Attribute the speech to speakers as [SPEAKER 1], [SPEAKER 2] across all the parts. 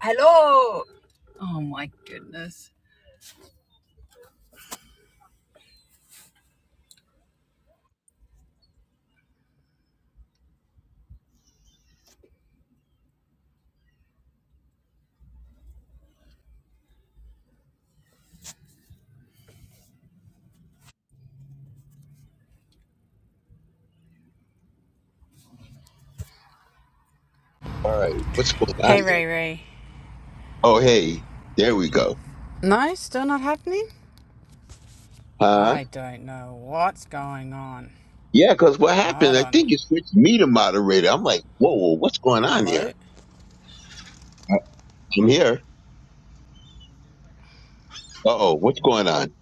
[SPEAKER 1] Hello. Oh my goodness.
[SPEAKER 2] All right, what's going
[SPEAKER 1] Hey,
[SPEAKER 2] on here?
[SPEAKER 1] Ray Ray.
[SPEAKER 2] Oh, hey, there we go.
[SPEAKER 1] No, still not happening?
[SPEAKER 2] Huh?
[SPEAKER 1] I don't know what's going on.
[SPEAKER 2] Yeah, because what
[SPEAKER 1] Hold
[SPEAKER 2] happened? I
[SPEAKER 1] on.
[SPEAKER 2] think you switched me to moderator. I'm like, whoa, whoa, what's going on here?
[SPEAKER 1] Hello?
[SPEAKER 2] I'm here. Uh oh, what's going on?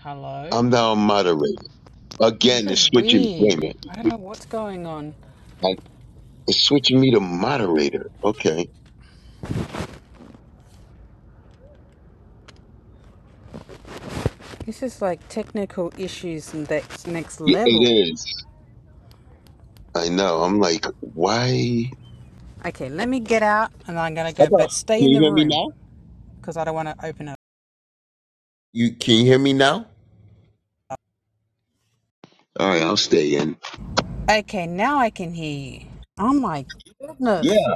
[SPEAKER 1] Hello?
[SPEAKER 2] I'm now a moderator.
[SPEAKER 1] This
[SPEAKER 2] Again, it's
[SPEAKER 1] is
[SPEAKER 2] switching.
[SPEAKER 1] weird.
[SPEAKER 2] Wait a minute.
[SPEAKER 1] I don't know what's going on.
[SPEAKER 2] Like, It's switching me to moderator. Okay.
[SPEAKER 1] This is like technical issues and that's next
[SPEAKER 2] Yeah,
[SPEAKER 1] level.
[SPEAKER 2] it is. I know. I'm like, why?
[SPEAKER 1] Okay, let me get out and I'm gonna
[SPEAKER 2] How
[SPEAKER 1] go, but
[SPEAKER 2] about,
[SPEAKER 1] stay
[SPEAKER 2] can
[SPEAKER 1] in
[SPEAKER 2] you
[SPEAKER 1] the
[SPEAKER 2] hear me
[SPEAKER 1] room
[SPEAKER 2] now?
[SPEAKER 1] because I don't want to open it.
[SPEAKER 2] You Can you hear me now? All right, I'll stay in.
[SPEAKER 1] Okay, now I can hear you. Oh my
[SPEAKER 2] Yeah,
[SPEAKER 1] goodness.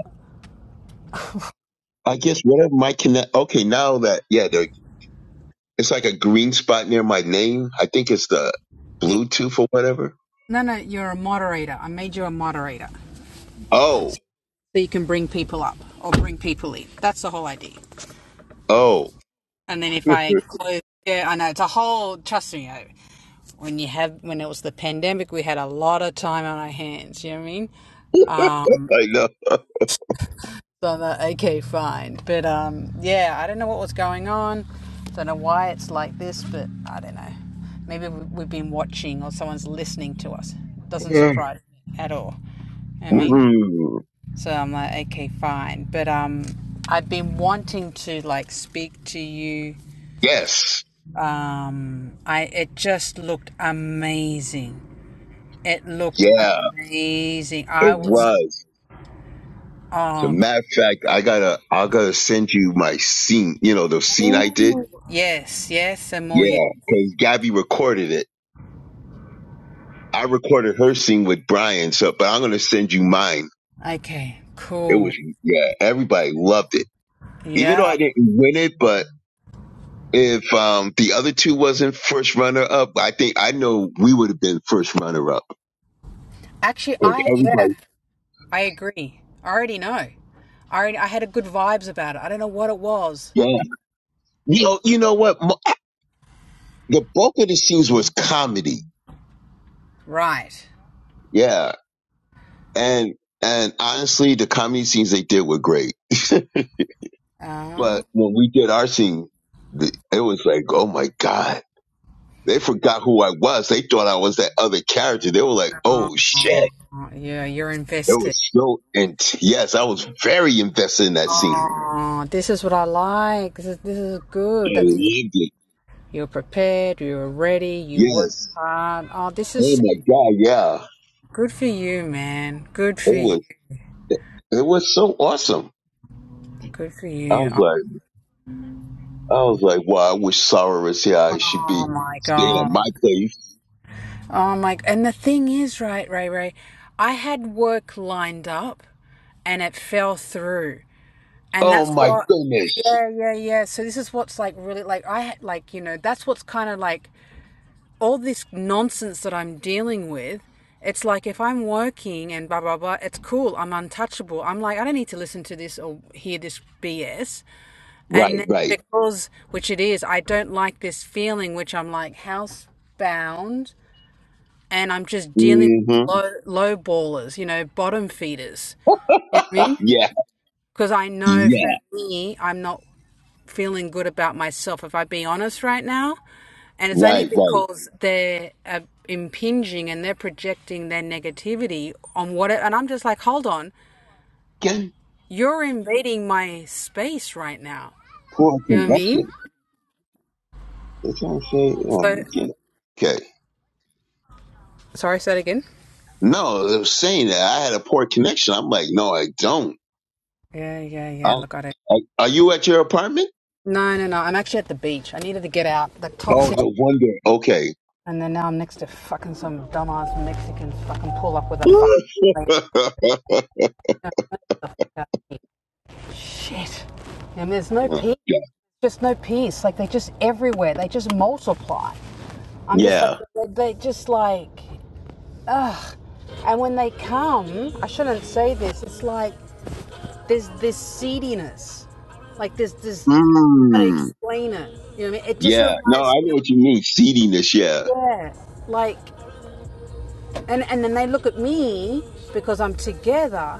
[SPEAKER 2] I guess whatever my connect. Okay, now that, yeah, there It's like a green spot near my name. I think it's the Bluetooth or whatever.
[SPEAKER 1] No, no, you're a moderator. I made you a moderator.
[SPEAKER 2] Oh,
[SPEAKER 1] so you can bring people up or bring people in. That's the whole idea.
[SPEAKER 2] oh,
[SPEAKER 1] And then if I close, yeah, I know it's a whole. Trust me, when you have when it was the pandemic, we had a lot of time on our hands. You know what I mean? Um,
[SPEAKER 2] I know.
[SPEAKER 1] so that okay, fine. But um, yeah, I don't know what was going on. Don't know why it's like this, but I don't know. Maybe we- have been watching or someone's listening to us. Doesn't
[SPEAKER 2] Mm.
[SPEAKER 1] surprise me at all. I mean,
[SPEAKER 2] Mm.
[SPEAKER 1] So I'm like, okay, fine. But um, I've been wanting to like speak to you.
[SPEAKER 2] Yes,
[SPEAKER 1] Um, I it just looked amazing. It looked
[SPEAKER 2] yeah,
[SPEAKER 1] amazing. I
[SPEAKER 2] it
[SPEAKER 1] was
[SPEAKER 2] was. As a matter of fact, I gotta, I gotta send you my scene. You know the scene I did.
[SPEAKER 1] yes, yes, and more yes.
[SPEAKER 2] Yeah, because Gabby recorded it. I recorded her scene with Brian. So, but I'm gonna send you mine.
[SPEAKER 1] Okay,
[SPEAKER 2] It
[SPEAKER 1] cool.
[SPEAKER 2] was yeah. Everybody loved it, even though
[SPEAKER 1] Yeah.
[SPEAKER 2] I didn't win it, but if um the other two wasn't first runner up, I think I know we would have been first runner up.
[SPEAKER 1] Actually,
[SPEAKER 2] 'Cause
[SPEAKER 1] I yeah,
[SPEAKER 2] everybody,
[SPEAKER 1] I agree. I already know. I already, I had a good vibes about it. I don't know what it was.
[SPEAKER 2] yeah. You know, you know what? Mo- The bulk of the scenes was comedy,
[SPEAKER 1] Right.
[SPEAKER 2] yeah, and and honestly, the comedy scenes they did were great.
[SPEAKER 1] Ah,
[SPEAKER 2] But when we did our scene, the- it was like, oh my god, they forgot who I was. They thought I was that other character. They were like, oh shit.
[SPEAKER 1] yeah, you're
[SPEAKER 2] It
[SPEAKER 1] invested.
[SPEAKER 2] was so, and yes, I was very invested in that scene.
[SPEAKER 1] Oh, this is what I like. This is this is
[SPEAKER 2] I
[SPEAKER 1] good. That means
[SPEAKER 2] loved it.
[SPEAKER 1] you're prepared, you're ready, you work
[SPEAKER 2] Yes.
[SPEAKER 1] hard. Oh, this
[SPEAKER 2] Oh
[SPEAKER 1] is
[SPEAKER 2] my God, yeah.
[SPEAKER 1] good for you, man. Good for
[SPEAKER 2] It
[SPEAKER 1] you.
[SPEAKER 2] was it was so awesome.
[SPEAKER 1] Good for
[SPEAKER 2] I
[SPEAKER 1] you.
[SPEAKER 2] was like I was like, wow, I wish Sarah was here. I should
[SPEAKER 1] Oh
[SPEAKER 2] be
[SPEAKER 1] my
[SPEAKER 2] staying at
[SPEAKER 1] God.
[SPEAKER 2] my place.
[SPEAKER 1] Oh my. And the thing is, right, Ray, Ray, I had work lined up and it fell through, and
[SPEAKER 2] Oh
[SPEAKER 1] that's
[SPEAKER 2] my
[SPEAKER 1] what.
[SPEAKER 2] goodness.
[SPEAKER 1] Yeah, yeah, yeah. So this is what's like really like I had like you know that's what's kind of like all this nonsense that I'm dealing with, it's like if I'm working and blah blah blah, it's cool. I'm untouchable. I'm like I don't need to listen to this or hear this BS. And
[SPEAKER 2] Right,
[SPEAKER 1] then
[SPEAKER 2] right.
[SPEAKER 1] because which it is, I don't like this feeling, which I'm like housebound, and I'm just dealing with
[SPEAKER 2] hmm
[SPEAKER 1] low low ballers, you know, bottom feeders. You know what I mean?
[SPEAKER 2] Yeah,
[SPEAKER 1] Because I know
[SPEAKER 2] yeah.
[SPEAKER 1] for me, I'm not feeling good about myself. If I be honest right now, and it's only
[SPEAKER 2] Right, right.
[SPEAKER 1] because they're uh, impinging and they're projecting their negativity on what it, and I'm just like, hold on,
[SPEAKER 2] Again,
[SPEAKER 1] you're invading my space right now.
[SPEAKER 2] poor
[SPEAKER 1] You know what I mean?
[SPEAKER 2] connection. That's what I'm saying.
[SPEAKER 1] So,
[SPEAKER 2] Um, yeah. Okay.
[SPEAKER 1] sorry, say it again.
[SPEAKER 2] No, I was saying that I had a poor connection. I'm like, no, I don't.
[SPEAKER 1] Yeah, yeah, yeah.
[SPEAKER 2] I,
[SPEAKER 1] Look at it.
[SPEAKER 2] I, are you at your apartment?
[SPEAKER 1] No, no, no. I'm actually at the beach. I needed to get out. The
[SPEAKER 2] Oh,
[SPEAKER 1] toxic,
[SPEAKER 2] no wonder. Okay.
[SPEAKER 1] and then now I'm next to fucking some dumbass Mexican fucking pull up with a fucking shit. And there's no
[SPEAKER 2] God.
[SPEAKER 1] peace. Just no peace. Like they're just everywhere. They just multiply. I'm just like,
[SPEAKER 2] Yeah.
[SPEAKER 1] they just like, ugh. And when they come, I shouldn't say this. It's like there's this seediness, like there's this. How to
[SPEAKER 2] Mm.
[SPEAKER 1] explain it? You know, what I mean, it just
[SPEAKER 2] Yeah. No,
[SPEAKER 1] reminds
[SPEAKER 2] I
[SPEAKER 1] me.
[SPEAKER 2] know
[SPEAKER 1] Of,
[SPEAKER 2] what you mean. Seediness. Yeah.
[SPEAKER 1] yeah, like, and and then they look at me because I'm together.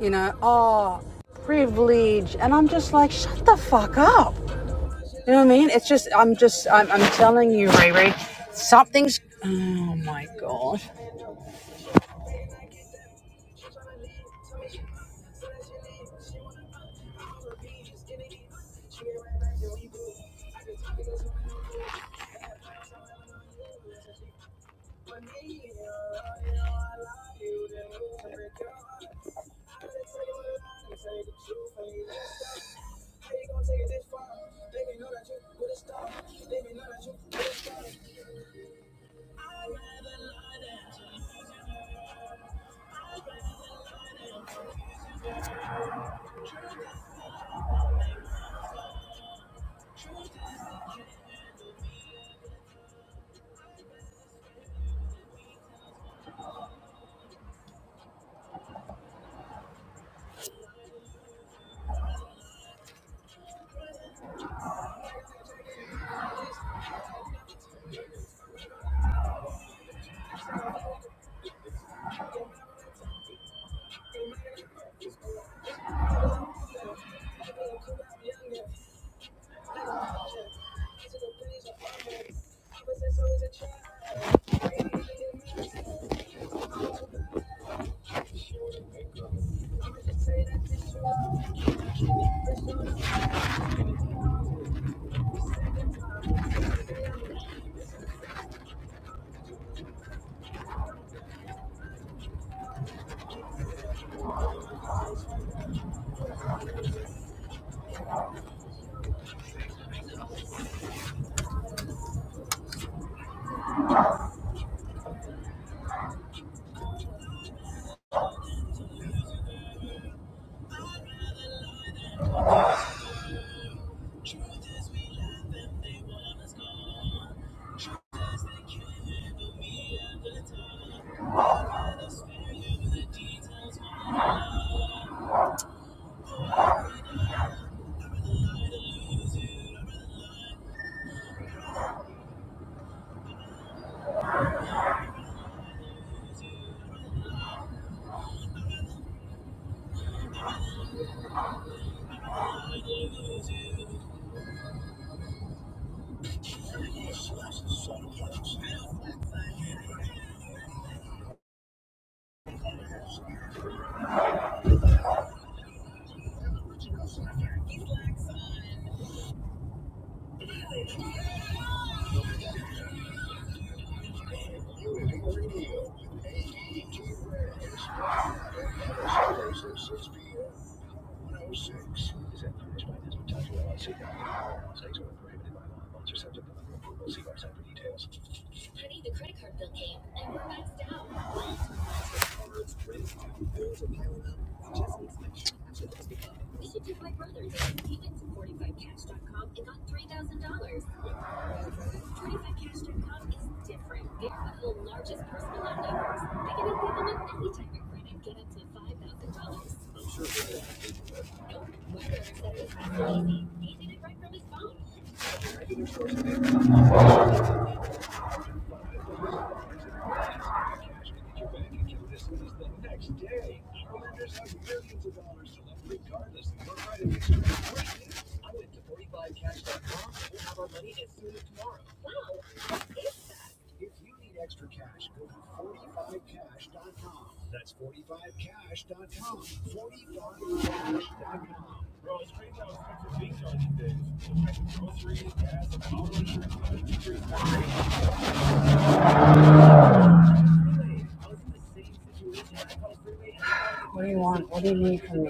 [SPEAKER 1] You know, oh, privilege, and I'm just like, shut the fuck up. You know what I mean? It's just, I'm just, I'm, I'm telling you, Ray Ray, something's. Oh my god. What do you want? What do you need from me?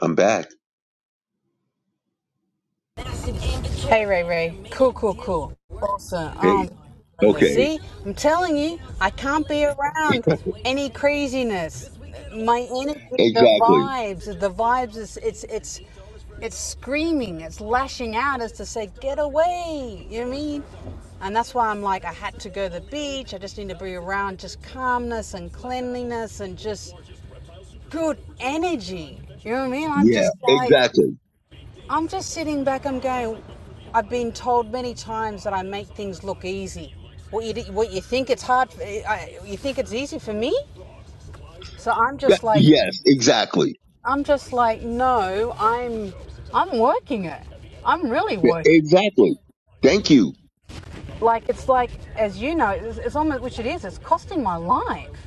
[SPEAKER 2] I'm back.
[SPEAKER 1] Hey Ray Ray. Cool, cool, cool. Awesome.
[SPEAKER 2] Hey.
[SPEAKER 1] Um goodness.
[SPEAKER 2] Okay.
[SPEAKER 1] see, I'm telling you, I can't be around any craziness. My energy, the
[SPEAKER 2] Exactly.
[SPEAKER 1] vibes, the vibes is it's it's it's screaming, it's lashing out as to say, get away. You know what I mean? And that's why I'm like, I had to go to the beach. I just need to be around just calmness and cleanliness and just good energy. You know what I mean? I'm
[SPEAKER 2] Yeah.
[SPEAKER 1] just like
[SPEAKER 2] Exactly.
[SPEAKER 1] I'm just sitting back. I'm going. I've been told many times that I make things look easy. What you what you think it's hard? eh, you think it's easy for me? So I'm just
[SPEAKER 2] That-
[SPEAKER 1] like
[SPEAKER 2] yes. Exactly.
[SPEAKER 1] I'm just like no. I'm I'm working it. I'm really
[SPEAKER 2] Yeah,
[SPEAKER 1] working it.
[SPEAKER 2] Exactly. Thank you.
[SPEAKER 1] Like it's like as you know, it's, it's almost which it is. It's costing my life,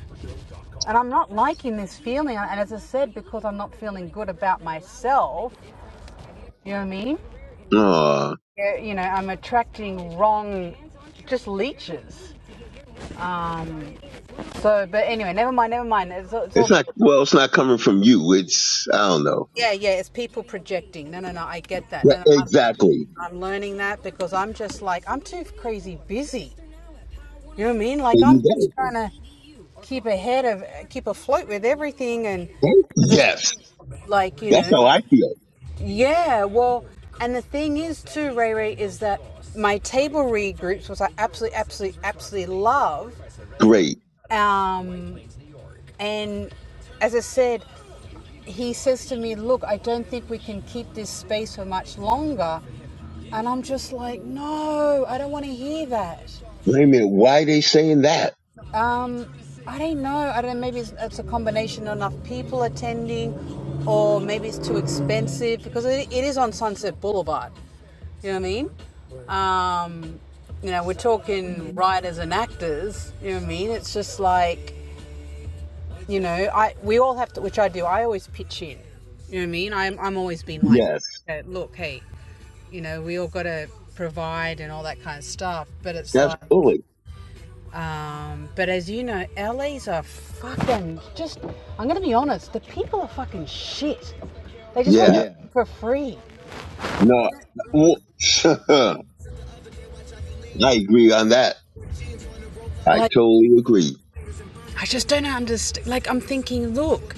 [SPEAKER 1] and I'm not liking this feeling. And as I said, because I'm not feeling good about myself. You know what I mean?
[SPEAKER 2] Uh,
[SPEAKER 1] Eh, You know, I'm attracting wrong, just leeches So, but anyway, never mind, never mind. It's all, it's all
[SPEAKER 2] it's not,
[SPEAKER 1] good.
[SPEAKER 2] well, it's not coming from you. It's, I don't know.
[SPEAKER 1] Yeah, yeah, it's people projecting. No, no, no, I get that.
[SPEAKER 2] Yeah,
[SPEAKER 1] And I'm,
[SPEAKER 2] exactly.
[SPEAKER 1] I'm learning that because I'm just like, I'm too crazy busy. You know what I mean? Like,
[SPEAKER 2] There
[SPEAKER 1] I'm
[SPEAKER 2] you
[SPEAKER 1] just
[SPEAKER 2] go.
[SPEAKER 1] trying to keep ahead of, keep afloat with everything. And
[SPEAKER 2] Right? Yes.
[SPEAKER 1] like, you
[SPEAKER 2] That's
[SPEAKER 1] know,
[SPEAKER 2] how I feel.
[SPEAKER 1] yeah, well, and the thing is, too, Ray Ray, is that my table read groups, which I absolutely, absolutely, absolutely love.
[SPEAKER 2] Great.
[SPEAKER 1] Um, and as I said, he says to me, Look, I don't think we can keep this space for much longer. And I'm just like, No, I don't want to hear that.
[SPEAKER 2] Wait a minute. Why they saying that?
[SPEAKER 1] Um, I don't know. I don't know. Maybe it's, it's a combination of enough people attending, or maybe it's too expensive because it, it is on Sunset Boulevard. You know what I mean? Um, you know, we're talking writers and actors. You know what I mean? It's just like, you know, I we all have to, which I do. I always pitch in. You know what I mean? I'm I'm always been like that.
[SPEAKER 2] Yes.
[SPEAKER 1] That look, hey, you know, we all got to provide and all that kind of stuff. But it's like,
[SPEAKER 2] Absolutely.
[SPEAKER 1] um, but as you know, LA's are fucking just, I'm going to be honest, the people are fucking shit. They just want
[SPEAKER 2] Yeah.
[SPEAKER 1] yeah. it Yeah. for free.
[SPEAKER 2] No. well, I agree on that. I
[SPEAKER 1] Like,
[SPEAKER 2] totally agree.
[SPEAKER 1] I just don't understand. Like, I'm thinking, look,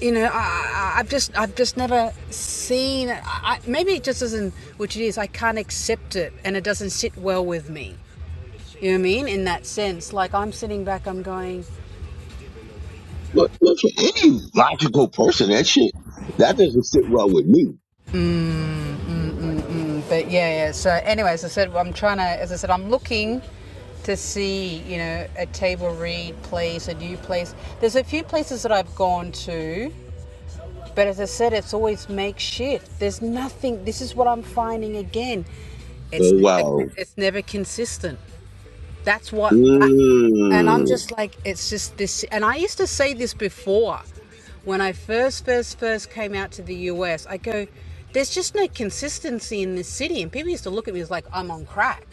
[SPEAKER 1] you know, I, I, I've just, I've just never seen. I, I, maybe it just isn't which it is. I can't accept it, and it doesn't sit well with me. You know what I mean? In that sense, like I'm sitting back, I'm going.
[SPEAKER 2] Look, look, for any logical person, that shit, that doesn't sit well with me.
[SPEAKER 1] But yeah, yeah. So, anyway, as I said, I'm trying to, as I said, I'm looking to see, you know, a table read place, a new place. There's a few places that I've gone to, but as I said, it's always makeshift. There's nothing. This is what I'm finding again. It's
[SPEAKER 2] Oh,
[SPEAKER 1] never,
[SPEAKER 2] wow.
[SPEAKER 1] it's never consistent. That's what that and I'm
[SPEAKER 2] Mm.
[SPEAKER 1] just like it's just this and I used to say this before when I first first first came out to the US. I go there's just no consistency in this city and people used to look at me as like I'm on crack.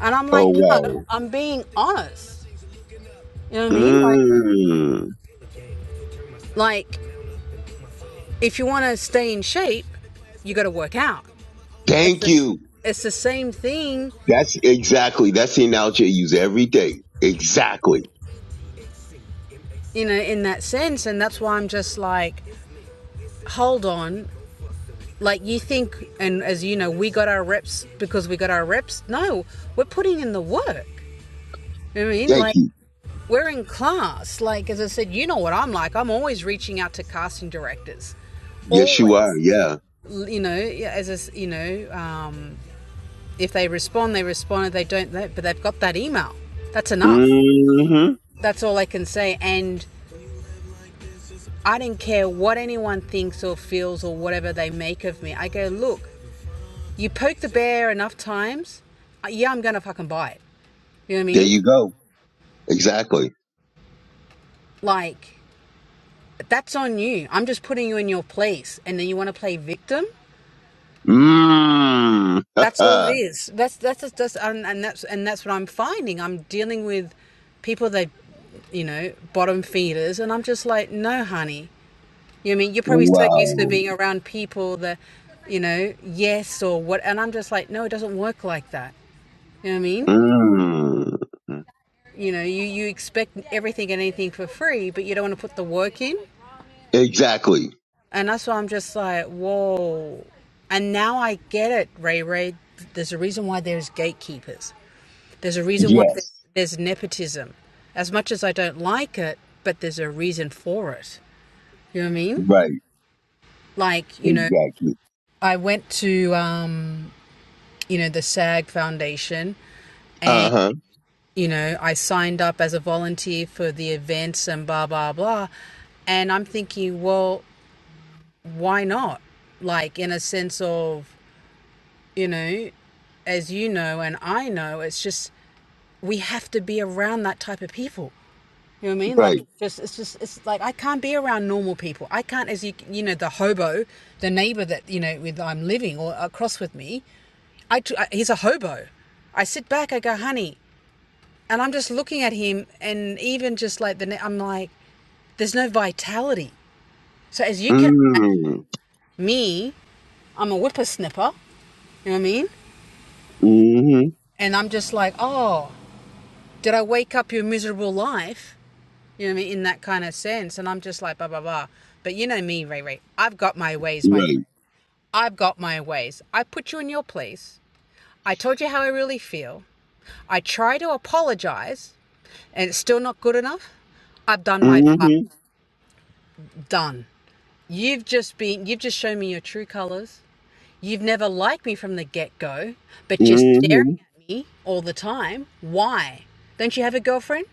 [SPEAKER 1] And I'm
[SPEAKER 2] Oh,
[SPEAKER 1] like no,
[SPEAKER 2] wow.
[SPEAKER 1] I'm being honest. You know what I mean? Like
[SPEAKER 2] Mm.
[SPEAKER 1] like if you want to stay in shape, you got to work out. It's
[SPEAKER 2] Thank
[SPEAKER 1] the,
[SPEAKER 2] you.
[SPEAKER 1] it's the same thing,
[SPEAKER 2] That's exactly, that's the analogy I use every day. Exactly.
[SPEAKER 1] you know, in that sense and that's why I'm just like hold on, Like you think, and as you know, we got our reps because we got our reps. No, we're putting in the work. You know what I mean,
[SPEAKER 2] Thank
[SPEAKER 1] like
[SPEAKER 2] you.
[SPEAKER 1] we're in class. Like as I said, you know what I'm like. I'm always reaching out to casting directors.
[SPEAKER 2] Yes, you are.
[SPEAKER 1] Always,
[SPEAKER 2] Yeah.
[SPEAKER 1] you know, yeah, as a, s- you know, um, if they respond, they respond. If they don't, they, but they've got that email. That's enough.
[SPEAKER 2] hmm
[SPEAKER 1] That's all I can say. And I didn't care what anyone thinks or feels or whatever they make of me. I go, look, You poke the bear enough times, uh, yeah, I'm gonna fucking buy it. You know what I
[SPEAKER 2] There
[SPEAKER 1] mean?
[SPEAKER 2] you go. Exactly.
[SPEAKER 1] Like, that's on you. I'm just putting you in your place, and then you want to play victim.
[SPEAKER 2] Mm.
[SPEAKER 1] That's all it is. That's that's just, that's and, and that's and that's what I'm finding. I'm dealing with people that, you know, bottom feeders, and I'm just like, no, honey. You know what I mean? You're probably so used to
[SPEAKER 2] wow.
[SPEAKER 1] being around people that, you know, yes or what, and I'm just like, no, it doesn't work like that. You know what I mean?
[SPEAKER 2] Mm.
[SPEAKER 1] You know, you, you expect everything and anything for free, but you don't want to put the work in.
[SPEAKER 2] Exactly.
[SPEAKER 1] And that's why I'm just like, whoa. And now I get it, Ray Ray. There's a reason why there's gatekeepers. There's a reason why there's,
[SPEAKER 2] Yes.
[SPEAKER 1] there's nepotism. As much as I don't like it, but there's a reason for it. You know what I mean?
[SPEAKER 2] Right.
[SPEAKER 1] Like, you know,
[SPEAKER 2] Exactly.
[SPEAKER 1] I went to, um, you know, the SAG Foundation
[SPEAKER 2] Uh
[SPEAKER 1] and,
[SPEAKER 2] huh.
[SPEAKER 1] you know, I signed up as a volunteer for the events and blah, blah, blah. And I'm thinking, well, why not? Like, in a sense of, you know, as you know and I know, it's just we have to be around that type of people. You know what I mean? Like,
[SPEAKER 2] Right.
[SPEAKER 1] it's just it's just it's like I can't be around normal people. I can't, as you you know, the hobo, the neighbor that you know with I'm living or across with me. I t- I- he's a hobo. I sit back. I go, honey, and I'm just looking at him, and even just like the I'm like, there's no vitality. So as you can imagine,
[SPEAKER 2] Mm.
[SPEAKER 1] me, I'm a whippersnapper. You know what I mean?
[SPEAKER 2] Mm-hmm.
[SPEAKER 1] And I'm just like, oh, did I wake up your miserable life? You know what I mean? In that kind of sense. And I'm just like, blah, blah, blah. But you know me, Ray Ray. I've got my ways, my
[SPEAKER 2] Right.
[SPEAKER 1] friend. I've got my ways. I put you in your place. I told you how I really feel. I try to apologize and it's still not good enough. I've done my part.
[SPEAKER 2] Mm-hmm.
[SPEAKER 1] Done. You've just been, you've just shown me your true colors. You've never liked me from the get go, but you're staring
[SPEAKER 2] Mm-hmm.
[SPEAKER 1] at me all the time. Why? Don't you have a girlfriend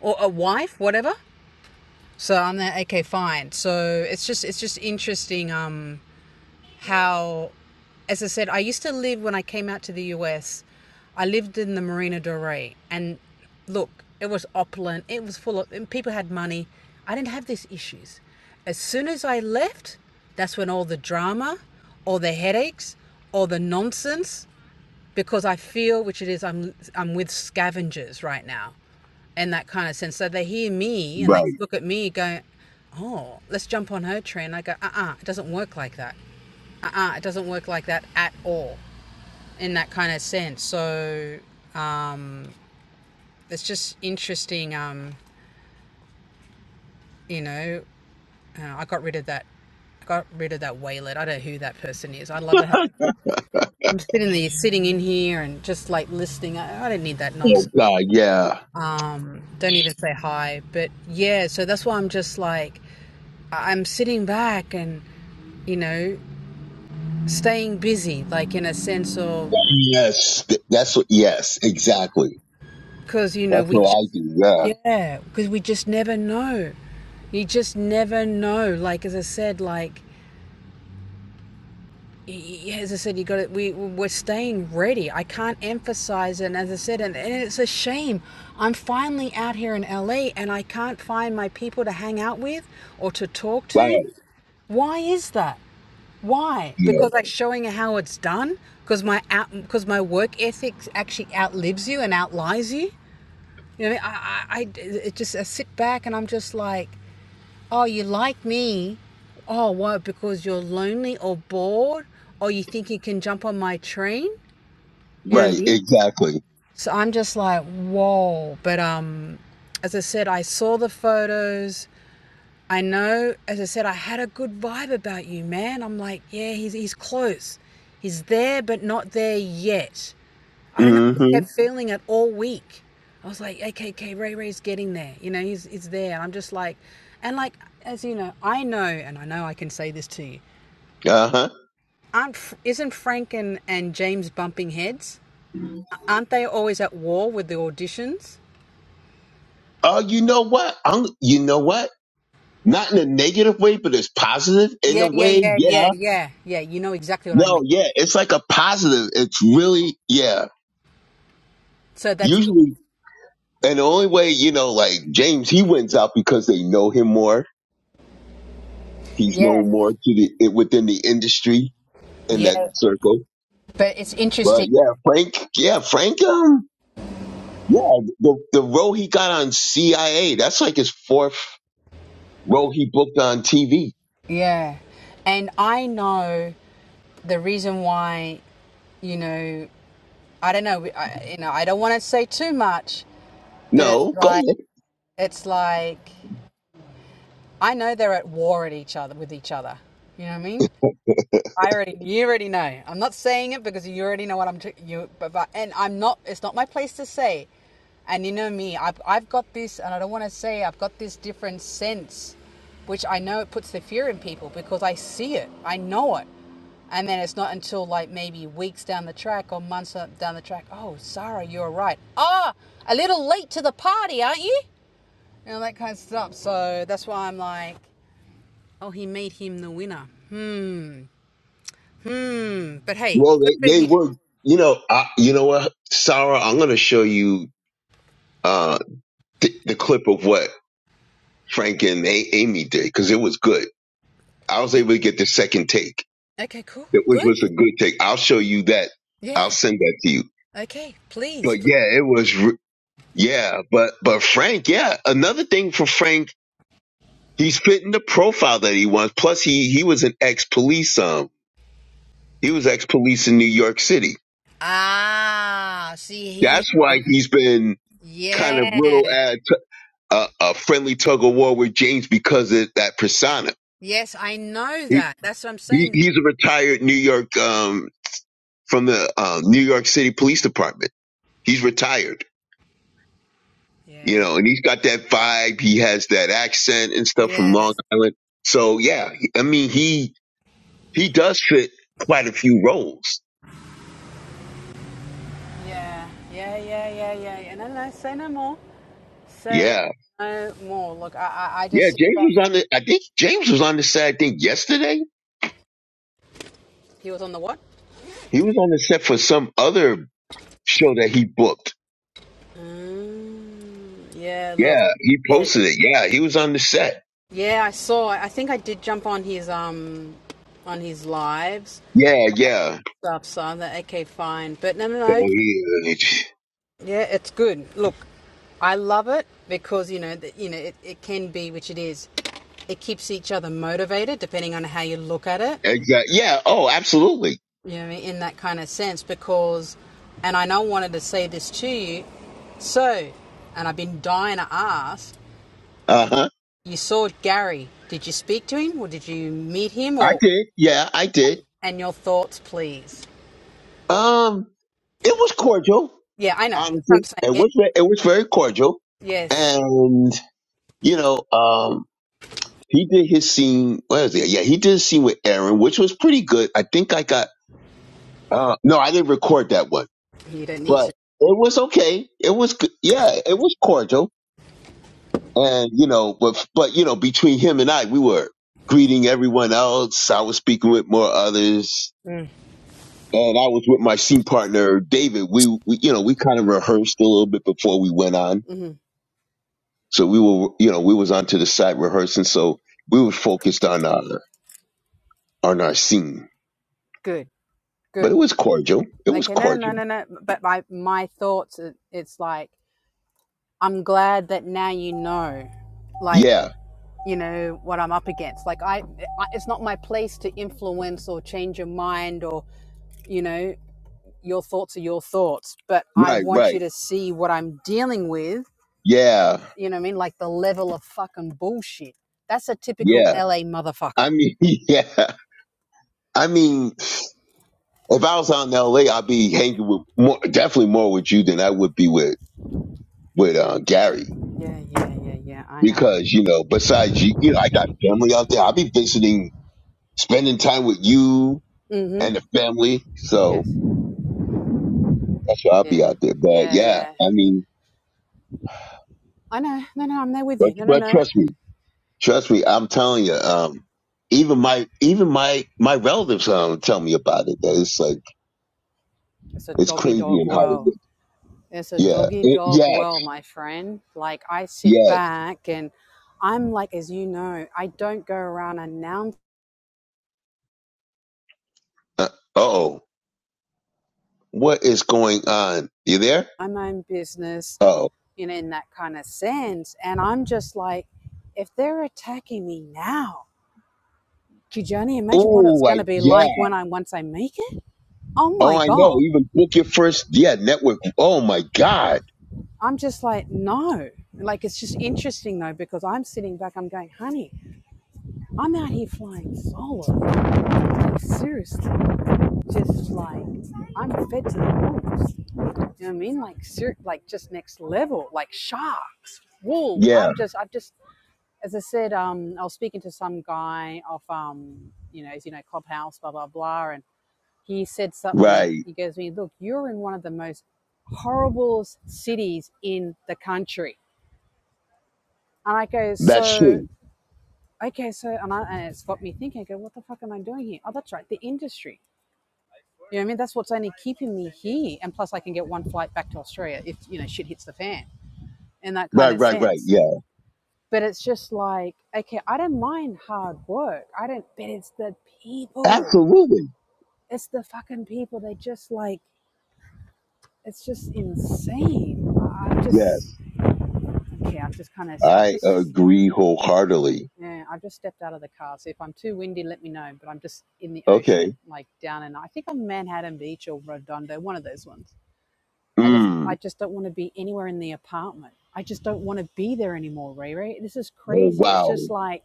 [SPEAKER 1] or a wife, whatever? So I'm there. Okay, fine. So it's just it's just interesting. Um, how, as I said, I used to live when I came out to the US, I lived in the Marina Del Rey. And look, it was opulent, it was full of, and people had money. I didn't have these issues. As soon as I left, that's when all the drama, all the headaches, all the nonsense, because I feel, which it is, I'm, I'm with scavengers right now in that kind of sense. So they hear me and they
[SPEAKER 2] Right.
[SPEAKER 1] look at me going, oh, let's jump on her trend. I go, uh uh it doesn't work like that uh-uh, it doesn't work like that at all in that kind of sense. So it's just interesting. Um, you know, uh, I got rid of that. I got rid of that waylet. I don't know who that person is. I love it how I'm sitting there, sitting in here, and just like listening. I, I don't need that
[SPEAKER 2] Oh
[SPEAKER 1] nonsense.
[SPEAKER 2] God. Yeah.
[SPEAKER 1] Um, don't even say hi. But yeah, so that's why I'm just like I- I'm sitting back and you know staying busy, like in a sense of
[SPEAKER 2] Yes. Th- That's what. Yes. Exactly.
[SPEAKER 1] because you know
[SPEAKER 2] That's
[SPEAKER 1] we
[SPEAKER 2] what
[SPEAKER 1] just
[SPEAKER 2] I do. Yeah.
[SPEAKER 1] yeah because we just never know you just never know like as i said like as i said you got it we we're staying ready i can't emphasize it and as i said and, and it's a shame i'm finally out here in la and i can't find my people to hang out with or to talk to
[SPEAKER 2] Right.
[SPEAKER 1] why is that why
[SPEAKER 2] Yeah.
[SPEAKER 1] because I'm showing how it's done because my out because my work ethics actually outlives you and outlies you You know, I, I, I, I it just I sit back and I'm just like, oh, you like me? Oh, what? Because you're lonely or bored, or you think you can jump on my train? You know what I
[SPEAKER 2] Right.
[SPEAKER 1] mean?
[SPEAKER 2] Exactly.
[SPEAKER 1] So I'm just like, whoa. But um, as I said, I saw the photos. I know, as I said, I had a good vibe about you, man. I'm like, yeah, he's he's close. He's there, but not there yet. I don't know. I just
[SPEAKER 2] Mm-hmm.
[SPEAKER 1] kept feeling it all week. I was like, okay, okay, Ray Ray's getting there. You know, he's he's there. And I'm just like, and like as you know, I know, and I know I can say this to you.
[SPEAKER 2] Uh huh.
[SPEAKER 1] Aren't isn't Frank and, and James bumping heads? Aren't they always at war with the auditions?
[SPEAKER 2] Oh, you know what? I'm, you know what? Not in a negative way, but it's positive in a
[SPEAKER 1] Yeah, yeah,
[SPEAKER 2] way.
[SPEAKER 1] yeah, yeah,
[SPEAKER 2] Yeah.
[SPEAKER 1] yeah, yeah. You know exactly what I
[SPEAKER 2] No,
[SPEAKER 1] mean.
[SPEAKER 2] yeah. It's like a positive. It's really, yeah.
[SPEAKER 1] So that's
[SPEAKER 2] Usually And the only way, you know, like James, he wins out because they know him more. He's
[SPEAKER 1] yeah,
[SPEAKER 2] known more to the it, within the industry in that
[SPEAKER 1] yeah.
[SPEAKER 2] circle.
[SPEAKER 1] But it's
[SPEAKER 2] But
[SPEAKER 1] interesting.
[SPEAKER 2] yeah, Frank, yeah, Frank, um, yeah, the the role he got on CIA, that's like his fourth role he booked on TV.
[SPEAKER 1] Yeah, and I know the reason why you know I don't know. I, you know, I don't want to say too much, but it's
[SPEAKER 2] No, go
[SPEAKER 1] like
[SPEAKER 2] ahead.
[SPEAKER 1] it's like I know they're at war at each other with each other. You know what I mean? I already, you already know. I'm not saying it because you already know what I'm. T- you, but, but and I'm not. It's not my place to say. And you know me, I've I've got this, and I don't want to say I've got this different sense, which I know it puts the fear in people because I see it, I know it, and then it's not until like maybe weeks down the track or months down the track. Oh, Sarah, you're right. Ah, a little late to the party, aren't you? You know that kind of stuff. So that's why I'm like, oh, he made him the winner. Hmm. Hmm. But hey,
[SPEAKER 2] Well,
[SPEAKER 1] good for
[SPEAKER 2] they, they
[SPEAKER 1] him.
[SPEAKER 2] were, you know, I, you know what, Sarah, I'm gonna show you uh th- the clip of what Frank and A- Amy did because it was good. I was able to get the second take.
[SPEAKER 1] Okay, cool.
[SPEAKER 2] that- which
[SPEAKER 1] Good.
[SPEAKER 2] was a good take. I'll show you that. I'll
[SPEAKER 1] Yeah.
[SPEAKER 2] send that to you.
[SPEAKER 1] Okay. Please.
[SPEAKER 2] But
[SPEAKER 1] please.
[SPEAKER 2] yeah, it was. re- Yeah, but but Frank, yeah, another thing for Frank, he's fitting the profile that he wants. Plus, he he was an ex police. Um, he was ex police in New York City.
[SPEAKER 1] Ah, see, he.
[SPEAKER 2] That's why he's been kind of little
[SPEAKER 1] Yeah.
[SPEAKER 2] at t- a, a friendly tug of war with James because of that persona.
[SPEAKER 1] Yes, I know
[SPEAKER 2] He,
[SPEAKER 1] that. That's what I'm
[SPEAKER 2] he
[SPEAKER 1] saying.
[SPEAKER 2] he's a retired New York um from the um, New York City Police Department. He's retired you
[SPEAKER 1] Yeah.
[SPEAKER 2] know, and he's got that vibe. He has that accent and stuff from Long
[SPEAKER 1] Yes.
[SPEAKER 2] Island. So yeah, he- I mean, he he does fit quite a few roles.
[SPEAKER 1] Yeah. Yeah. Yeah. Yeah. Yeah. yeah. No, no. Say no more. Say
[SPEAKER 2] Yeah,
[SPEAKER 1] no more. Look, I, I, I
[SPEAKER 2] yeah.
[SPEAKER 1] just.
[SPEAKER 2] James was on the. I think James was on the set. I think yesterday
[SPEAKER 1] He was on the what?
[SPEAKER 2] he was on the set for some other show that he booked.
[SPEAKER 1] Mm, yeah. Look.
[SPEAKER 2] Yeah, he posted it. Yeah, he was on the set.
[SPEAKER 1] Yeah, I saw. I think I did jump on his um on his lives,
[SPEAKER 2] Yeah, yeah.
[SPEAKER 1] stuff, son. That okay, fine, but no, no,
[SPEAKER 2] So
[SPEAKER 1] no.
[SPEAKER 2] he
[SPEAKER 1] Yeah, it's good. Look, I love it because you know, that you know, it, it can be, which it is. It keeps each other motivated, depending on how you look at it.
[SPEAKER 2] exactly. Yeah. Oh, absolutely.
[SPEAKER 1] You know, in that kind of sense, because, and I know I wanted to say this to you. So, and I've been dying to ask.
[SPEAKER 2] Uh huh.
[SPEAKER 1] You saw Gary. Did you speak to him, or did you meet him,
[SPEAKER 2] I
[SPEAKER 1] or
[SPEAKER 2] did. Yeah, I did.
[SPEAKER 1] and your thoughts, please?
[SPEAKER 2] Um, it was cordial.
[SPEAKER 1] Yeah, I know. That's what I'm
[SPEAKER 2] honestly,
[SPEAKER 1] saying.
[SPEAKER 2] it
[SPEAKER 1] Yeah,
[SPEAKER 2] was ve- it was very cordial,
[SPEAKER 1] yeah. yes.
[SPEAKER 2] and you know, um, he did his scene. What was it? Yeah, he did his scene with Aaron, which was pretty good. I think I got uh, no, I didn't record that one,
[SPEAKER 1] You don't need
[SPEAKER 2] but
[SPEAKER 1] to.
[SPEAKER 2] it was okay. It was good. Yeah, it was cordial, and you know, but but you know, between him and I, we were greeting everyone else. I was speaking with more others. And I was with my scene partner David. We, we you know, we kind of rehearsed a little bit before we went on
[SPEAKER 1] hmm
[SPEAKER 2] So we were, you know, we was onto the side rehearsing. So we were focused on our on our scene,
[SPEAKER 1] Good. Good.
[SPEAKER 2] but it was cordial. It was
[SPEAKER 1] okay no no no
[SPEAKER 2] cordial.
[SPEAKER 1] no no but my my thoughts it's like i'm glad that now you know like
[SPEAKER 2] Yeah,
[SPEAKER 1] you know what i'm up against like i I- it's not my place to influence or change your mind or you know your thoughts are your thoughts but i
[SPEAKER 2] right,
[SPEAKER 1] want you
[SPEAKER 2] right.
[SPEAKER 1] to see what i'm dealing with
[SPEAKER 2] Yeah,
[SPEAKER 1] you know what i mean like the level of fucking bullshit that's a typical
[SPEAKER 2] yeah.
[SPEAKER 1] la motherfucker
[SPEAKER 2] I mean, yeah. I mean, if I was out in L.A., I'd be hanging with more, definitely more with you than I would be with with uh, Gary
[SPEAKER 1] yeah yeah yeah yeah i know
[SPEAKER 2] because you know, besides you, you know, I got family out there. I'll be visiting, spending time with you
[SPEAKER 1] mm-hmm
[SPEAKER 2] and the family. So
[SPEAKER 1] yes
[SPEAKER 2] that's why I'll
[SPEAKER 1] yeah
[SPEAKER 2] be out there. But
[SPEAKER 1] yeah
[SPEAKER 2] yeah,
[SPEAKER 1] yeah
[SPEAKER 2] I mean.
[SPEAKER 1] I know. No, no, I'm there with you.
[SPEAKER 2] But
[SPEAKER 1] No, no,
[SPEAKER 2] but
[SPEAKER 1] no.
[SPEAKER 2] trust me. Trust me, I'm telling you. Um, even my even my my relatives um tell me about it. That it's like
[SPEAKER 1] It's a
[SPEAKER 2] it's
[SPEAKER 1] doggy
[SPEAKER 2] crazy
[SPEAKER 1] dog
[SPEAKER 2] in
[SPEAKER 1] world.
[SPEAKER 2] Hollywood.
[SPEAKER 1] It's a
[SPEAKER 2] Yeah.
[SPEAKER 1] doggy
[SPEAKER 2] It-
[SPEAKER 1] dog
[SPEAKER 2] yes.
[SPEAKER 1] world, my friend. Like I sit
[SPEAKER 2] Yes.
[SPEAKER 1] back and I'm like, as you know, I don't go around announcing
[SPEAKER 2] Uh oh. What is going on? You there?
[SPEAKER 1] my own business,
[SPEAKER 2] Oh.
[SPEAKER 1] you in that kind of sense. And I'm just like, if they're attacking me now, could you only imagine what
[SPEAKER 2] Oh,
[SPEAKER 1] it's going to
[SPEAKER 2] like
[SPEAKER 1] be
[SPEAKER 2] yeah.
[SPEAKER 1] like when I once I make it? Oh
[SPEAKER 2] Oh,
[SPEAKER 1] my
[SPEAKER 2] I know.
[SPEAKER 1] god!
[SPEAKER 2] Even book your first yeah network. Oh my God.
[SPEAKER 1] I'm just like, no. Like it's just interesting though because I'm sitting back, I'm going, honey, I'm out here flying solo. Like seriously just like I'm fed to the wolves. You know what I mean? Like ser- like just next level, like sharks, wolves.
[SPEAKER 2] Yeah.
[SPEAKER 1] I've just I've just as I said, um, I was speaking to some guy off um, you know, as you know, Clubhouse, blah blah blah, and he said something.
[SPEAKER 2] Right.
[SPEAKER 1] He goes to me, Look, you're in one of the most horrible cities in the country. And I go,
[SPEAKER 2] That's
[SPEAKER 1] So
[SPEAKER 2] true.
[SPEAKER 1] okay, so and, I, and it's got me thinking. I go, what the fuck am I doing here? Oh, that's right, the industry You know what I mean? That's what's only keeping me here. And plus, I can get one flight back to Australia if, you know, shit hits the fan in that kind
[SPEAKER 2] Right.
[SPEAKER 1] of
[SPEAKER 2] Right. Right.
[SPEAKER 1] sense.
[SPEAKER 2] Yeah.
[SPEAKER 1] But it's just like, okay, I don't mind hard work. I don't, but it's the people.
[SPEAKER 2] Absolutely.
[SPEAKER 1] It's the fucking people. They just like, it's just insane. I'm just,
[SPEAKER 2] Yes.
[SPEAKER 1] okay, I'm just kind of, I've
[SPEAKER 2] I
[SPEAKER 1] just,
[SPEAKER 2] agree wholeheartedly.
[SPEAKER 1] yeah, I've just stepped out of the car. So if I'm too windy, let me know. But I'm just in the
[SPEAKER 2] Okay.
[SPEAKER 1] ocean, like down in, I think I'm Manhattan Beach or Redondo, one of those ones I just
[SPEAKER 2] Mm.
[SPEAKER 1] I just don't want to be anywhere in the apartment. I just don't want to be there anymore, Riri. This is
[SPEAKER 2] Oh
[SPEAKER 1] crazy. It's
[SPEAKER 2] wow.
[SPEAKER 1] just like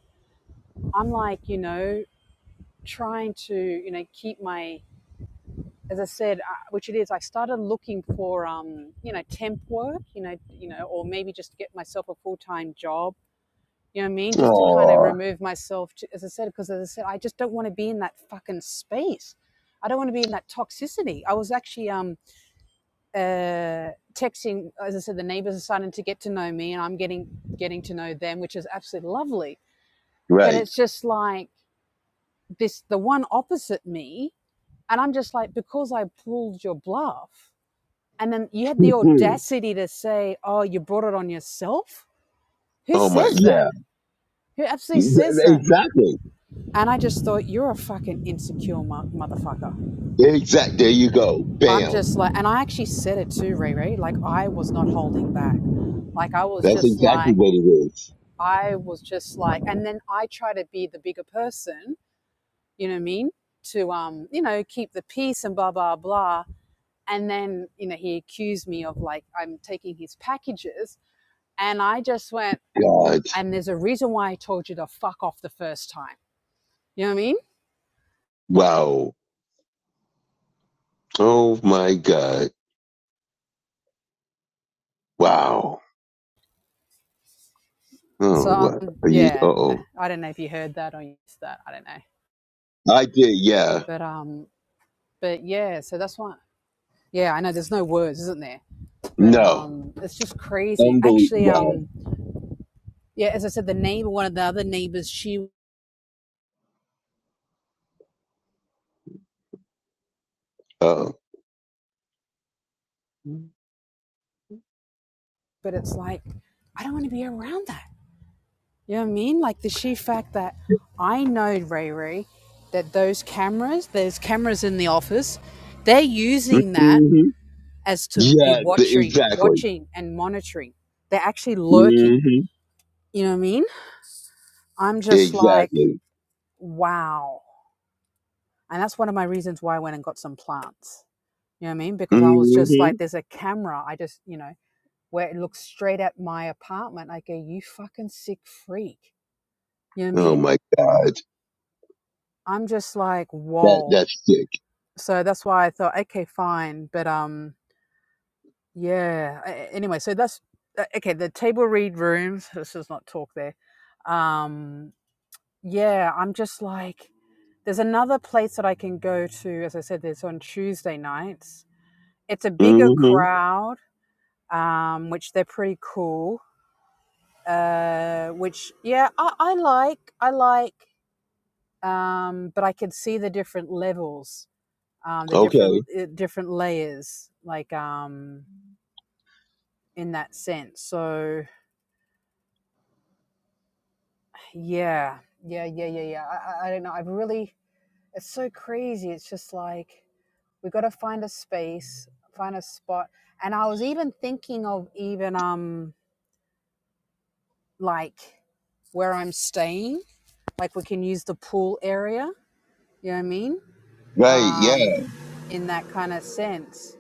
[SPEAKER 1] I'm like, you know, trying to, you know, keep my as I said, uh, which it is, I started looking for um, you know, temp work, you know, you know, or maybe just get myself a full-time job. You know what I mean? Just to kind of
[SPEAKER 2] Oh,
[SPEAKER 1] remove myself to, as I said because as I said, I just don't want to be in that fucking space. I don't want to be in that toxicity. I was actually um uh, texting, as I said, the neighbors are starting to get to know me, and I'm getting getting to know them, which is absolutely lovely. But
[SPEAKER 2] right.
[SPEAKER 1] it's just like this, the one opposite me, and I'm just like, because I pulled your bluff, and then you had the
[SPEAKER 2] Mhm.
[SPEAKER 1] audacity to say, "Oh, you brought it on yourself." Who
[SPEAKER 2] oh my,
[SPEAKER 1] says that?
[SPEAKER 2] yeah.
[SPEAKER 1] Who absolutely
[SPEAKER 2] Th-
[SPEAKER 1] says that?
[SPEAKER 2] Exactly.
[SPEAKER 1] And I just thought, you're a fucking insecure mo- motherfucker.
[SPEAKER 2] Exact. There you go.
[SPEAKER 1] I'm
[SPEAKER 2] Bam.
[SPEAKER 1] just like, and I actually said it too, Riri. Like, I was not holding back. Like, I was
[SPEAKER 2] That's
[SPEAKER 1] just
[SPEAKER 2] exactly
[SPEAKER 1] like,
[SPEAKER 2] what it is.
[SPEAKER 1] I was just like, and then I try to be the bigger person, you know what I mean? To, um, you know, keep the peace and blah, blah, blah. And then, you know, he accused me of like, I'm taking his packages. And I just went,
[SPEAKER 2] God.
[SPEAKER 1] and there's a reason why I told you to fuck off the first time. You know what I mean?
[SPEAKER 2] Wow. Oh my God. Wow. Oh,
[SPEAKER 1] So,
[SPEAKER 2] what
[SPEAKER 1] um,
[SPEAKER 2] are you? Uh
[SPEAKER 1] yeah,
[SPEAKER 2] oh.
[SPEAKER 1] I don't know if you heard that or used that. I don't know.
[SPEAKER 2] I did. Yeah.
[SPEAKER 1] But, um, but yeah, so that's why. Yeah, I know there's no words, isn't there? But
[SPEAKER 2] No.
[SPEAKER 1] um, it's just crazy. Actually,
[SPEAKER 2] Unbelievable. Wow.
[SPEAKER 1] um, yeah, as I said, the neighbor, one of the other neighbors, she,
[SPEAKER 2] Oh.
[SPEAKER 1] but it's like, I don't want to be around that. You know what I mean? Like the sheer fact that I know, Ray Ray, that those cameras, there's cameras in the office, they're using that
[SPEAKER 2] Mm-hmm.
[SPEAKER 1] as to be
[SPEAKER 2] Yes,
[SPEAKER 1] watching,
[SPEAKER 2] exactly.
[SPEAKER 1] watching and monitoring. They're actually lurking.
[SPEAKER 2] hmm
[SPEAKER 1] You know what I mean? I'm just like,
[SPEAKER 2] Exactly.
[SPEAKER 1] wow. And that's one of my reasons why I went and got some plants. You know what I mean? Because I was just like,
[SPEAKER 2] hmm
[SPEAKER 1] there's a camera. I just, you know, where it looks straight at my apartment. I go, you fucking sick freak. You know what I
[SPEAKER 2] Oh
[SPEAKER 1] mean?
[SPEAKER 2] my God,
[SPEAKER 1] I'm just like,
[SPEAKER 2] that
[SPEAKER 1] whoa.
[SPEAKER 2] that's sick.
[SPEAKER 1] So that's why I thought, okay, fine. But um, yeah. Anyway, so that's uh, okay. The table read rooms. This is not talk there. Um, yeah, I'm just like, there's another place that I can go to. As I said, there's on Tuesday nights. It's a bigger
[SPEAKER 2] hmm
[SPEAKER 1] crowd, um, which they're pretty cool. Uh, which yeah, I, I like. I like um, but I could see the different levels, um, the
[SPEAKER 2] Okay,
[SPEAKER 1] different uh, different layers, like um, in that sense. So yeah, yeah, yeah, yeah, yeah. I, I I don't know. I've really, it's so crazy. It's just like we got to find a space, find a spot. And I was even thinking of even um like where I'm staying, like we can use the pool area. You know what I mean?
[SPEAKER 2] right? yeah.
[SPEAKER 1] Um, in that kind of sense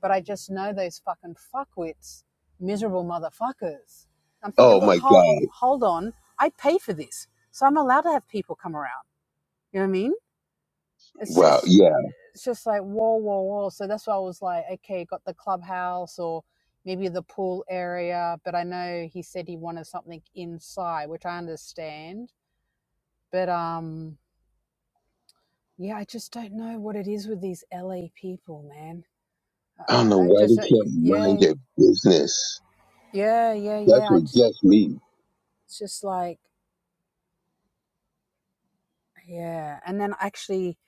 [SPEAKER 1] But I just know those fucking fuckwits, miserable motherfuckers. I'm thinking,
[SPEAKER 2] Oh
[SPEAKER 1] look,
[SPEAKER 2] my
[SPEAKER 1] hold,
[SPEAKER 2] God.
[SPEAKER 1] hold on. I pay for this. So I'm allowed to have people come around. You know what I mean? It's
[SPEAKER 2] Wow.
[SPEAKER 1] just,
[SPEAKER 2] Yeah.
[SPEAKER 1] it's just like, whoa, whoa, whoa. So that's why I was like, okay, got the clubhouse or maybe the pool area. But I know he said he wanted something inside, which I understand. But um, yeah, I just don't know what it is with these LA people, man. I,
[SPEAKER 2] I don't know
[SPEAKER 1] I
[SPEAKER 2] why
[SPEAKER 1] just,
[SPEAKER 2] they
[SPEAKER 1] uh,
[SPEAKER 2] can't
[SPEAKER 1] y-
[SPEAKER 2] mind
[SPEAKER 1] yeah,
[SPEAKER 2] their business.
[SPEAKER 1] yeah, yeah,
[SPEAKER 2] That's
[SPEAKER 1] yeah. I
[SPEAKER 2] what
[SPEAKER 1] just,
[SPEAKER 2] gets me.
[SPEAKER 1] It's just like, yeah. And then actually,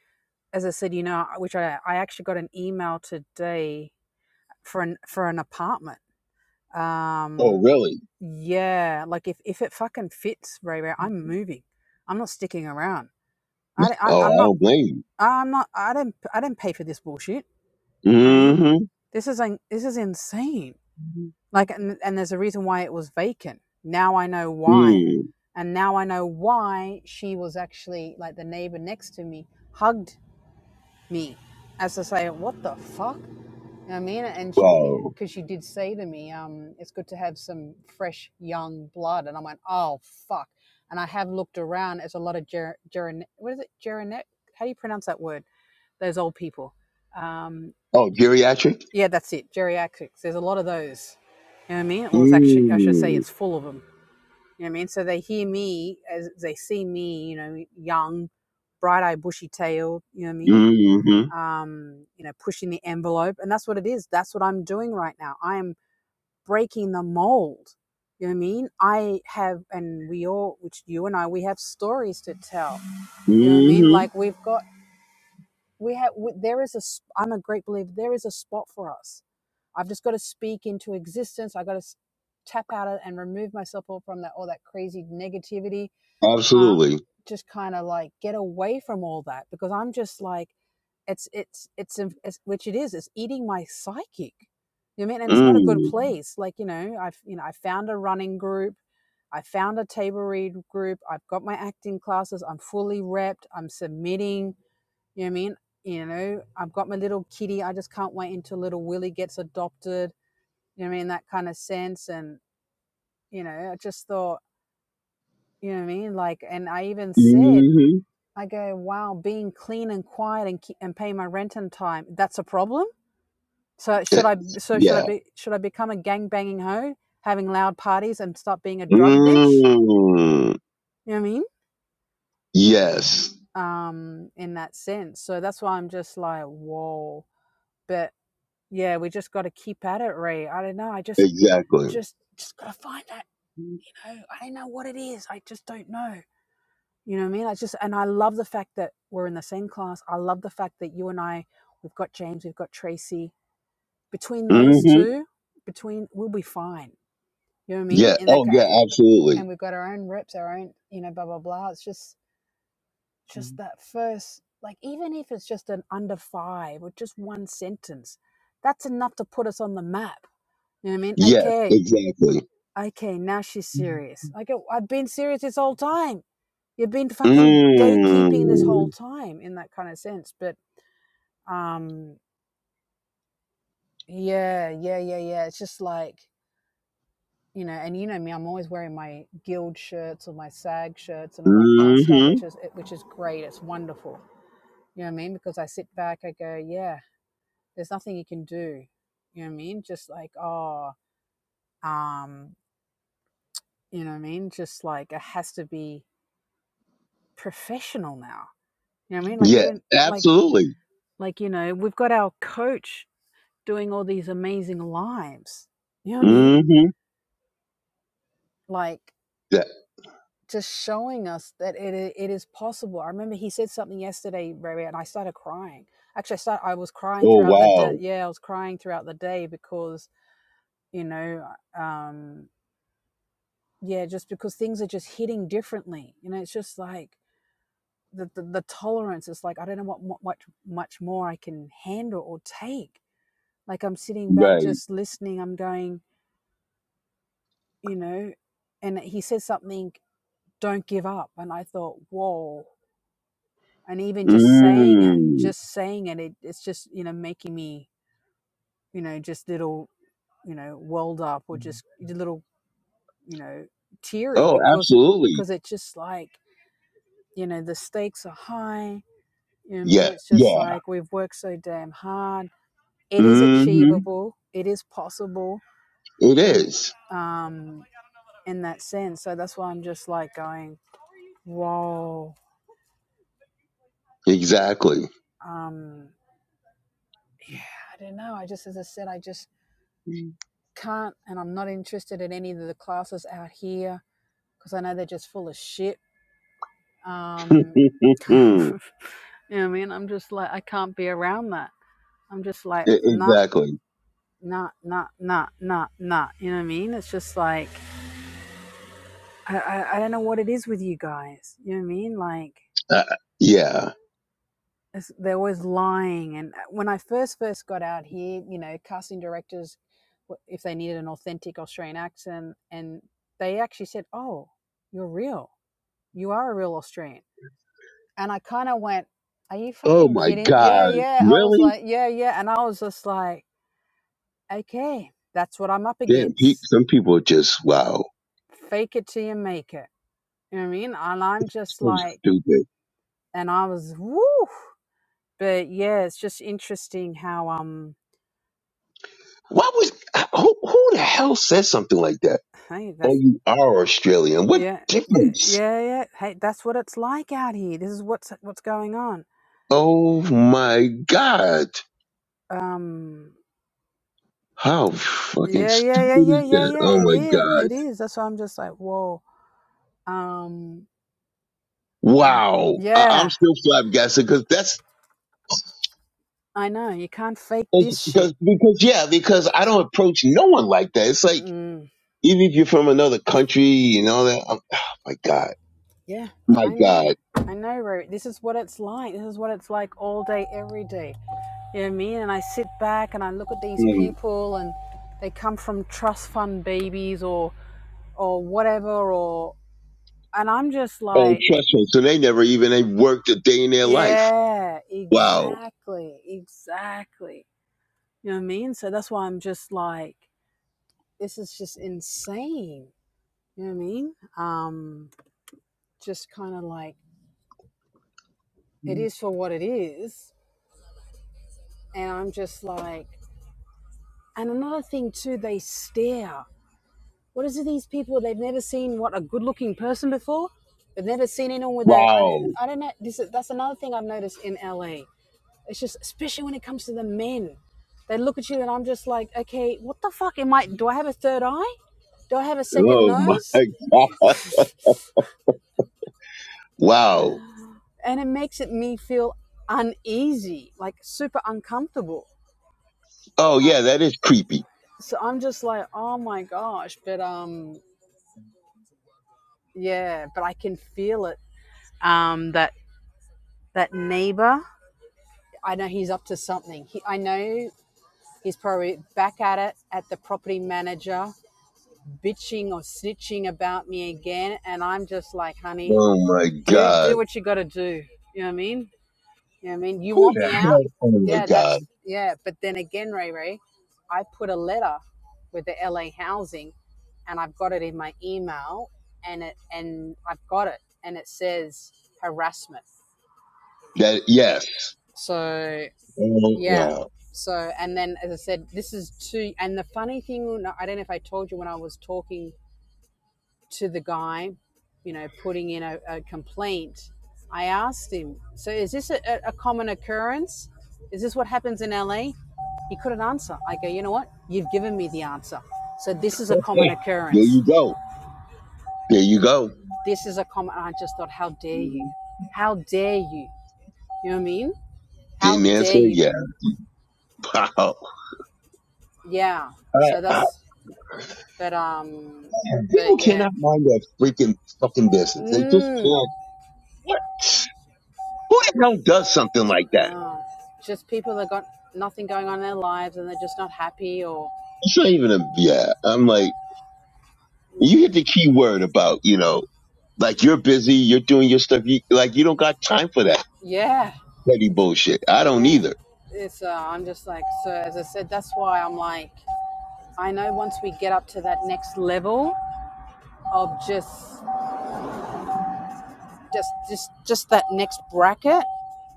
[SPEAKER 1] as I said, you know, which I, I actually got an email today for an for an apartment.
[SPEAKER 2] Oh,
[SPEAKER 1] Um,
[SPEAKER 2] really?
[SPEAKER 1] yeah, like if if it fucking fits, Ray Ray, I'm moving. I'm not sticking around. I, I
[SPEAKER 2] Oh,
[SPEAKER 1] I'm
[SPEAKER 2] I
[SPEAKER 1] not.
[SPEAKER 2] don't blame
[SPEAKER 1] I'm not. I didn't. I do not i do not pay for this bullshit.
[SPEAKER 2] you.
[SPEAKER 1] I mean, this is like this is insane.
[SPEAKER 2] Mm-hmm.
[SPEAKER 1] Like, and and there's a reason why it was vacant. Now I know why,
[SPEAKER 2] Mm.
[SPEAKER 1] and now I know why she was actually like the neighbor next to me hugged me as to say what the fuck you know what i mean and she
[SPEAKER 2] Wow.
[SPEAKER 1] because she did say to me um it's good to have some fresh young blood and i went oh fuck and i have looked around there's a lot of ger- geron what is it geronet how do you pronounce that word those old people um
[SPEAKER 2] Oh, geriatric?
[SPEAKER 1] yeah that's it geriatrics there's a lot of those you know what i mean well it's actually i should say
[SPEAKER 2] Mm.
[SPEAKER 1] it's full of them you know what i mean so they hear me as they see me you know young bright-eyed bushy-tailed you know what i mean
[SPEAKER 2] Mm-hmm.
[SPEAKER 1] um, you know, pushing the envelope. And that's what it is. That's what I'm doing right now. I am breaking the mold. You know what I mean? I have, and we all, which you and I, we have stories to tell. You know what I mean?
[SPEAKER 2] Mm-hmm.
[SPEAKER 1] Like we've got, we have, we, there is a, s- I'm a great believer, there is a spot for us. I've just got to speak into existence. I got to tap out of it and remove myself all from that, all that crazy negativity. Uh,
[SPEAKER 2] Absolutely.
[SPEAKER 1] just kind of like get away from all that because I'm just like, it's it's it's, a- it's which it is. It's eating my psychic. You know what I mean? And it's not a good
[SPEAKER 2] Mm.
[SPEAKER 1] place. Like you know, I've you know I found a running group. I found a table read group. I've got my acting classes. I'm fully repped. I'm submitting. You know what I mean? You know, I've got my little kitty. I just can't wait until little Willie gets adopted. You know what I mean? That kind of sense. And, you know, I just thought, you know what I mean? Like, and I even said,
[SPEAKER 2] Mm-hmm.
[SPEAKER 1] I go, wow, being clean and quiet and, and pay my rent on time, that's a problem? So should I? So should I
[SPEAKER 2] Yeah.
[SPEAKER 1] be? Should I become a gang banging hoe, having loud parties, and stop being a drug bitch?
[SPEAKER 2] Mm.
[SPEAKER 1] You know what I mean?
[SPEAKER 2] Yes.
[SPEAKER 1] Um, in that sense. So that's why I'm just like, whoa. But yeah, we just got to keep at it, Ray. I don't know. I just,
[SPEAKER 2] Exactly.
[SPEAKER 1] just, just gotta find that. You know, I don't know what it is. I just don't know. You know what I mean? I just, and I love the fact that we're in the same class. I love the fact that you and I, we've got James, we've got Tracy. Between those
[SPEAKER 2] Mm-hmm.
[SPEAKER 1] two, between we'll be fine. You know what I mean?
[SPEAKER 2] Yeah.
[SPEAKER 1] In that,
[SPEAKER 2] Oh,
[SPEAKER 1] ca-
[SPEAKER 2] yeah, absolutely.
[SPEAKER 1] and we've got our own reps, our own, you know, blah blah blah. It's just just that first, like even if it's just an under five or just one sentence, that's enough to put us on the map. You know what I mean?
[SPEAKER 2] Yes,
[SPEAKER 1] Okay,
[SPEAKER 2] exactly.
[SPEAKER 1] okay, now she's
[SPEAKER 2] Mm.
[SPEAKER 1] serious. Like "Oh, I've been serious this whole time. You've been fucking gatekeeping this whole
[SPEAKER 2] Mm-hmm.
[SPEAKER 1] time in that kind of sense. But um, yeah, yeah, yeah, yeah. It's just like you know, and you know me, I'm always wearing my guild shirts or my SAG shirts and all that kind of stuff, which is eh, which is great. It's wonderful You know what I mean? Because I sit back, I go, yeah, there's nothing you can do. You know what I mean? Just like, oh, um, you know what I mean? Just like it has to be professional now. You know what I mean? Like we
[SPEAKER 2] Yeah,
[SPEAKER 1] didn't like
[SPEAKER 2] absolutely.
[SPEAKER 1] like, you know, we've got our coach doing all these amazing lives. You know what I mean?
[SPEAKER 2] Mm-hmm.
[SPEAKER 1] Like
[SPEAKER 2] Yeah.
[SPEAKER 1] just showing us that it it is possible. I remember he said something yesterday, Ray, and I started crying. Actually, I started. I was crying
[SPEAKER 2] Oh
[SPEAKER 1] throughout the day.
[SPEAKER 2] wow.
[SPEAKER 1] Yeah, I was crying throughout the day because you know um yeah just because things are just hitting differently you know it's just like the, the, the tolerance is like i don't know what what much much more i can handle or take like i'm sitting back
[SPEAKER 2] Right.
[SPEAKER 1] just listening i'm going you know and he says something don't give up and i thought whoa and even just saying it
[SPEAKER 2] Mm.
[SPEAKER 1] just saying it, it it's just you know making me you know just little you know welled up or just a little you know teary
[SPEAKER 2] Oh,
[SPEAKER 1] because it
[SPEAKER 2] absolutely.
[SPEAKER 1] because it's just like you know the stakes are high You know what I mean?
[SPEAKER 2] Yeah.
[SPEAKER 1] It's just
[SPEAKER 2] Yeah.
[SPEAKER 1] like we've worked so damn hard. It is
[SPEAKER 2] Mm-hmm.
[SPEAKER 1] achievable. It is possible.
[SPEAKER 2] It
[SPEAKER 1] You know what
[SPEAKER 2] is.
[SPEAKER 1] I mean? Um, in that sense. So that's why I'm just like going, whoa.
[SPEAKER 2] Exactly.
[SPEAKER 1] Um, yeah, I don't know. I just, as I said, I just can't, and I'm not interested in any of the classes out here because I know they're just full of shit. Um, you
[SPEAKER 2] Mm.
[SPEAKER 1] know what I mean? I'm just like, I can't be around that. I'm just like,
[SPEAKER 2] E-
[SPEAKER 1] nah,
[SPEAKER 2] exactly.
[SPEAKER 1] nah, nah, nah, nah, nah. You know what I mean? It's just like, I, I, I don't know what it is with you guys. You know what I mean? Like,
[SPEAKER 2] Uh, yeah.
[SPEAKER 1] it's, they're always lying. And uh, when I first first got out here, you know, casting directors, if they needed an authentic Australian accent, and they actually said, "Oh, you're real. You are a real Australian." And I kind of went, "Are you
[SPEAKER 2] Oh
[SPEAKER 1] fucking
[SPEAKER 2] my
[SPEAKER 1] kidding?"
[SPEAKER 2] God.
[SPEAKER 1] Yeah, yeah. I was
[SPEAKER 2] Really?
[SPEAKER 1] like, "Yeah, yeah," and I was just like, "Okay, that's what I'm up
[SPEAKER 2] Damn. Pe-
[SPEAKER 1] against.
[SPEAKER 2] some people are just wow.
[SPEAKER 1] Fake it till you make it." You know what I mean? And I'm just
[SPEAKER 2] So
[SPEAKER 1] like,
[SPEAKER 2] stupid.
[SPEAKER 1] and I was, woo. but yeah, it's just interesting how um
[SPEAKER 2] Why was who? Who the hell said something like that?
[SPEAKER 1] hey
[SPEAKER 2] Oh,
[SPEAKER 1] that's
[SPEAKER 2] you are Australian. What
[SPEAKER 1] yeah yeah
[SPEAKER 2] difference?
[SPEAKER 1] yeah yeah hey that's what it's like out here. This is what's what's going on.
[SPEAKER 2] Oh my God.
[SPEAKER 1] Um
[SPEAKER 2] How fucking
[SPEAKER 1] yeah
[SPEAKER 2] stupid
[SPEAKER 1] yeah yeah yeah
[SPEAKER 2] is
[SPEAKER 1] yeah
[SPEAKER 2] that?
[SPEAKER 1] yeah
[SPEAKER 2] Oh
[SPEAKER 1] it
[SPEAKER 2] my
[SPEAKER 1] is
[SPEAKER 2] God.
[SPEAKER 1] it is. That's why I'm just like whoa. Um I'm
[SPEAKER 2] Wow. I- I'm
[SPEAKER 1] yeah
[SPEAKER 2] still flabbergasted because that's
[SPEAKER 1] I know you can't fake
[SPEAKER 2] that's-
[SPEAKER 1] this
[SPEAKER 2] because,
[SPEAKER 1] shit.
[SPEAKER 2] because, yeah, because I don't approach no one like that. It's like,
[SPEAKER 1] Mm,
[SPEAKER 2] even if you're from another country and all that, I'm, oh my God.
[SPEAKER 1] yeah
[SPEAKER 2] My
[SPEAKER 1] I know
[SPEAKER 2] God.
[SPEAKER 1] I know Ro. This is what it's like. This is what it's like all day every day You know what I mean? And I sit back and I look at these
[SPEAKER 2] Mm.
[SPEAKER 1] people and they come from trust fund babies or or whatever or and I'm just
[SPEAKER 2] Oh,
[SPEAKER 1] like,
[SPEAKER 2] trust me. So they never even, they worked a day in their life.
[SPEAKER 1] yeah,
[SPEAKER 2] Wow.
[SPEAKER 1] exactly, exactly. You know what I mean? So that's why I'm just like, this is just insane. You know what I mean? Um, just kind of like it is for what it is. And I'm just like and another thing too, they stare. What is it? These people they've never seen what a good-looking person before. They've never seen anyone with a. I don't.
[SPEAKER 2] Wow.
[SPEAKER 1] I don't know. This is, that's another thing I've noticed in LA. It's just especially when it comes to the men. They look at you and I'm just like, okay, what the fuck am I? Do I have a third eye? Do I have a second
[SPEAKER 2] Oh my
[SPEAKER 1] nose?
[SPEAKER 2] God. Wow.
[SPEAKER 1] And it makes it me feel uneasy, like super uncomfortable.
[SPEAKER 2] Oh
[SPEAKER 1] Uh,
[SPEAKER 2] yeah, that is creepy.
[SPEAKER 1] so I'm just like, oh my gosh, but um, yeah, but I can feel it. Um, that that neighbor. I know he's up to something. He, I know he's probably back at it at the property manager, bitching or snitching about me again. And I'm just like, honey,
[SPEAKER 2] Oh my
[SPEAKER 1] do
[SPEAKER 2] god.
[SPEAKER 1] do what you got to do. You know what I mean? You know what I mean? You
[SPEAKER 2] Who
[SPEAKER 1] want
[SPEAKER 2] the
[SPEAKER 1] me out?
[SPEAKER 2] hell? Oh my
[SPEAKER 1] Yeah,
[SPEAKER 2] god.
[SPEAKER 1] that's yeah. But then again, Ray Ray, I put a letter with the LA Housing, and I've got it in my email, and it and I've got it, and it says harassment.
[SPEAKER 2] That yes.
[SPEAKER 1] So
[SPEAKER 2] Oh
[SPEAKER 1] Yeah.
[SPEAKER 2] wow.
[SPEAKER 1] So, and then as I said, this is two. And the funny thing, no, I don't know if I told you when I was talking to the guy, you know, putting in a, a complaint, I asked him, so is this a a common occurrence? Is this what happens in LA? He couldn't answer. I go, you know what? You've given me the answer. So this is a
[SPEAKER 2] Hey,
[SPEAKER 1] common
[SPEAKER 2] There
[SPEAKER 1] occurrence.
[SPEAKER 2] you go. There you go.
[SPEAKER 1] This is a common. I just thought, how dare you? How dare you? You know what I mean? How
[SPEAKER 2] Didn't
[SPEAKER 1] dare
[SPEAKER 2] answer.
[SPEAKER 1] you?
[SPEAKER 2] Yeah. Wow.
[SPEAKER 1] Yeah.
[SPEAKER 2] I,
[SPEAKER 1] So
[SPEAKER 2] I,
[SPEAKER 1] that's, but, um,
[SPEAKER 2] people
[SPEAKER 1] but yeah,
[SPEAKER 2] cannot mind their freaking fucking business. They just
[SPEAKER 1] Mm.
[SPEAKER 2] can't. What? Who the hell does something like that?
[SPEAKER 1] Oh, just people that got nothing going on in their lives and they're just not happy or
[SPEAKER 2] It's not even a yeah. I'm like, you
[SPEAKER 1] Mm.
[SPEAKER 2] hit the key word about you know, like you're busy, you're doing your stuff. You like you don't got time for that
[SPEAKER 1] yeah,
[SPEAKER 2] petty bullshit. I don't
[SPEAKER 1] yeah.
[SPEAKER 2] either.
[SPEAKER 1] It's uh, I'm just like so. As I said, that's why I'm like I know once we get up to that next level of just just just just that next bracket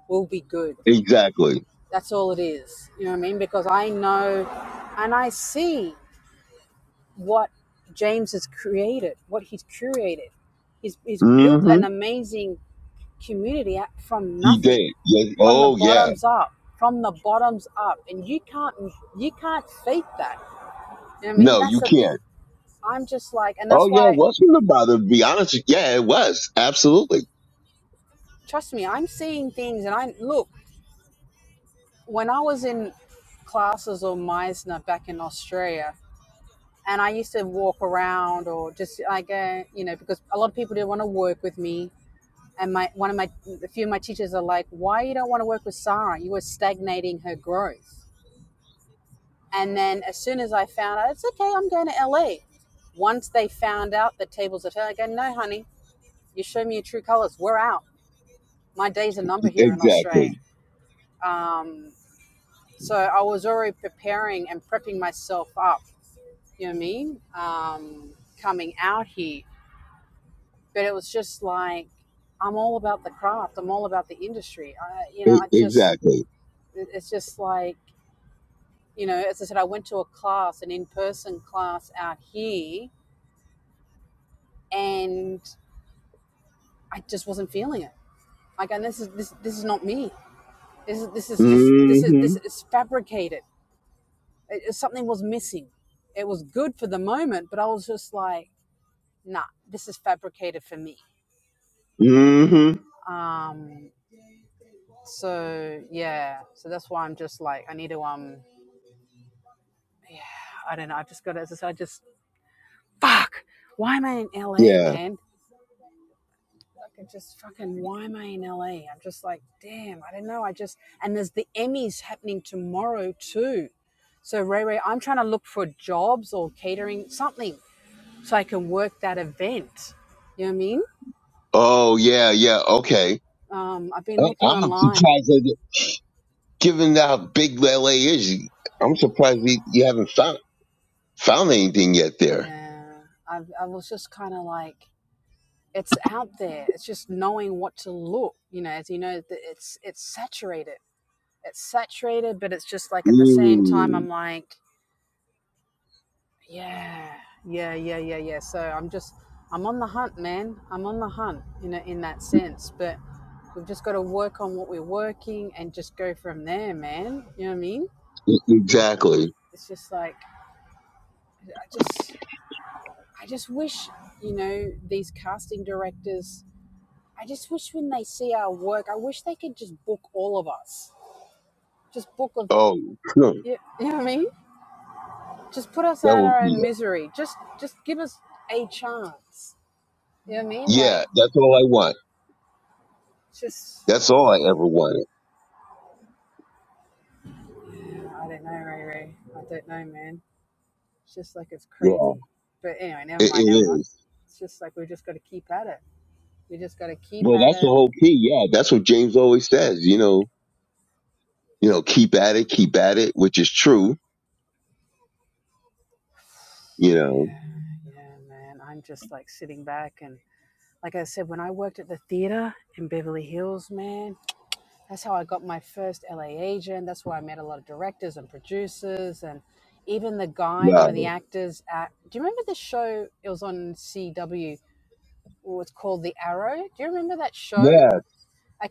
[SPEAKER 1] will be good.
[SPEAKER 2] Exactly.
[SPEAKER 1] That's all it is. You know what I mean? Because I know and I see what James has created, what he's curated. He's, he's
[SPEAKER 2] mm
[SPEAKER 1] built
[SPEAKER 2] hmm
[SPEAKER 1] an amazing community from
[SPEAKER 2] He
[SPEAKER 1] nothing,
[SPEAKER 2] did. Yes.
[SPEAKER 1] from the
[SPEAKER 2] Oh, yeah.
[SPEAKER 1] bottoms up, from the bottoms up, and you can't you can't fake that. You know what I mean?
[SPEAKER 2] No,
[SPEAKER 1] That's
[SPEAKER 2] you
[SPEAKER 1] the thing.
[SPEAKER 2] can't.
[SPEAKER 1] I'm just like, and
[SPEAKER 2] Oh,
[SPEAKER 1] that's
[SPEAKER 2] yeah. It
[SPEAKER 1] why.
[SPEAKER 2] was not about it. To be honest, yeah, it was. Absolutely.
[SPEAKER 1] Trust me, I'm seeing things, and I look when I was in classes or Meisner back in Australia. And I used to walk around or just like, uh, you know, because a lot of people didn't want to work with me. And my one of my, a few of my teachers are like, why you don't want to work with Sarah? You were stagnating her growth. And then as soon as I found out, it's okay, I'm going to LA. Once they found out the tables are turned, I go, no, honey, you show me your true colors. We're out. My days are numbered here in
[SPEAKER 2] Exactly.
[SPEAKER 1] Australia. Um, so I was already preparing and prepping myself up, you know what I mean? Um, coming out here. But it was just like, I'm all about the craft. I'm all about the industry. I, you know,
[SPEAKER 2] E-
[SPEAKER 1] I just,
[SPEAKER 2] exactly.
[SPEAKER 1] it's just like, you know, as I said, I went to a class, an in person class out here, and I just wasn't feeling it. Like, and this is this this is not me. This is this is just this is this
[SPEAKER 2] hmm
[SPEAKER 1] is fabricated. It, something was missing. It was good for the moment, but I was just like, nah, this is fabricated for me.
[SPEAKER 2] mm hmm
[SPEAKER 1] Um, so yeah, so that's why I'm just like, I need to um, yeah, I don't know. I've just got to, as I said, I just fuck. Why am I in LA,
[SPEAKER 2] Yeah.
[SPEAKER 1] man? I I just fucking, why am I in LA? I'm just like, damn, I don't know. I just, and there's the Emmys happening tomorrow too. So, Ray Ray, I'm trying to look for jobs or catering, something, so I can work that event. You know what I mean?
[SPEAKER 2] Oh, yeah. Yeah. Okay.
[SPEAKER 1] Um, I've been
[SPEAKER 2] I-
[SPEAKER 1] looking
[SPEAKER 2] I'm
[SPEAKER 1] online.
[SPEAKER 2] surprised that, given how big LA is, you- I'm surprised you, you haven't found found anything yet there.
[SPEAKER 1] Yeah. I, I was just kind of like, it's out there. It's just knowing what to look. You know, as you know, it's it's saturated. It's saturated, but it's just like at the same time,
[SPEAKER 2] Mm.
[SPEAKER 1] I'm like, Yeah, yeah, yeah, yeah, yeah. So I'm just, I'm on the hunt, man. I'm on the hunt in a, in that sense. But we've just got to work on what we're working and just go from there, man. You know what I mean?
[SPEAKER 2] Exactly.
[SPEAKER 1] It's just like, I just, I just wish, you know, these casting directors. I just wish when they see our work, I wish they could just book all of us. Just book of,
[SPEAKER 2] Oh, no.
[SPEAKER 1] you, you know what I mean? Just put us
[SPEAKER 2] that
[SPEAKER 1] out
[SPEAKER 2] would
[SPEAKER 1] our own
[SPEAKER 2] be.
[SPEAKER 1] misery. Just, just give us a chance. You know what I mean? Like,
[SPEAKER 2] Yeah. That's all I want.
[SPEAKER 1] just.
[SPEAKER 2] That's all I ever wanted.
[SPEAKER 1] I don't know, Ray Ray. I don't know, man. It's just like it's
[SPEAKER 2] Yeah.
[SPEAKER 1] crazy. But anyway, never
[SPEAKER 2] It, it
[SPEAKER 1] mind, never mind.
[SPEAKER 2] is.
[SPEAKER 1] It's just like we've just got to keep at it. We just got to keep
[SPEAKER 2] Well,
[SPEAKER 1] at
[SPEAKER 2] that's the
[SPEAKER 1] it.
[SPEAKER 2] whole key. Yeah, that's what James always says. You know, you know, keep at it, keep at it, which is true. You know.
[SPEAKER 1] Yeah, yeah, man. I'm just like sitting back and, like I said, when I worked at the theater in Beverly Hills, man, that's how I got my first LA agent. That's where I met a lot of directors and producers and even the guy, one
[SPEAKER 2] Wow.
[SPEAKER 1] of the actors at. Do you remember the show? It was on CW. It was called The Arrow. Do you remember that show?
[SPEAKER 2] Yeah,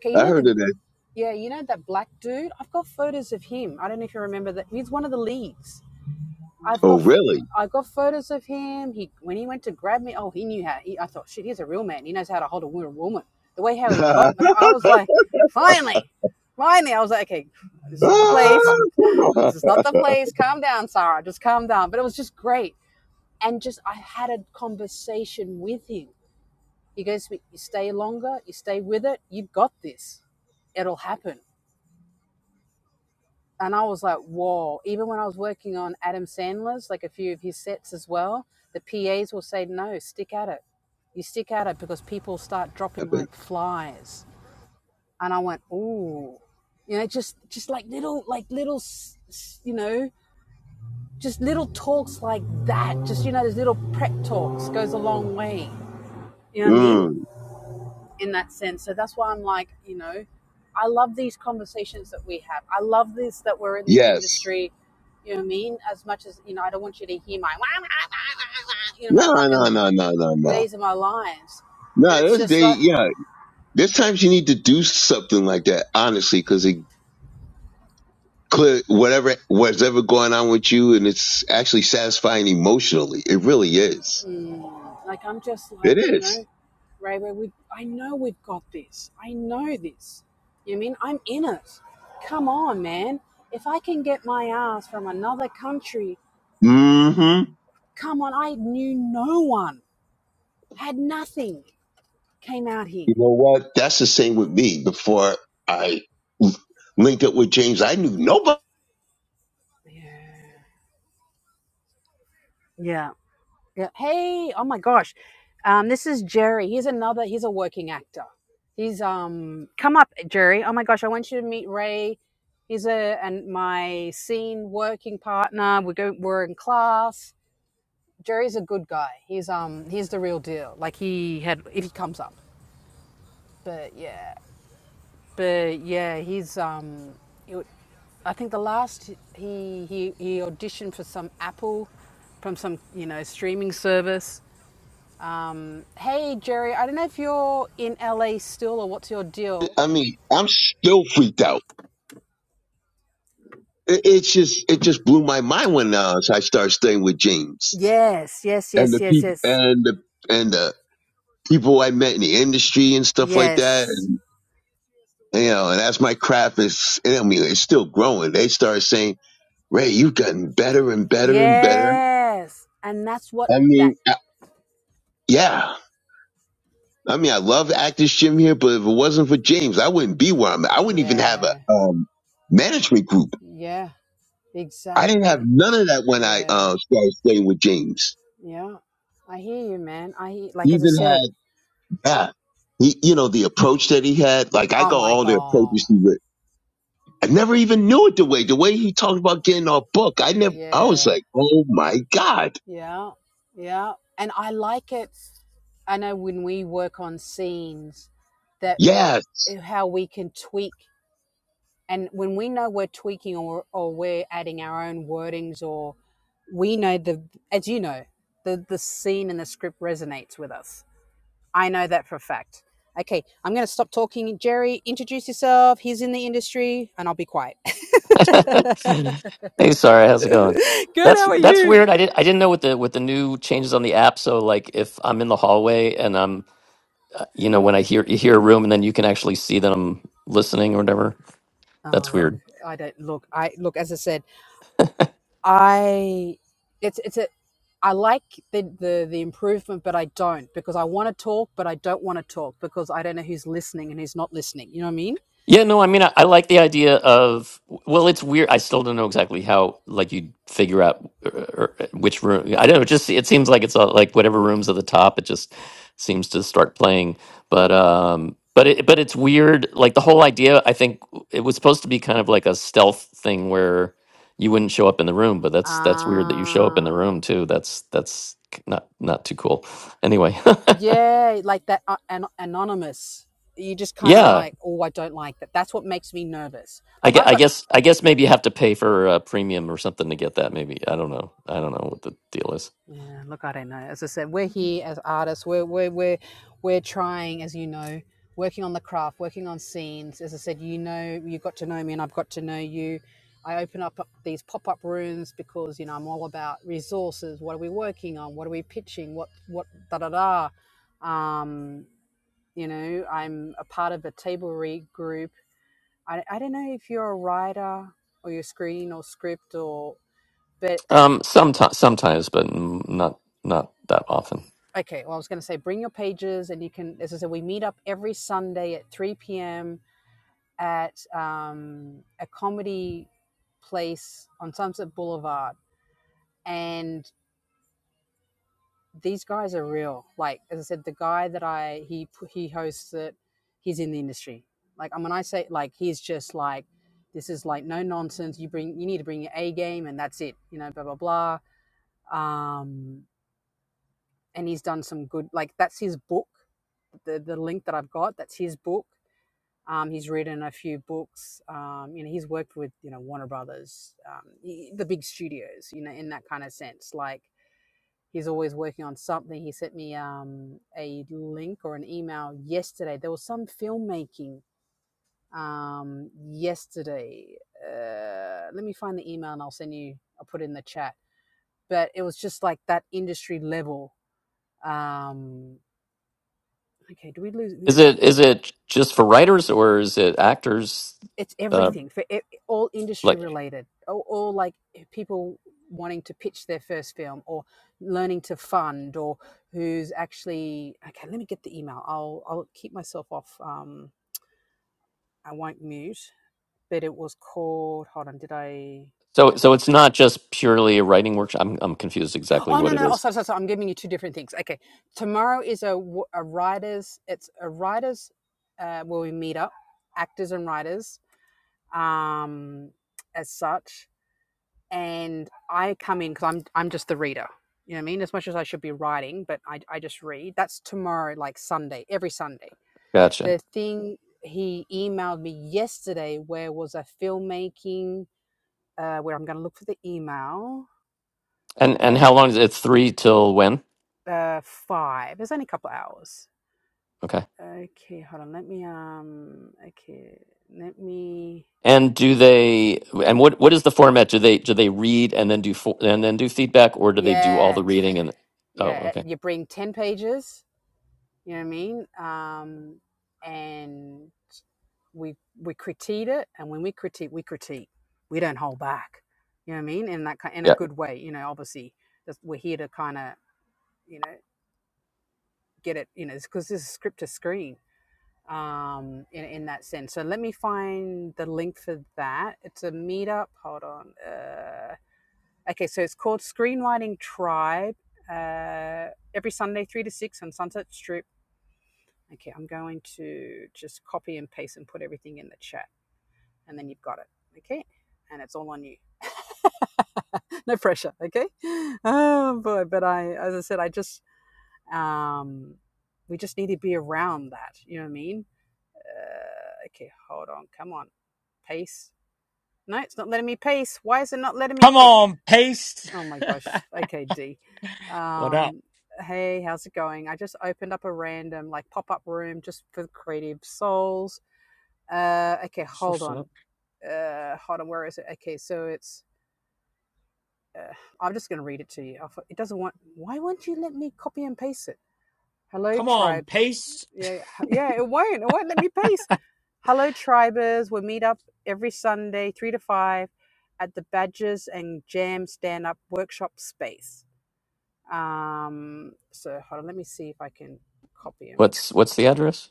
[SPEAKER 1] Okay, you
[SPEAKER 2] I
[SPEAKER 1] know
[SPEAKER 2] heard
[SPEAKER 1] the
[SPEAKER 2] of that.
[SPEAKER 1] Yeah, you know that black dude. I've got photos of him. I don't know if you remember that. He's one of the leads. I've
[SPEAKER 2] Oh,
[SPEAKER 1] got,
[SPEAKER 2] really?
[SPEAKER 1] I got photos of him. He when he went to grab me. Oh, he knew how. He, I thought, shit, he's a real man. He knows how to hold a wo- woman. The way how he got, I was like, finally, finally. I was like, okay, this is not the place.
[SPEAKER 2] Ah,
[SPEAKER 1] This is not the place. Calm down, Sarah. Just calm down. But it was just great. And just I had a conversation with him. He goes, you stay longer. You stay with it. You've got this. It'll happen and I was like, whoa. Even when I was working on Adam Sandler's, like a few of his sets as well, the PAs will say, no, stick at it. You stick at it because people start dropping
[SPEAKER 2] Happened.
[SPEAKER 1] like flies. And I went, ooh, you know, just, just like little, like little, you know, just little talks like that. Just, you know, those little prep talks goes a long way. You know what I mean?
[SPEAKER 2] mm,
[SPEAKER 1] in that sense. So that's why I'm like, you know, I love these conversations that we have. I love this that we're in the
[SPEAKER 2] yes.
[SPEAKER 1] industry. You know what I mean? As much as you know, I don't want you to hear my, wah, wah, wah, wah, wah, you know, my
[SPEAKER 2] No,
[SPEAKER 1] fucking
[SPEAKER 2] no, no, no, no, no.
[SPEAKER 1] days of my lives. But
[SPEAKER 2] No,
[SPEAKER 1] it's
[SPEAKER 2] those
[SPEAKER 1] just
[SPEAKER 2] day,
[SPEAKER 1] like,
[SPEAKER 2] yeah. There's times you need to do something like that, honestly, because it clear whatever what's ever going on with you, and it's actually satisfying emotionally. It really is.
[SPEAKER 1] like I'm just like,
[SPEAKER 2] It
[SPEAKER 1] you
[SPEAKER 2] is.
[SPEAKER 1] know, Ray, Ray, we, I know we've got this. I know this. You know what I mean? I'm in it. Come on, man. If I can get my ass from another country,
[SPEAKER 2] Mm hmm.
[SPEAKER 1] come on. I knew no one, had nothing Came out here.
[SPEAKER 2] You know what? That's the same with me. Before I linked up with James, I knew nobody.
[SPEAKER 1] Yeah. Yeah. Hey, oh my gosh. Um, this is Jerry. He's another he's a working actor. He's um come up, Jerry. Oh my gosh, I want you to meet Ray. He's a and my scene working partner. We go we're in class. Jerry's a good guy. He's um he's the real deal. Like he had if he comes up. But yeah. But yeah, he's um, he I think the last he he he auditioned for some Apple from some you know streaming service. Hey Jerry, I don't know if you're in LA still or what's your deal.
[SPEAKER 2] I mean, I'm still freaked out. It, it's just, it just blew my mind when uh, I started staying with James
[SPEAKER 1] Yes, yes,
[SPEAKER 2] and
[SPEAKER 1] yes,
[SPEAKER 2] the
[SPEAKER 1] yes,
[SPEAKER 2] people
[SPEAKER 1] yes,
[SPEAKER 2] and the and the people I met in the industry and stuff like that.
[SPEAKER 1] yes,
[SPEAKER 2] And you know, and as my craft is, I mean, it's still growing. They started saying, "Ray, you've gotten better and better and better."
[SPEAKER 1] yes, and that's what
[SPEAKER 2] I
[SPEAKER 1] that.
[SPEAKER 2] mean, I, yeah. I mean, I love Actors Gym here, but if it wasn't for James, I wouldn't be where I'm at. I wouldn't even have a
[SPEAKER 1] Yeah,
[SPEAKER 2] um, management group.
[SPEAKER 1] yeah,
[SPEAKER 2] I didn't have
[SPEAKER 1] exactly.
[SPEAKER 2] none of that when I
[SPEAKER 1] Yeah,
[SPEAKER 2] uh, started staying with James.
[SPEAKER 1] yeah. I hear you, man. I hear,
[SPEAKER 2] He
[SPEAKER 1] like as I
[SPEAKER 2] even
[SPEAKER 1] said.
[SPEAKER 2] had, yeah, he, you know, the approach that he had. Like, I
[SPEAKER 1] Oh
[SPEAKER 2] got
[SPEAKER 1] my
[SPEAKER 2] all the
[SPEAKER 1] god.
[SPEAKER 2] approaches he would. I never even knew it the way, the way he talked about getting our book. I never, I was
[SPEAKER 1] Yeah.
[SPEAKER 2] like, oh my God.
[SPEAKER 1] Yeah. Yeah. And I like it. I know when we work on scenes that
[SPEAKER 2] Yeah,
[SPEAKER 1] eh, how we can tweak and when we know we're tweaking or, or we're adding our own wordings or we know the as you know the the scene and the script resonates with us i know that for a fact okay i'm going to stop talking jerry introduce yourself he's in the industry and i'll be quiet
[SPEAKER 3] hey, sorry, how's it going?
[SPEAKER 1] good
[SPEAKER 3] That's
[SPEAKER 1] how are
[SPEAKER 3] that's
[SPEAKER 1] you
[SPEAKER 3] weird. I didn't I didn't know with the with the new changes on the app. So like, if I'm in the hallway and I'm, uh, you know, when I hear you hear a room and then you can actually see that I'm listening or whatever.
[SPEAKER 1] oh
[SPEAKER 3] That's
[SPEAKER 1] look
[SPEAKER 3] weird.
[SPEAKER 1] i don't look i look as i said I it's it's a I like the, the the improvement, but I don't because I want to talk, but I don't want to talk because I don't know who's listening and who's not listening. You know what I mean?
[SPEAKER 3] Yeah, no, I mean, I, I like the idea of, well, it's weird. I still don't know exactly how, like, you figure out uh, or, uh, which room. I don't know. It just, it seems like it's all, like whatever room's at the top, it just seems to start playing. But, um, but it, but it's weird. Like the whole idea, I think it was supposed to be kind of like a stealth thing where you wouldn't show up in the room, but that's, that's weird that you show up in the
[SPEAKER 1] Uh,
[SPEAKER 3] room too. That's, that's k- not, not too cool. Anyway.
[SPEAKER 1] yeah, like that uh, an- anonymous. You just kind of
[SPEAKER 3] Yeah,
[SPEAKER 1] like, oh, I don't like that. That's what makes me nervous.
[SPEAKER 3] I
[SPEAKER 1] Like
[SPEAKER 3] guess,
[SPEAKER 1] I've
[SPEAKER 3] I
[SPEAKER 1] got
[SPEAKER 3] guess I guess maybe you have to pay for a premium or something to get that. Maybe I don't know. I don't know what the deal is.
[SPEAKER 1] Yeah, look, I don't know. As I said, we're here as artists. We're we're we're we're trying, as you know, working on the craft, working on scenes. As I said, you know, you got to know me, and I've got to know you. I open up these pop up rooms because you know I'm all about resources. What are we working on? What are we pitching? What what da da da. Um, you know, I'm a part of a table read group. I I don't know if you're a writer or you're screen or script or. but.
[SPEAKER 3] Um, sometimes, sometimes, but n- not not that often.
[SPEAKER 1] okay well i was going to say bring your pages and you can as i said we meet up every sunday at 3 p.m at um, a comedy place on sunset boulevard and these guys are real like as i said the guy that i he he hosts it he's in the industry like and when i say like he's just like this is like no nonsense you bring you need to bring your a game and that's it you know blah blah blah um and he's done some good like that's his book the the link that i've got that's his book Um, he's written a few books. Um, you know, he's worked with you know Warner Brothers, um, y- the big studios. You know, in that kind of sense, like he's always working on something. He sent me um, a link or an email yesterday. There was some filmmaking um, yesterday. Uh, let me find the email and I'll send you. I'll put it in the chat. But it was just like that industry level. Um, okay, do we lose?
[SPEAKER 3] Is it is it just for writers or is it actors?
[SPEAKER 1] it's
[SPEAKER 3] Uh,
[SPEAKER 1] everything for e all industry
[SPEAKER 3] like
[SPEAKER 1] related all, all like eh, people wanting to pitch their first film or learning to fund or who's actually okay let me get the email i'll i'll keep myself off um i won't mute but it was called hold on did i I
[SPEAKER 3] so
[SPEAKER 1] hope I-
[SPEAKER 3] so it's not just purely a writing workshop. I'm I'm confused exactly
[SPEAKER 1] Oh no
[SPEAKER 3] what it
[SPEAKER 1] no! Oh
[SPEAKER 3] is.
[SPEAKER 1] sorry, sorry, sorry. I'm giving you two different things. Okay, tomorrow is a a writers. It's a writers uh, where we meet up, actors and writers. Um, as such, and I come in because I'm I'm just the reader. You know what I mean? As much as I should be writing, but I I just read. That's tomorrow, like Sunday, every Sunday.
[SPEAKER 3] Gotcha.
[SPEAKER 1] The thing he emailed me yesterday, where was a filmmaking, uh, where I'm going to look for the email.
[SPEAKER 3] And and
[SPEAKER 1] Uh,
[SPEAKER 3] how long is it? It's three till when?
[SPEAKER 1] uh, five. There's only a couple of hours.
[SPEAKER 3] Okay.
[SPEAKER 1] Okay, hold on. Let me um. Okay, let me.
[SPEAKER 3] And do they and what what is the format? Do they do they read and then do fo- and then do feedback or do they do all
[SPEAKER 1] Yeah,
[SPEAKER 3] the reading and? Oh,
[SPEAKER 1] yeah. eh,
[SPEAKER 3] okay.
[SPEAKER 1] You bring ten pages. You know what I mean? Um, and we we critique it and when we critique we critique we don't hold back you know what i mean in that in a
[SPEAKER 3] Yeah.
[SPEAKER 1] good way you know obviously that's- we're here to kind of you know get it you know because this is script to screen um in, in that sense so let me find the link for that it's a meetup hold on uh okay so it's called screenwriting tribe uh every sunday three to six on sunset strip okay i'm going to just copy and paste and put everything in the chat and then you've got it. Okay. And it's all on you. no pressure. Okay. Oh boy. But I, as I said, I just, um, we just need to be around that. You know what I mean? Uh, okay. Hold on. Come on. Pace. No, it's not letting me pace. Why is it not letting me
[SPEAKER 4] Come
[SPEAKER 1] pace?
[SPEAKER 4] on, paste.
[SPEAKER 1] Oh my gosh. Okay, D.
[SPEAKER 4] What up?
[SPEAKER 1] Um, hey, how's it going? I just opened up a random like pop up room just for creative souls. Uh, okay,
[SPEAKER 4] What's
[SPEAKER 1] hold
[SPEAKER 4] what's
[SPEAKER 1] on
[SPEAKER 4] up?
[SPEAKER 1] uh, hold on, where is it? so, Okay, so it's, uh, I'm just going to read it to you. I thought, it doesn't want, why won't you let me copy and paste it? Hello,
[SPEAKER 4] Come on,
[SPEAKER 1] tribes.
[SPEAKER 4] paste.
[SPEAKER 1] Yeah, yeah, it won't. It won't let me paste. Hello, tribers. We'll meet up every Sunday, 3 to 5, at the Badgers and Jam Stand Up Workshop Space. Um, so hold on, let me see if I can copy him.
[SPEAKER 3] What's what's the address?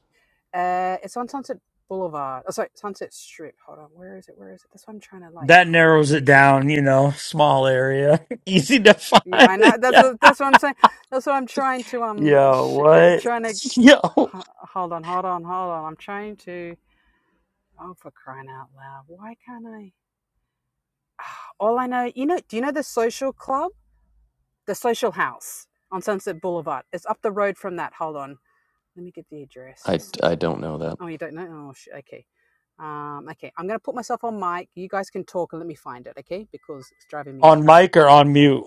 [SPEAKER 1] Uh, it's on Sunset Boulevard. Oh, sorry, Sunset Strip. Hold on, where is it? Where is it? That's why I'm trying to like
[SPEAKER 4] That
[SPEAKER 1] copy and
[SPEAKER 4] narrows it
[SPEAKER 1] paste
[SPEAKER 4] down,
[SPEAKER 1] everything.
[SPEAKER 4] you know, small area. Easy to
[SPEAKER 1] Yeah,
[SPEAKER 4] find.
[SPEAKER 1] I know. That's
[SPEAKER 4] yeah.
[SPEAKER 1] what, that's what I'm saying. That's what I'm trying to um.
[SPEAKER 4] Yo,
[SPEAKER 1] Sh- I'm
[SPEAKER 4] what?
[SPEAKER 1] trying to
[SPEAKER 4] Yo.
[SPEAKER 1] h- hold on, hold on, hold on. I'm trying to. Oh, for crying out loud! Why can't I? All I know, you know. Do you know the social club, the social house on Sunset Boulevard? It's up the road from that. Hold on. Let me get the address.
[SPEAKER 3] I
[SPEAKER 1] Um,
[SPEAKER 3] I don't know that.
[SPEAKER 1] oh, you don't know? Oh, sh- okay. Um, okay. I'm gonna put myself on mic. You guys can talk and let me find it, okay? Because it's driving me
[SPEAKER 4] On
[SPEAKER 1] nuts.
[SPEAKER 4] mic or on mute?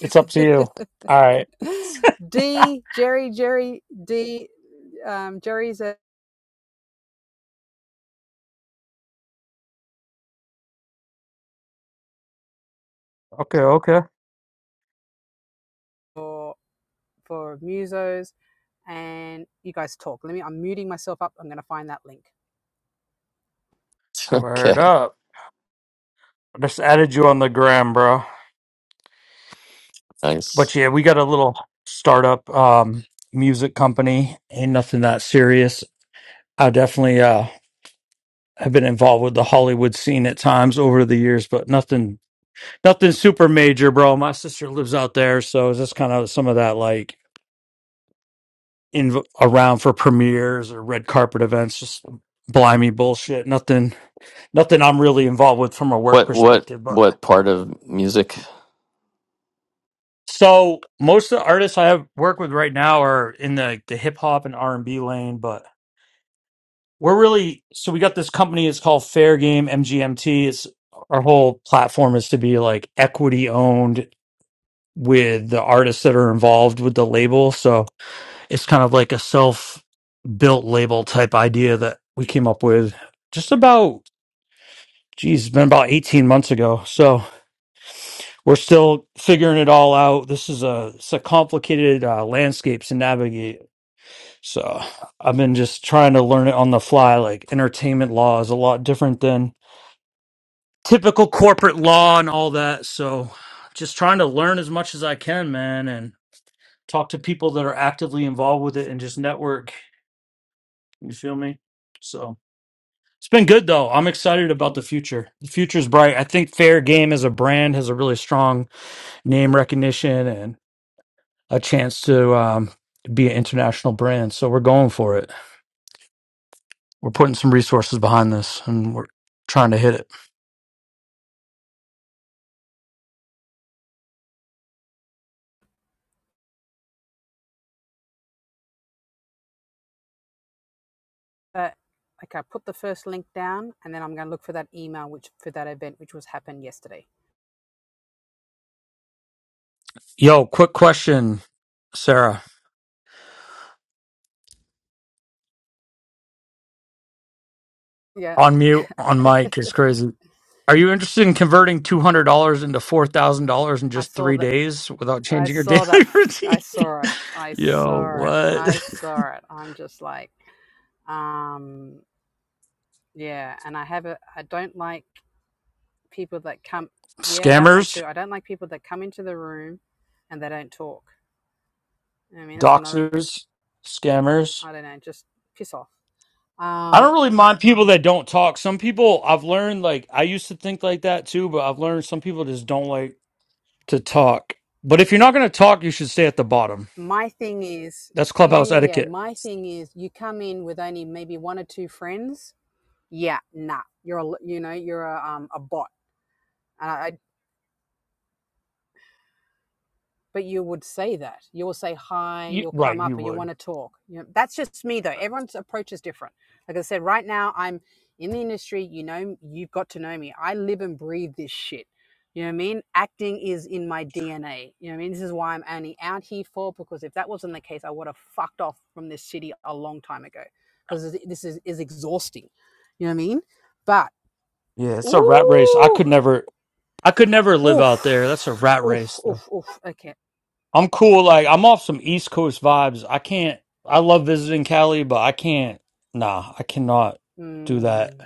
[SPEAKER 4] It's up to you. All right.
[SPEAKER 1] D Jerry Jerry D um, Jerry's
[SPEAKER 4] Okay, okay.
[SPEAKER 1] for for musos, and you guys talk. Let me. I'm muting myself up. I'm going to find that link.
[SPEAKER 4] Word
[SPEAKER 3] Okay.
[SPEAKER 4] up. I just added you on the gram, bro. But
[SPEAKER 3] Nice.
[SPEAKER 4] yeah, we got a little startup um music company. Ain't nothing that serious. I definitely uh have been involved with the Hollywood scene at times over the years, but nothing nothing super major, bro. My sister lives out there, so it's just kind of some of that like in around for premieres or red carpet events, just blimey bullshit. Nothing nothing I'm really involved with from a work
[SPEAKER 3] What what
[SPEAKER 4] perspective. But
[SPEAKER 3] what part of music?
[SPEAKER 4] so most of the artists I have work with right now are in the, the hip hop and R and B lane, but we're really so we got this company, it's called Fair Game MGMT. It's our whole platform is to be like equity owned with the artists that are involved with the label. So it's kind of like a self built label type idea that we came up with just about, geez, it's been about 18 months ago. So we're still figuring it all out. This is a, it's a complicated uh, landscape to navigate. So I've been just trying to learn it on the fly. Like entertainment law is a lot different than typical corporate law and all that. So just trying to learn as much as I can, man. and. talk to people that are actively involved with it and just network. You feel me? So it's been good though. I'm excited about the future. The future's bright. I think Fair Game as a brand has a really strong name recognition and a chance to um, be an international brand. So we're going for it. We're putting some resources behind this and we're trying to hit it.
[SPEAKER 1] But okay, I put the first link down, and then I'm going to look for that email which for that event which was happened yesterday.
[SPEAKER 4] Yo, quick question, Sarah.
[SPEAKER 1] Yeah,
[SPEAKER 4] on mute on mic is crazy. Are you interested in converting two hundred dollars into four thousand dollars in
[SPEAKER 1] I
[SPEAKER 4] just
[SPEAKER 1] saw
[SPEAKER 4] three
[SPEAKER 1] that.
[SPEAKER 4] days without
[SPEAKER 1] I
[SPEAKER 4] changing your daily
[SPEAKER 1] saw that. I
[SPEAKER 4] routine?
[SPEAKER 1] saw it. I
[SPEAKER 4] Yo,
[SPEAKER 1] saw it.
[SPEAKER 4] what?
[SPEAKER 1] I saw it. I'm just like, um, yeah. And I have a. I don't like. people that come yeah that one
[SPEAKER 4] Scammers,
[SPEAKER 1] too i don't like people that come into the room and they don't talk i mean that's another
[SPEAKER 4] doxers, scammers.
[SPEAKER 1] i don't know just piss off
[SPEAKER 4] I don't
[SPEAKER 1] um
[SPEAKER 4] really mind people that don't talk. Some people I've learned like I used to think like that too, but I've learned some people just don't like to talk. But if you're not going to talk, you should stay at the bottom.
[SPEAKER 1] my thing is
[SPEAKER 4] That's
[SPEAKER 1] yeah
[SPEAKER 4] clubhouse
[SPEAKER 1] yeah yeah
[SPEAKER 4] etiquette.
[SPEAKER 1] my thing is you come in with only maybe one or two friends yeah nah you're a a, you know you're a, um, a bot and I. I but you would say that you will say hi
[SPEAKER 4] You,
[SPEAKER 1] you'll
[SPEAKER 4] right,
[SPEAKER 1] come
[SPEAKER 4] you
[SPEAKER 1] up and you
[SPEAKER 4] would.
[SPEAKER 1] want to talk you know, that's just me though everyone's approach is different like i said right now i'm in the industry you know you've got to know me i live and breathe this shit you know what i mean acting is in my dna you know what i mean this is why i'm only out here for because if that wasn't the case i would have fucked off from this city a long time ago because this is, is exhausting you know what i mean but
[SPEAKER 4] Yeah, it's a rat race. I
[SPEAKER 1] ooh
[SPEAKER 4] could never. I could never live out there. That's a
[SPEAKER 1] oof
[SPEAKER 4] rat
[SPEAKER 1] oof
[SPEAKER 4] race. though.
[SPEAKER 1] oof oof okay
[SPEAKER 4] I'm cool. Like I'm off some East Coast vibes. I can't. I love visiting Cali, but I can't. Nah, I cannot do that
[SPEAKER 1] mm,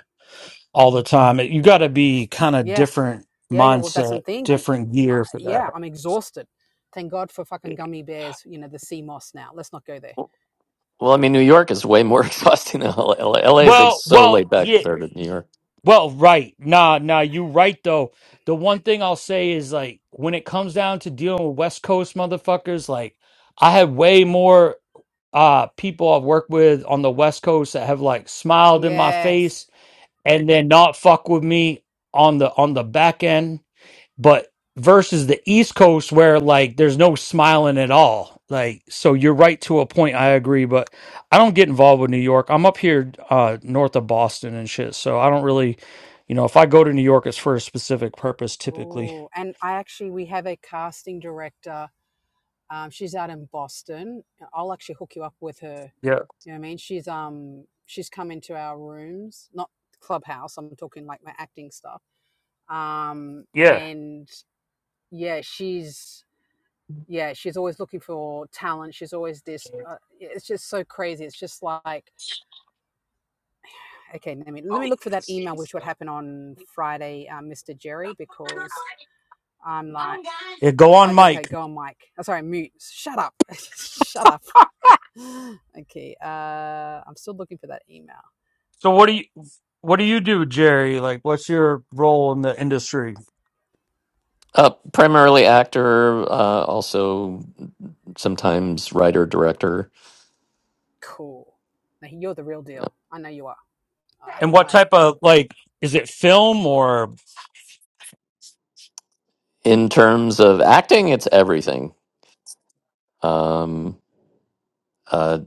[SPEAKER 4] all the time. You got to be kind of
[SPEAKER 1] yeah
[SPEAKER 4] different
[SPEAKER 1] Yeah, yeah. Well, that's
[SPEAKER 4] mindset,
[SPEAKER 1] I'm thinking.
[SPEAKER 4] different
[SPEAKER 1] Uh,
[SPEAKER 4] gear for
[SPEAKER 1] yeah,
[SPEAKER 4] that.
[SPEAKER 1] I'm exhausted. Thank God for fucking gummy bears. You know the sea moss. Now let's not go there.
[SPEAKER 3] Well, I mean, New York is way more exhausting than LA. is like,
[SPEAKER 4] Well,
[SPEAKER 3] so
[SPEAKER 4] well,
[SPEAKER 3] laid back
[SPEAKER 4] yeah.
[SPEAKER 3] compared to New York.
[SPEAKER 4] Well, right. Nah, nah, you right though. The one thing I'll say is like when it comes down to dealing with West Coast motherfuckers, like I had way more. uh people I've worked with on the West Coast that have like smiled in my face
[SPEAKER 1] Yes.
[SPEAKER 4] and then not fuck with me on the on the back end, but versus the East Coast where like there's no smiling at all. Like so you're right to a point, I agree, but I don't get involved with New York. I'm up here uh north of Boston and shit. So I don't really you know, if I go to New York it's for a specific purpose typically.
[SPEAKER 1] Oh, and I actually we have a casting director. Um, she's out in Boston. I'll actually hook you up with her.
[SPEAKER 4] Yeah.
[SPEAKER 1] You know what I mean? She's um she's come into our rooms, not clubhouse. I'm talking like my acting stuff. Um,
[SPEAKER 4] Yeah.
[SPEAKER 1] and yeah, she's yeah she's always looking for talent. She's always this. Uh, it's just so crazy. It's just like Okay, let me let me look for that email, which would happen on Friday, um, Mr. Jerry, because I'm like,
[SPEAKER 4] Yeah, go
[SPEAKER 1] oh,
[SPEAKER 4] on Mike.
[SPEAKER 1] okay, go on, Mike. Oh, sorry, mute. Shut up, shut up. Okay, uh, I'm still looking for that email.
[SPEAKER 4] So what
[SPEAKER 1] Uh,
[SPEAKER 4] do you what do you do, Jerry? Like what's your role in the industry?
[SPEAKER 3] Uh, primarily actor, uh, also sometimes writer, director.
[SPEAKER 1] cool. Now, you're the real
[SPEAKER 3] Yeah.
[SPEAKER 1] deal. I know you are. I
[SPEAKER 4] And
[SPEAKER 1] when
[SPEAKER 4] what
[SPEAKER 1] I
[SPEAKER 4] type of like is it film or
[SPEAKER 3] In terms of acting, it's everything. Um, uh,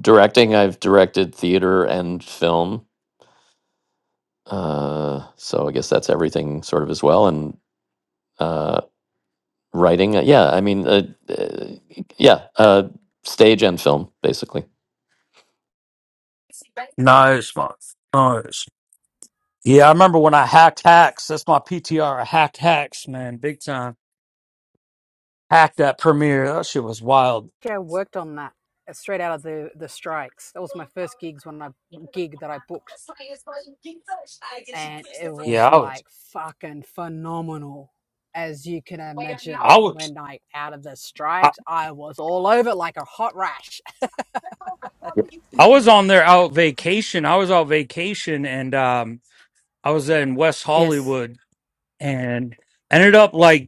[SPEAKER 3] directing, I've directed theater and film. Uh, so I guess that's everything sort of as well. and. uh, writing. Uh, Yeah, I mean, uh, uh, yeah, uh, stage and film, basically.
[SPEAKER 4] nice man. Nice. Yeah, I remember when I hacked hacks. That's my PTR. I hacked hacks, man, big time. Hacked that premiere. That shit was wild.
[SPEAKER 1] actually I worked on that uh, straight out of the the strikes. That was my first gigs when I gig that I booked, and it
[SPEAKER 4] Yeah,
[SPEAKER 1] was
[SPEAKER 4] I was
[SPEAKER 1] like fucking phenomenal, as you can imagine.
[SPEAKER 4] I was
[SPEAKER 1] When I out of the
[SPEAKER 4] I,
[SPEAKER 1] strikes, I was all over it like a hot rash.
[SPEAKER 3] Yep.
[SPEAKER 4] I was on there out vacation. I was out vacation and um I was in West
[SPEAKER 1] Yes.
[SPEAKER 4] Hollywood and ended up like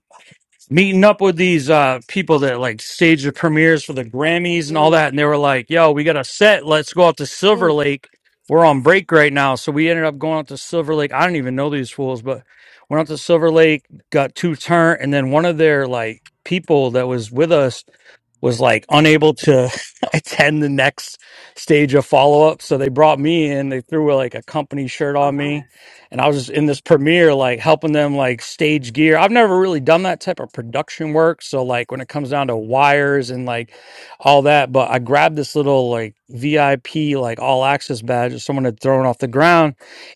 [SPEAKER 4] meeting up with these uh people that like stage the premieres for the Grammys and all that,
[SPEAKER 1] Mm,
[SPEAKER 4] and they were like, "Yo, we got a set. Let's go out to Silver
[SPEAKER 1] mm.
[SPEAKER 4] Lake. We're on break right now." So we ended up going out to Silver Lake. I don't even know these fools, but went out to Silver Lake, got two turn, and then one of their like people that was with us was like unable to attend the next stage of follow up. So they brought me in. They threw like a company shirt
[SPEAKER 1] Oh,
[SPEAKER 4] on me
[SPEAKER 1] nice.
[SPEAKER 4] and I was just in this premiere, like helping them like stage gear. I've never really done that type of production work. So like when it comes down to wires and like all that, but I grabbed this little like VIP like all access badge that someone had thrown off the ground.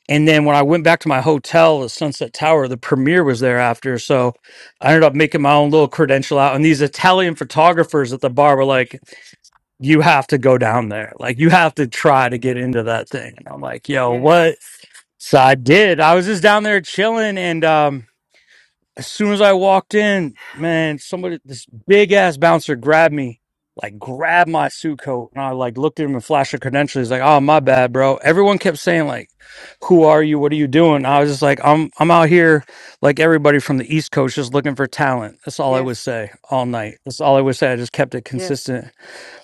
[SPEAKER 4] And then when I went back to my hotel, the Sunset Tower, the premiere was there after. So I ended up making my own little credential out. And these Italian photographers at the bar were like, you have to go down there. Like you have to try to get into that thing. And I'm like, yo,
[SPEAKER 1] Yes,
[SPEAKER 4] what? So I did. I was just down there chilling, and um, as soon as I walked in, man, somebody, this big ass bouncer grabbed me, like grabbed my suit coat, and I like looked at him and flashed a credential. He's like, "Oh, my bad, bro." Everyone kept saying like, "Who are you? What are you doing?" I was just like, "I'm I'm out here like everybody from the East Coast, just looking for talent." That's all I would
[SPEAKER 1] yes,
[SPEAKER 4] say all night. That's all I would say. I just kept it
[SPEAKER 1] yes.
[SPEAKER 4] consistent.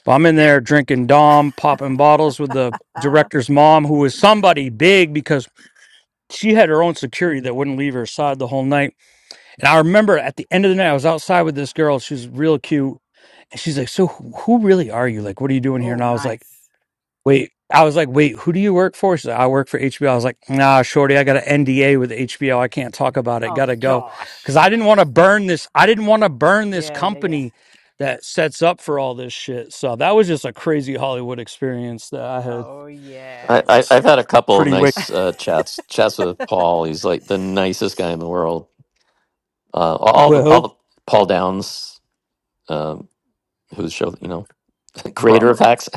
[SPEAKER 4] But I'm in there drinking Dom, popping bottles with the
[SPEAKER 1] Ah,
[SPEAKER 4] director's mom, who was somebody big because she had her own security that wouldn't leave her side the whole night. And I remember at the end of the night, I was outside with this girl. She was real cute. And she's like, So who who really are you? Like, what are you doing here?
[SPEAKER 1] Oh,
[SPEAKER 4] And I was like,
[SPEAKER 1] nice.
[SPEAKER 4] Wait, I was like, Wait, who do you work for? She's like, I work for HBO. I was like, Nah, Shorty, I got an NDA with HBO. I can't talk about it.
[SPEAKER 1] Oh,
[SPEAKER 4] Gotta go. Cause
[SPEAKER 1] gosh.
[SPEAKER 4] I didn't want to burn this. I didn't want to burn this
[SPEAKER 1] Yeah, yeah, yeah.
[SPEAKER 4] company that sets up for all this shit. So that was just a crazy Hollywood experience that I had.
[SPEAKER 1] Oh, yeah.
[SPEAKER 3] I,
[SPEAKER 4] It
[SPEAKER 3] I,
[SPEAKER 4] was
[SPEAKER 3] I've had a couple
[SPEAKER 4] pretty wicked.
[SPEAKER 3] nice uh, chats. Chats with Paul. He's like the nicest guy in the world. Uh, all the all
[SPEAKER 4] Well,
[SPEAKER 3] the Paul Downs, um, who's show you know,
[SPEAKER 4] bro.
[SPEAKER 3] creator of Hacks.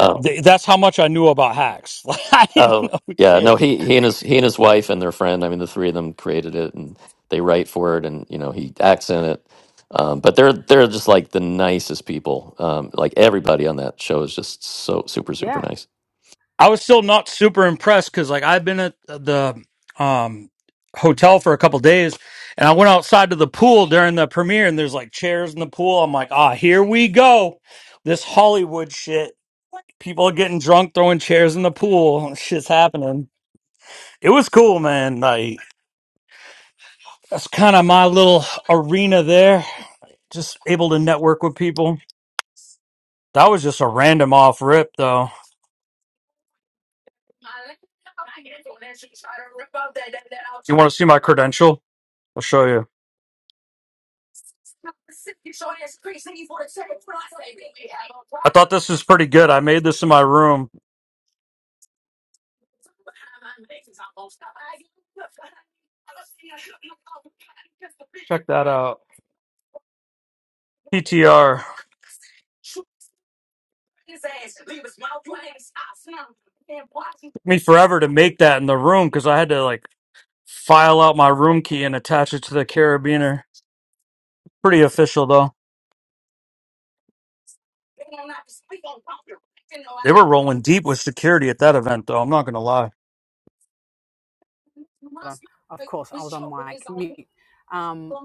[SPEAKER 4] Th- that's how much I knew about hacks. Like I didn't
[SPEAKER 3] Oh
[SPEAKER 4] know
[SPEAKER 3] yeah, no,
[SPEAKER 4] shit.
[SPEAKER 3] he he and his he and his wife and their friend. I mean, the three of them created it, and they write for it, and you know he acts in it. Um, but they're they're just like the nicest people. Um, like everybody on that show is just so super super
[SPEAKER 1] Yeah,
[SPEAKER 3] nice.
[SPEAKER 4] I was still not super impressed because like I've been at the um hotel for a couple days, and I went outside to the pool during the premiere, and there's like chairs in the pool. I'm like, ah, here we go, this Hollywood shit. People are getting drunk, throwing chairs in the pool. Shit's happening. It was cool, man. Like that's kind of my little arena there. Just able to network with people. That was just a random off rip, though. You want to see my credential? I'll show you. I thought this was pretty good. I made this in my room. Check that out. PTR. Took me forever to make that in the room because I had to like file out my room key and attach it to the carabiner. Pretty official though. They were rolling deep with security at that event though. I'm not gonna lie.
[SPEAKER 1] of course. I was on mic mute. Um,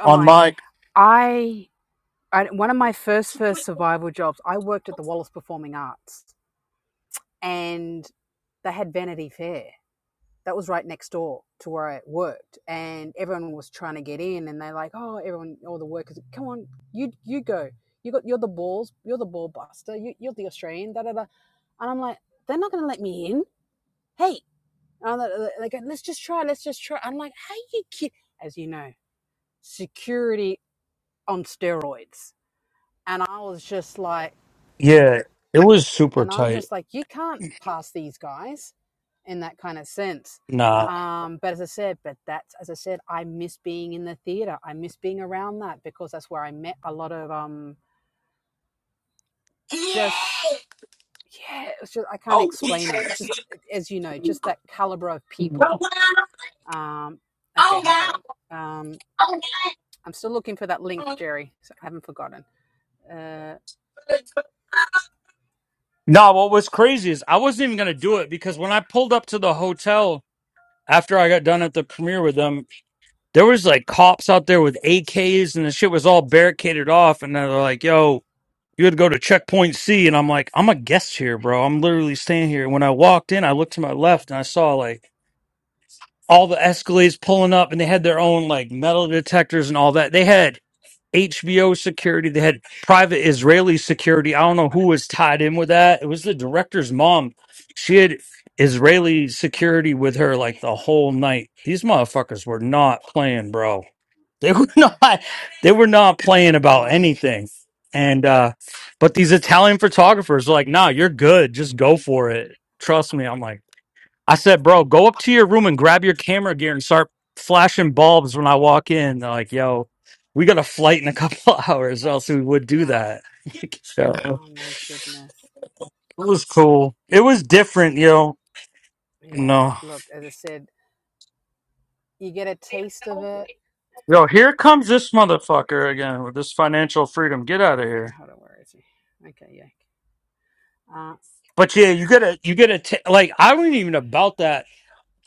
[SPEAKER 1] on
[SPEAKER 4] On
[SPEAKER 1] mic.
[SPEAKER 4] my
[SPEAKER 1] I, I one of my first first survival jobs. I worked at the Wallace Performing Arts, and they had Vanity Fair. that was right next door to where I worked, and everyone was trying to get in, and they're like, "Oh, everyone, all the workers, come on, you you go, you got you're the balls, you're the ball buster, you, you're the Australian, da da da," and I'm like, "They're not gonna let me in, hey!" And they go, "Let's just try, let's just try." I'm like, "How you kid?" As you know, security on steroids, and I was just like
[SPEAKER 4] yeah, it was super
[SPEAKER 1] and I'm
[SPEAKER 4] tight.
[SPEAKER 1] just like, you can't pass these guys in that kind of sense.
[SPEAKER 4] Nah.
[SPEAKER 1] Um, but as I said, but that's as I said, I miss being in the theater. I miss being around that because that's where I met a lot of um, just yeah. It's just I can't explain it. It's just as you know, just that caliber of people. Um, okay, hold on. Um, I'm still looking for that link, Jerry. So I haven't forgotten. Uh,
[SPEAKER 4] No, what was crazy is I wasn't even gonna do it because when I pulled up to the hotel after I got done at the premiere with them, there was like cops out there with AKs and the shit was all barricaded off, and they're like, "Yo, you had to go to checkpoint C," and I'm like, "I'm a guest here, bro. I'm literally staying here." When I walked in, I looked to my left and I saw like all the Escalades pulling up, and they had their own like metal detectors and all that. They had. HBO security. They had private Israeli security. I don't know who was tied in with that. It was the director's mom. She had Israeli security with her like the whole night. These motherfuckers were not playing, bro. They were not. They were not playing about
[SPEAKER 1] Mm,
[SPEAKER 4] anything. And uh, but these Italian photographers were like, "Nah, you're good. Just go for it. Trust me." I'm like. I said, bro, go up to your room and grab your camera gear and start flashing bulbs when I walk in. They're like, yo, we got a flight in a couple hours, or else we would do
[SPEAKER 1] yeah.
[SPEAKER 4] that. so
[SPEAKER 1] Oh my goodness.
[SPEAKER 4] it was cool. It was different, yo.
[SPEAKER 1] Yeah.
[SPEAKER 4] No.
[SPEAKER 1] Look, as I said, you get a taste of it.
[SPEAKER 4] Yo, here comes this motherfucker again with this financial freedom. Get out of
[SPEAKER 1] Okay,
[SPEAKER 4] here.
[SPEAKER 1] hold on, where is he? Okay, yeah. Uh,
[SPEAKER 4] But yeah, you gotta, you gotta, t- like, I wasn't even about that.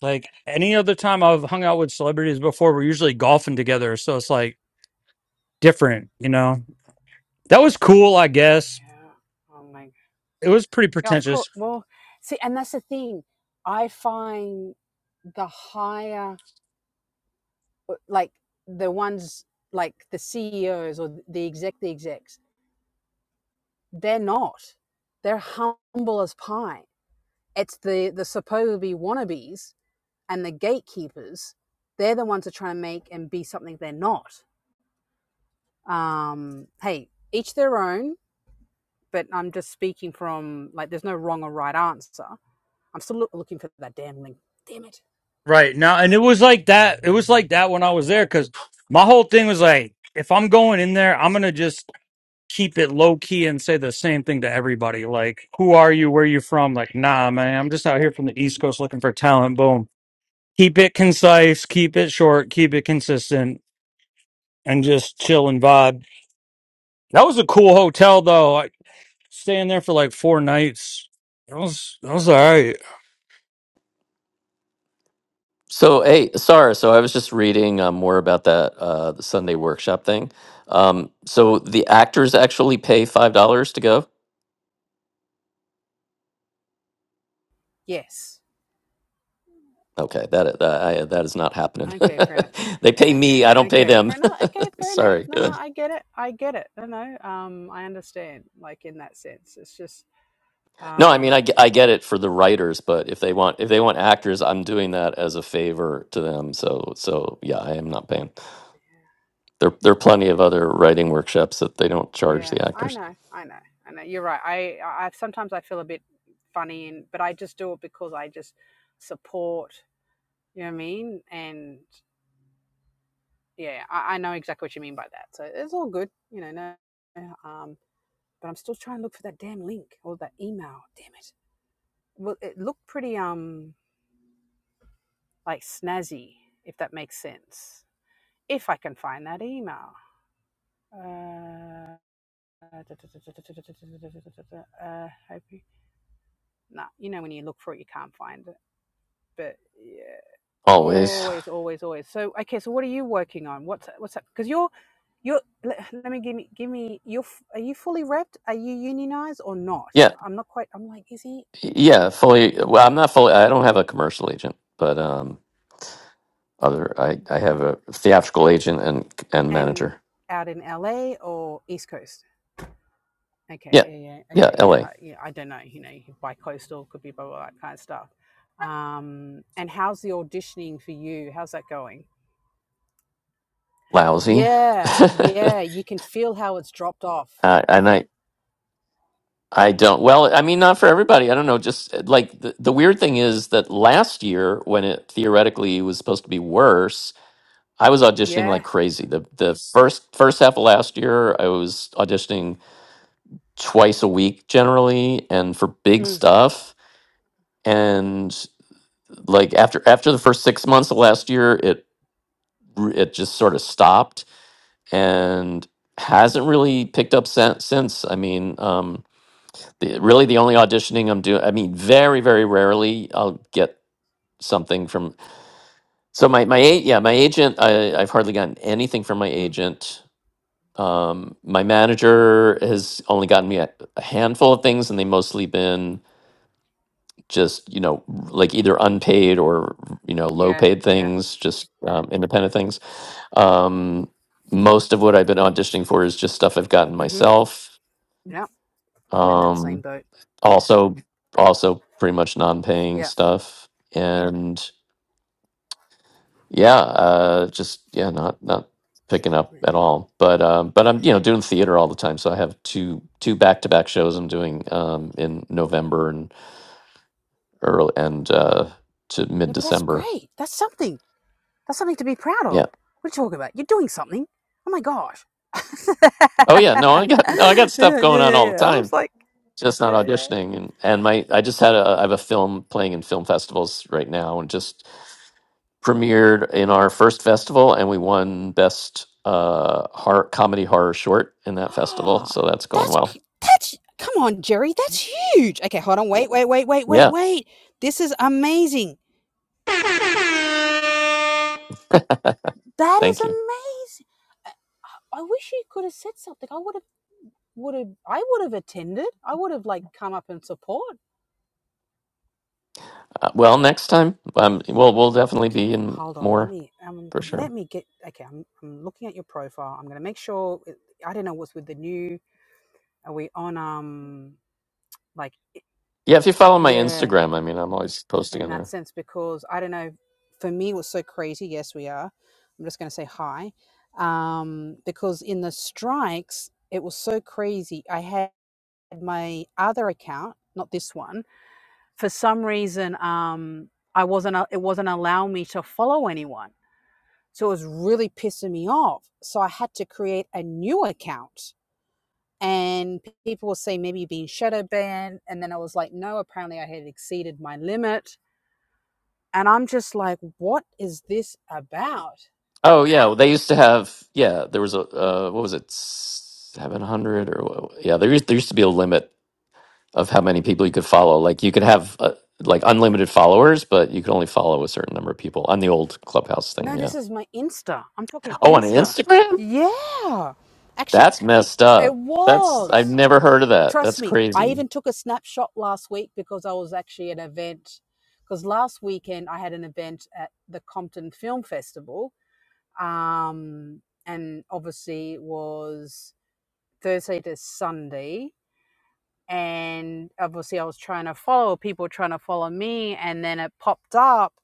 [SPEAKER 4] Like, any other time I've hung out with celebrities before, we're usually golfing together. So it's like different, you know? That was cool, I guess
[SPEAKER 1] yeah. Oh my. God.
[SPEAKER 4] it was pretty
[SPEAKER 1] Yeah, of course.
[SPEAKER 4] pretentious
[SPEAKER 1] Well, see, and that's the thing. I find the higher, uh, like the ones like the CEOs or the exec, the execs, they're not. They're humble as pie. It's the the supposedly wannabes and the gatekeepers. They're the ones that try and make and be something they're not. Um, hey, each their own but I'm just speaking from like there's no wrong or right answer. I'm still loo- looking for that damn link. Damn it.
[SPEAKER 4] right now and it was like that it was like that when i was there because my whole thing was like if i'm going in there i'm gonna just keep it low key and say the same thing to everybody like who are you where you from like nah man i'm just out here from the east coast looking for talent boom keep it concise keep it short keep it consistent and just chill and vibe that was a cool hotel though I, staying there for like four nights that was that was all right
[SPEAKER 3] So hey, Sar, so I was just reading um, more about that uh, the Sunday workshop thing. Um, so the actors actually pay five dollars to go.
[SPEAKER 1] Yes.
[SPEAKER 3] Okay, that that I, that is not happening.
[SPEAKER 1] Okay, fair enough.
[SPEAKER 3] they pay me. I don't pay
[SPEAKER 1] Okay,
[SPEAKER 3] them.
[SPEAKER 1] fair enough. Okay, fair enough.
[SPEAKER 3] Sorry.
[SPEAKER 1] No, no, I get it. I get it. No, no. Um, I understand. Like in that sense, it's just
[SPEAKER 3] No, I mean
[SPEAKER 1] um,
[SPEAKER 3] I, ge- I get it for the writers, but if they want if they want actors, I'm doing that as a favor to them. So so yeah, I am not paying. There there are plenty of other writing workshops that they don't charge
[SPEAKER 1] Yeah,
[SPEAKER 3] the
[SPEAKER 1] I
[SPEAKER 3] actors.
[SPEAKER 1] know, I know, I know. You're right. I, I I- sometimes I feel a bit funny, and but I just do it because I just support. You know what I mean? And yeah, I, I know exactly what you mean by that. So it's all good. You know, no. no, Um, but I'm still trying to look for that damn link or that email. Damn it. Well, it looked pretty um like snazzy, if that makes sense. If I can find that email. Uh, uh, uh, hoping. nah, you know, when you look for it, you can't find it. But yeah,
[SPEAKER 3] Always.
[SPEAKER 1] always, always, always. So okay, so what are you working on? What's what's up? Because you're you're. Let, let me give me give me. You're f- are you fully wrapped? Are you unionized or not?
[SPEAKER 3] Yeah.
[SPEAKER 1] I'm not quite. I'm like, is he?
[SPEAKER 3] Yeah, fully well, I'm not fully I don't have a commercial agent, but um Other, I, I have a theatrical agent and and
[SPEAKER 1] And
[SPEAKER 3] manager.
[SPEAKER 1] out in LA or East Coast? Okay,
[SPEAKER 3] Yeah,
[SPEAKER 1] yeah, yeah,
[SPEAKER 3] yeah,
[SPEAKER 1] okay, yeah.
[SPEAKER 3] L.A.
[SPEAKER 1] I, yeah, I don't know. You know, bi-coastal could be blah blah, blah that kind of stuff. Um, and how's the auditioning for you? How's that going?
[SPEAKER 3] Lousy,
[SPEAKER 1] Yeah,
[SPEAKER 3] uh,
[SPEAKER 1] yeah. You can feel how it's dropped off
[SPEAKER 3] and I I don't. Well, I mean, not for everybody. I don't know. Just uh, like the, the weird thing is that last year, when it theoretically was supposed to be worse, I was auditioning
[SPEAKER 1] Yeah.
[SPEAKER 3] like crazy. the The first first half of last year, I was auditioning twice a week generally, and for big
[SPEAKER 1] Mm,
[SPEAKER 3] stuff. And like after after the first six months of last year, it r- it just sort of stopped and hasn't really picked up since. since. I mean, um, the, really the only auditioning I'm doing, I mean, very, very rarely I'll get something from. So my my a- yeah my agent I, I've hardly gotten anything from my
[SPEAKER 1] mm,
[SPEAKER 3] agent. Um, my manager has only gotten me a, a handful of things, and they mostly been just you know r- like either unpaid or you know low
[SPEAKER 1] yeah.
[SPEAKER 3] paid
[SPEAKER 1] Yeah.
[SPEAKER 3] things, just um, independent things. Um, most of what I've been auditioning for is just stuff I've gotten
[SPEAKER 1] Mm-hmm.
[SPEAKER 3] myself
[SPEAKER 1] Yeah. I'm in that same
[SPEAKER 3] um
[SPEAKER 1] boat.
[SPEAKER 3] also also pretty much non-paying
[SPEAKER 1] Yeah.
[SPEAKER 3] stuff and yeah uh just yeah not not picking up at all but um but i'm you know doing theater all the time so i have two two back-to-back shows i'm doing um in november and early and uh to
[SPEAKER 1] Yeah, but that's
[SPEAKER 3] mid-december
[SPEAKER 1] great. That's something. That's something to be proud
[SPEAKER 3] yeah
[SPEAKER 1] of. What are you talking about? You're doing something. Oh my gosh.
[SPEAKER 3] oh yeah no
[SPEAKER 1] yeah,
[SPEAKER 3] i got no i got stuff
[SPEAKER 1] yeah,
[SPEAKER 3] going on
[SPEAKER 1] yeah,
[SPEAKER 3] all
[SPEAKER 1] yeah.
[SPEAKER 3] the
[SPEAKER 1] I
[SPEAKER 3] time
[SPEAKER 1] was like,
[SPEAKER 3] just not
[SPEAKER 1] yeah, yeah.
[SPEAKER 3] auditioning and and my i just had a i have a film playing in film festivals right now and just premiered in our first festival, and we won best uh, horror, comedy horror short in that festival. So
[SPEAKER 1] Ah.
[SPEAKER 3] that's going
[SPEAKER 1] that's
[SPEAKER 3] well.
[SPEAKER 1] c- that's come on, Jerry. That's huge. Okay, hold on. Wait, wait, wait, wait, wait,
[SPEAKER 3] Yeah,
[SPEAKER 1] wait. This is amazing. That is
[SPEAKER 3] thank you.
[SPEAKER 1] amazing. I wish he could have said something. I would have would have I would have attended. I would have like come up and support.
[SPEAKER 3] Uh, well, next time, um, we'll we'll definitely
[SPEAKER 1] Okay,
[SPEAKER 3] be in
[SPEAKER 1] hold on. Let
[SPEAKER 3] more
[SPEAKER 1] me um
[SPEAKER 3] for sure.
[SPEAKER 1] let me get okay, I'm I'm looking at your profile. I'm going to make sure it- I don't know what's with the new are we on um like i-
[SPEAKER 3] Yeah, if you follow my
[SPEAKER 1] yeah,
[SPEAKER 3] Instagram, I mean, I'm always posting
[SPEAKER 1] in
[SPEAKER 3] on
[SPEAKER 1] that
[SPEAKER 3] there.
[SPEAKER 1] sense because I don't know for me it was so crazy. Yes, we are. I'm just going to say hi. Um because in the strikes it was so crazy. I had my other account, not this one for some reason um i wasn't uh, it wasn't allowing me to follow anyone so it was really pissing me off so i had to create a new account and people will say maybe you're being shadow banned and then i was like no apparently i had exceeded my limit and i'm just like what is this about
[SPEAKER 3] Oh yeah, well, they used to have yeah. There was a uh, what was it, seven hundred or what- yeah. There used there used to be a limit of how many people you could follow. Like you could have uh, like unlimited followers, but you could only follow a certain number of people on the old clubhouse thing.
[SPEAKER 1] no
[SPEAKER 3] Yeah.
[SPEAKER 1] this is my insta i'm talking
[SPEAKER 3] Oh, on
[SPEAKER 1] insta
[SPEAKER 3] Instagram,
[SPEAKER 1] yeah actually.
[SPEAKER 3] that's messed
[SPEAKER 1] It
[SPEAKER 3] up. That's I've
[SPEAKER 1] was.
[SPEAKER 3] never heard of that.
[SPEAKER 1] Trust
[SPEAKER 3] That's
[SPEAKER 1] me, I
[SPEAKER 3] crazy.
[SPEAKER 1] even took a snapshot last week because I was actually at an event. Because last weekend I had an event at the Compton Film Festival. Um, and obviously it was Thursday to Sunday. And obviously I was trying to follow people trying to follow me. And then it popped up,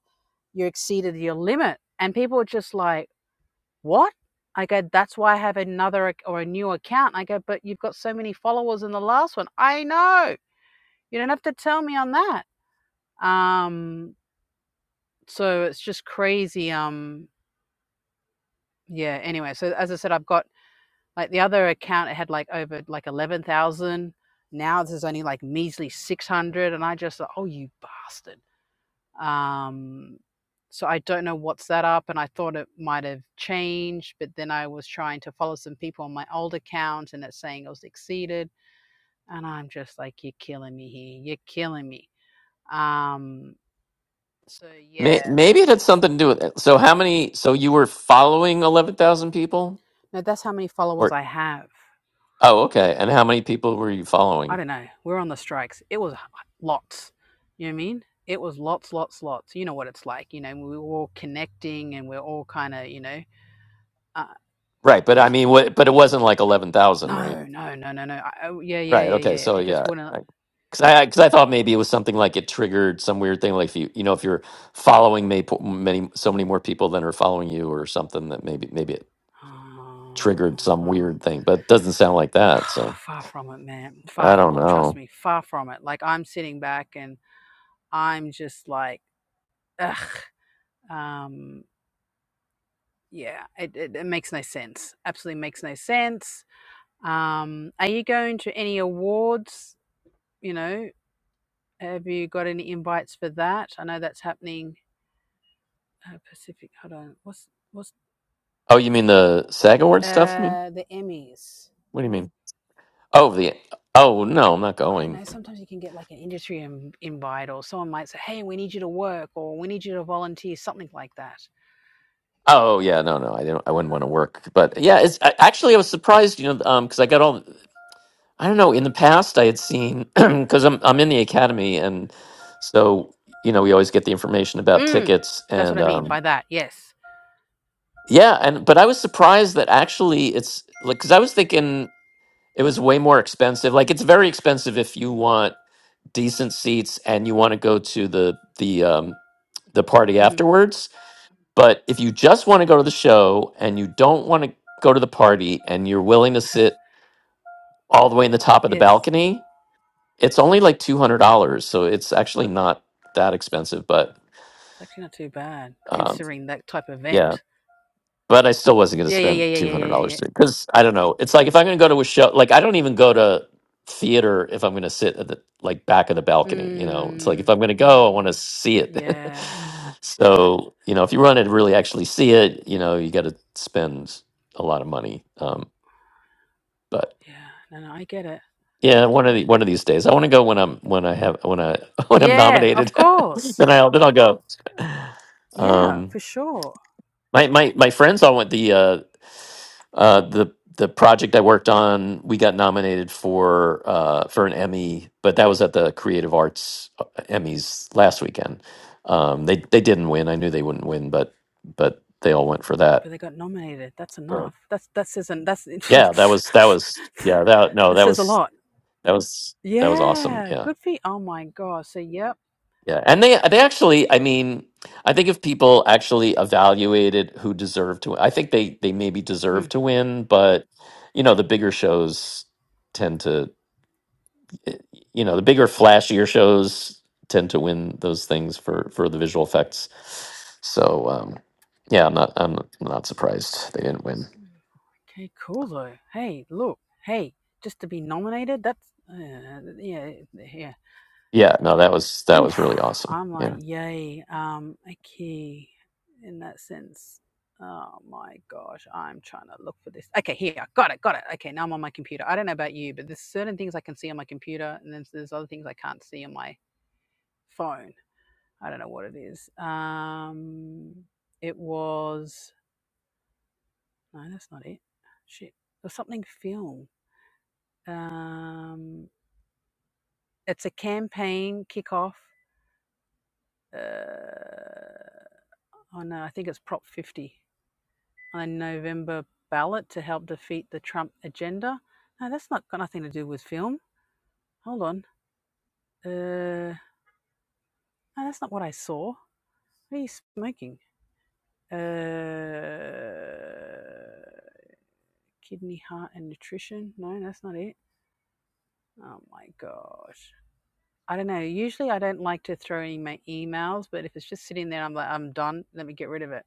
[SPEAKER 1] you exceeded your limit. And people were just like, what? I go, that's why I have another ac- or a new account. I go, but you've got so many followers in the last one. I know. You don't have to tell me on that. Um, so it's just crazy. Um, yeah. Anyway, so as I said, I've got like the other account. It had like over like eleven thousand. Now there's only like measly six hundred, and I just thought, oh, you bastard Um, so I don't know what's that up, and I thought it might have changed, but then I was trying to follow some people on my old account, and it's saying it was exceeded, and I'm just like, you're killing me here, you're killing me. Um, so
[SPEAKER 3] May,
[SPEAKER 1] yeah,
[SPEAKER 3] maybe it had something to do with it. So how many? So you were following eleven thousand people,
[SPEAKER 1] no, that's how many followers
[SPEAKER 3] or
[SPEAKER 1] I have.
[SPEAKER 3] oh okay. And how many people were you following?
[SPEAKER 1] I don't know. We're on the strikes. It was lots. You know what I mean? It was lots, lots, lots. You know what it's like. You know, we were all connecting, and we're all kind of, you know, uh,
[SPEAKER 3] Right, but I mean, what, but it wasn't like eleven thousand, right?
[SPEAKER 1] no, no, no, no, no. I- oh, yeah, yeah,
[SPEAKER 3] Right.
[SPEAKER 1] yeah,
[SPEAKER 3] Okay.
[SPEAKER 1] yeah.
[SPEAKER 3] So
[SPEAKER 1] It just
[SPEAKER 3] yeah,
[SPEAKER 1] wouldn't.
[SPEAKER 3] because I because I thought maybe it was something like it triggered some weird thing, like if you you know if you're following may, many so many more people than are following you or something that maybe maybe it triggered some
[SPEAKER 1] Um,
[SPEAKER 3] weird thing, but it doesn't sound like that. So
[SPEAKER 1] far from it, man. Far
[SPEAKER 3] I
[SPEAKER 1] f-
[SPEAKER 3] don't
[SPEAKER 1] look, trust
[SPEAKER 3] know.
[SPEAKER 1] me, far from it. Like I'm sitting back and I'm just like, ugh. Um, yeah, it, it, it makes no sense. Absolutely makes no sense. Um, are you going to any awards? You know, have you got any invites for that? I know that's happening. Uh, Pacific. Hold on. What's what's
[SPEAKER 3] Oh, you mean the SAG Award stuff? You mean
[SPEAKER 1] Uh, the Emmys.
[SPEAKER 3] what do you mean? Oh, the oh no, I'm not
[SPEAKER 1] I don't
[SPEAKER 3] going.
[SPEAKER 1] know. Sometimes you can get like an industry in, invite, or someone might say, "Hey, we need you to work," or "We need you to volunteer," something like that.
[SPEAKER 3] Oh yeah, no, no, I didn't. I wouldn't want to work, but yeah, it's I, actually I was surprised, you know, um, because I got all. I don't know. In the past, I had seen because I'm I'm in the academy, and so you know we always get the information about
[SPEAKER 1] Mm,
[SPEAKER 3] tickets
[SPEAKER 1] that's what
[SPEAKER 3] and
[SPEAKER 1] I mean
[SPEAKER 3] um,
[SPEAKER 1] by that. Yes.
[SPEAKER 3] yeah, and but I was surprised that actually it's like because I was thinking it was way more expensive. Like it's very expensive if you want decent seats and you want to go to the the um, the party
[SPEAKER 1] hmm
[SPEAKER 3] afterwards. But if you just want to go to the show and you don't want to go to the party and you're willing to sit all the way in the top of the
[SPEAKER 1] Yes. It's,
[SPEAKER 3] balcony, It's only like two hundred dollars, so it's actually
[SPEAKER 1] not,
[SPEAKER 3] not that expensive. But
[SPEAKER 1] it's actually not too bad
[SPEAKER 3] um,
[SPEAKER 1] considering that type of
[SPEAKER 3] yeah,
[SPEAKER 1] event.
[SPEAKER 3] but I still wasn't going to
[SPEAKER 1] Yeah, yeah, yeah,
[SPEAKER 3] spend
[SPEAKER 1] yeah,
[SPEAKER 3] two
[SPEAKER 1] yeah, yeah,
[SPEAKER 3] hundred
[SPEAKER 1] yeah.
[SPEAKER 3] dollars
[SPEAKER 1] yeah.
[SPEAKER 3] because I don't know. It's like if I'm going to go to a show, like I don't even go to theater if I'm going to sit at the like back of the balcony. You know, it's like if
[SPEAKER 1] Mm,
[SPEAKER 3] I'm going to go, I want to see it.
[SPEAKER 1] yeah,
[SPEAKER 3] so you know, if you want to really actually see it, you know, you got to spend a lot of money. Um, but
[SPEAKER 1] yeah. No, no, I get it.
[SPEAKER 3] Yeah, one of the one of these days. I want to go when I'm when I have when I when I'm
[SPEAKER 1] Yeah, of
[SPEAKER 3] nominated.
[SPEAKER 1] course.
[SPEAKER 3] then I'll then I'll go.
[SPEAKER 1] Yeah,
[SPEAKER 3] Um,
[SPEAKER 1] for sure.
[SPEAKER 3] my my my friends all went the uh, uh, the the project I worked on. We got nominated for uh, for an Emmy, but that was at the Creative Arts uh, Emmys last weekend. Um, they they didn't win. I knew they wouldn't win, but but they all went for
[SPEAKER 1] But
[SPEAKER 3] that.
[SPEAKER 1] they got nominated. That's
[SPEAKER 3] Uh,
[SPEAKER 1] enough. That's that says an, that's
[SPEAKER 3] yeah, that was that was yeah that no
[SPEAKER 1] that
[SPEAKER 3] that
[SPEAKER 1] says a
[SPEAKER 3] was
[SPEAKER 1] lot.
[SPEAKER 3] that was that was awesome.
[SPEAKER 1] Yeah,
[SPEAKER 3] Yeah
[SPEAKER 1] good for you. Oh my gosh. So, yep.
[SPEAKER 3] Yeah, and they they actually, I mean, I think if people actually evaluated who deserved to, I think they they maybe deserve
[SPEAKER 1] Mm.
[SPEAKER 3] to win, but you know, the bigger shows tend to, eh, you know, the bigger flashier shows tend to win those things for for the visual effects. So, um, yeah, I'm not I'm not surprised they didn't win.
[SPEAKER 1] Okay, cool though. Hey, look. Hey, just to be nominated, that's uh, yeah, yeah.
[SPEAKER 3] Yeah, no, that was that
[SPEAKER 1] Oof.
[SPEAKER 3] was really awesome.
[SPEAKER 1] I'm like,
[SPEAKER 3] Yeah.
[SPEAKER 1] yay. Um, okay. In that sense. Oh my gosh, I'm trying to look for this. Okay, here, got it, got it. Okay, now I'm on my computer. I don't know about you, but there's certain things I can see on my computer, and then there's other things I can't see on my phone. I don't know what it is. Um, it was No, that's not it. Shit. There's something film. Um, it's a campaign kickoff uh, on, uh, I think it's Prop 50 on a November ballot to help defeat the Trump agenda. No, that's not got nothing to do with film. Hold on. Uh, no, that's not what I saw. What are you smoking? Uh, kidney, heart, and nutrition. No, that's not it. Oh my gosh. I don't know. Usually, I don't like to throw in my emails, but if it's just sitting there, I'm like, I'm done. Let me get rid of it.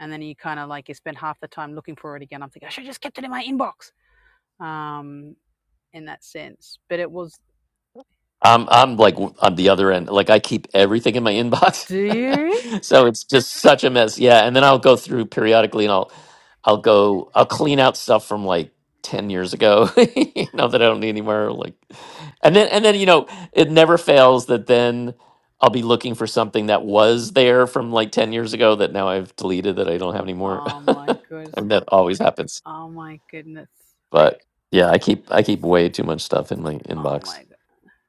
[SPEAKER 1] And then you kind of like you spend half the time looking for it again. I'm thinking I should have just kept it in my inbox. Um, in that sense, but it was.
[SPEAKER 3] I'm I'm like w- on the other end. Like I keep everything in my inbox,
[SPEAKER 1] Do you?
[SPEAKER 3] so it's just such a mess. Yeah, and then I'll go through periodically, and I'll I'll go I'll clean out stuff from like ten years ago, you know, that I don't need anymore. Like, and then and then you know, it never fails that then I'll be looking for something that was there from like ten years ago that now I've deleted that I don't have anymore.
[SPEAKER 1] Oh my goodness.
[SPEAKER 3] and that always happens.
[SPEAKER 1] Oh my goodness.
[SPEAKER 3] But yeah, I keep I keep way too much stuff in my
[SPEAKER 1] Oh
[SPEAKER 3] inbox.
[SPEAKER 1] my god.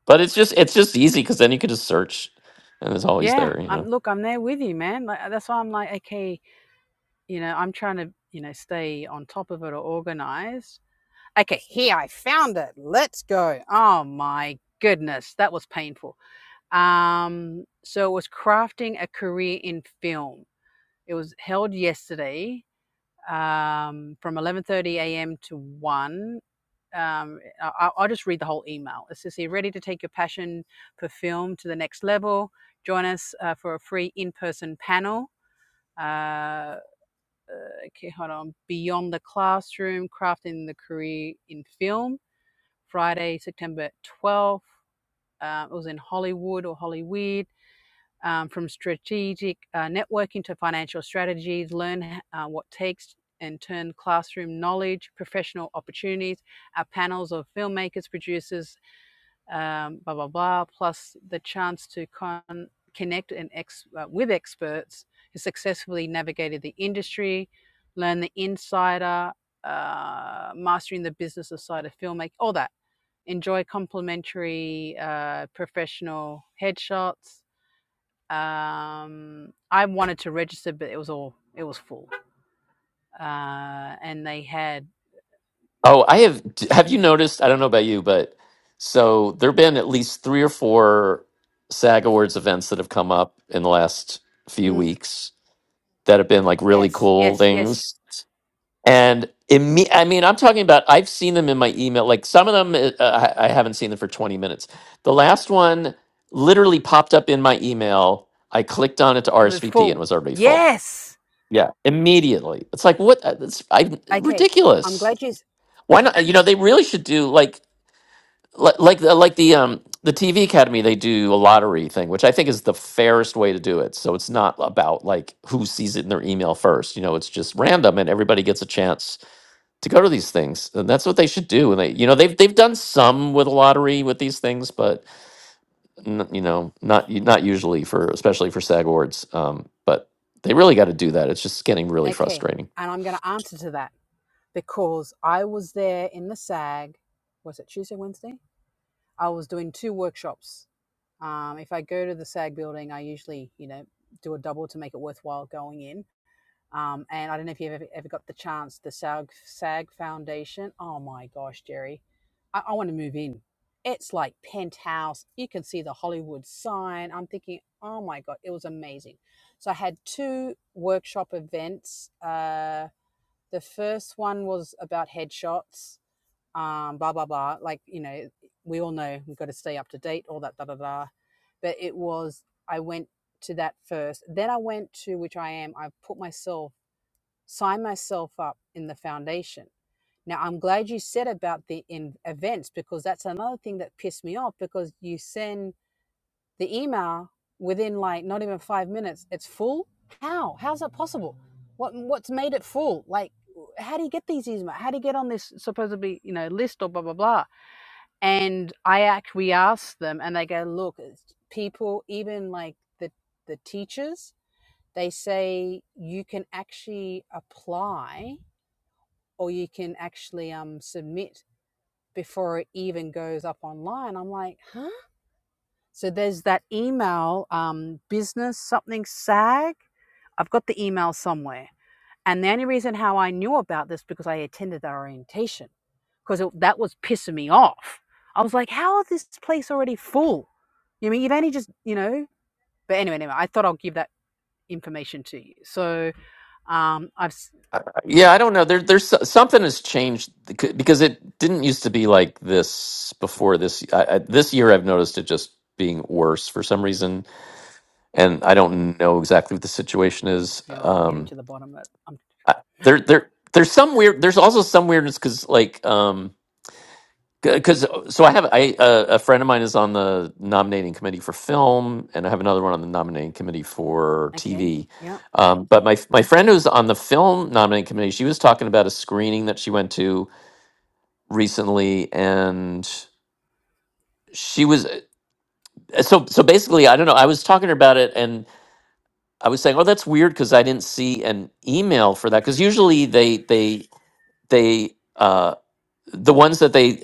[SPEAKER 3] But it's just it's just easy because then you can just search, and it's always
[SPEAKER 1] Yeah.
[SPEAKER 3] there, you
[SPEAKER 1] I'm
[SPEAKER 3] know.
[SPEAKER 1] look. I'm there with you, man. Like that's why I'm like, okay, you know, I'm trying to, you know, stay on top of it or organized Okay, here I found it. Let's go. Oh my goodness, that was painful. Um, so it was crafting a career in film. It was held yesterday um, from 11:30 a.m. to one. Um, I- I- will just read the whole email. It says here, ready to take your passion for film to the next level. Join us uh, for a free in-person panel. Uh, uh, okay, hold on. Beyond the classroom, crafting the career in film Friday, September 12th. Um, it was in Hollywood or Hollyweird. Um, from strategic uh, networking to financial strategies, learn uh, what takes and turn classroom knowledge, professional opportunities, our panels of filmmakers, producers, um, blah, blah, blah, plus the chance to con- connect and ex- uh, with experts who successfully navigated the industry, learn the insider, uh, mastering the business side of filmmaking, all that enjoy complimentary uh, professional headshots. Um, I wanted to register, but it was all it was full, uh, and they had
[SPEAKER 3] Oh, I have. d- Have you noticed? I don't know about you, but so there've been at least three or four SAG Awards events that have come up in the last few
[SPEAKER 1] Mm,
[SPEAKER 3] weeks that have been like really
[SPEAKER 1] yes.
[SPEAKER 3] cool
[SPEAKER 1] yes, yes,
[SPEAKER 3] things. And imme- I mean, I'm talking about I've seen them in my email. Like some of them, uh, I I haven't seen them for 20 minutes. The last one literally popped up in my email. I clicked on it to
[SPEAKER 1] it was
[SPEAKER 3] RSVP and it
[SPEAKER 1] full.
[SPEAKER 3] was already full.
[SPEAKER 1] Yes.
[SPEAKER 3] Yeah, immediately. It's like what? uh, It's I
[SPEAKER 1] Okay. I'm
[SPEAKER 3] ridiculous.
[SPEAKER 1] glad you.
[SPEAKER 3] Why not? You know, they really should do like like like the, like the um the TV Academy. They do a lottery thing, which I think is the fairest way to do it. So it's not about like who sees it in their email first. You know, it's just random, and everybody gets a chance to go to these things, and that's what they should do. And they, you know, they've they've done some with a lottery with these things, but n- you know, not u- not usually for especially for SAG awards. Um, but they really got to do that. It's just getting really
[SPEAKER 1] Okay.
[SPEAKER 3] frustrating.
[SPEAKER 1] And I'm going to answer to that because I was there in the SAG. Was it Tuesday, Wednesday? I was doing two workshops. Um, if I go to the SAG building, I usually, you know, do a double to make it worthwhile going in. Um, and I don't know if you've ever, ever got the chance, the SAG, SAG Foundation. Oh my gosh, Jerry, I, I want to move in. It's like penthouse. You can see the Hollywood sign. I'm thinking, oh my God, it was amazing. So I had two workshop events. Uh, the first one was about headshots, um, blah, blah, blah. Like, you know, we all know we've got to stay up to date, all that, da, da, da. But it was, I went to that first. Then I went to, which I am, I put myself sign myself up in the foundation. Now, I'm glad you said about the in events because that's another thing that pissed me off because you send the email within like not even five minutes, it's full. How? How's that possible? What What's made it full? Like, how do you get these emails? How do you get on this supposedly you know list or blah blah blah? And I act, we ask them, and they go, look, it's people, even like the the teachers, they say you can actually apply or you can actually um, submit before it even goes up online. I'm like, huh? So there's that email, um, business something sag. I've got the email somewhere. And the only reason how I knew about this because I attended the orientation because that was pissing me off. I was like, how is this place already full? You mean you've only just, you know? But anyway, anyway, I thought I'll give that information to you. So um, I've
[SPEAKER 3] Yeah, I don't know. There, there's so- something has changed bec- because it didn't used to be like this before this. I, I, this year, I've noticed it just being worse for some reason, and I don't know exactly what the situation is.
[SPEAKER 1] Yeah, well, I'm getting
[SPEAKER 3] Um,
[SPEAKER 1] to the bottom of it. I'm
[SPEAKER 3] I, there, there, there's some weird. There's also some weirdness because like. Um, because so I have I uh, a friend of mine is on the nominating committee for film, and I have another one on the nominating committee for
[SPEAKER 1] okay.
[SPEAKER 3] TV.
[SPEAKER 1] Yeah.
[SPEAKER 3] Um, but my my friend who's on the film nominating committee, she was talking about a screening that she went to recently, and she was uh, so so basically I don't know. I was talking to her about it, and I was saying, oh, that's weird because I didn't see an email for that because usually they they they uh, the ones that they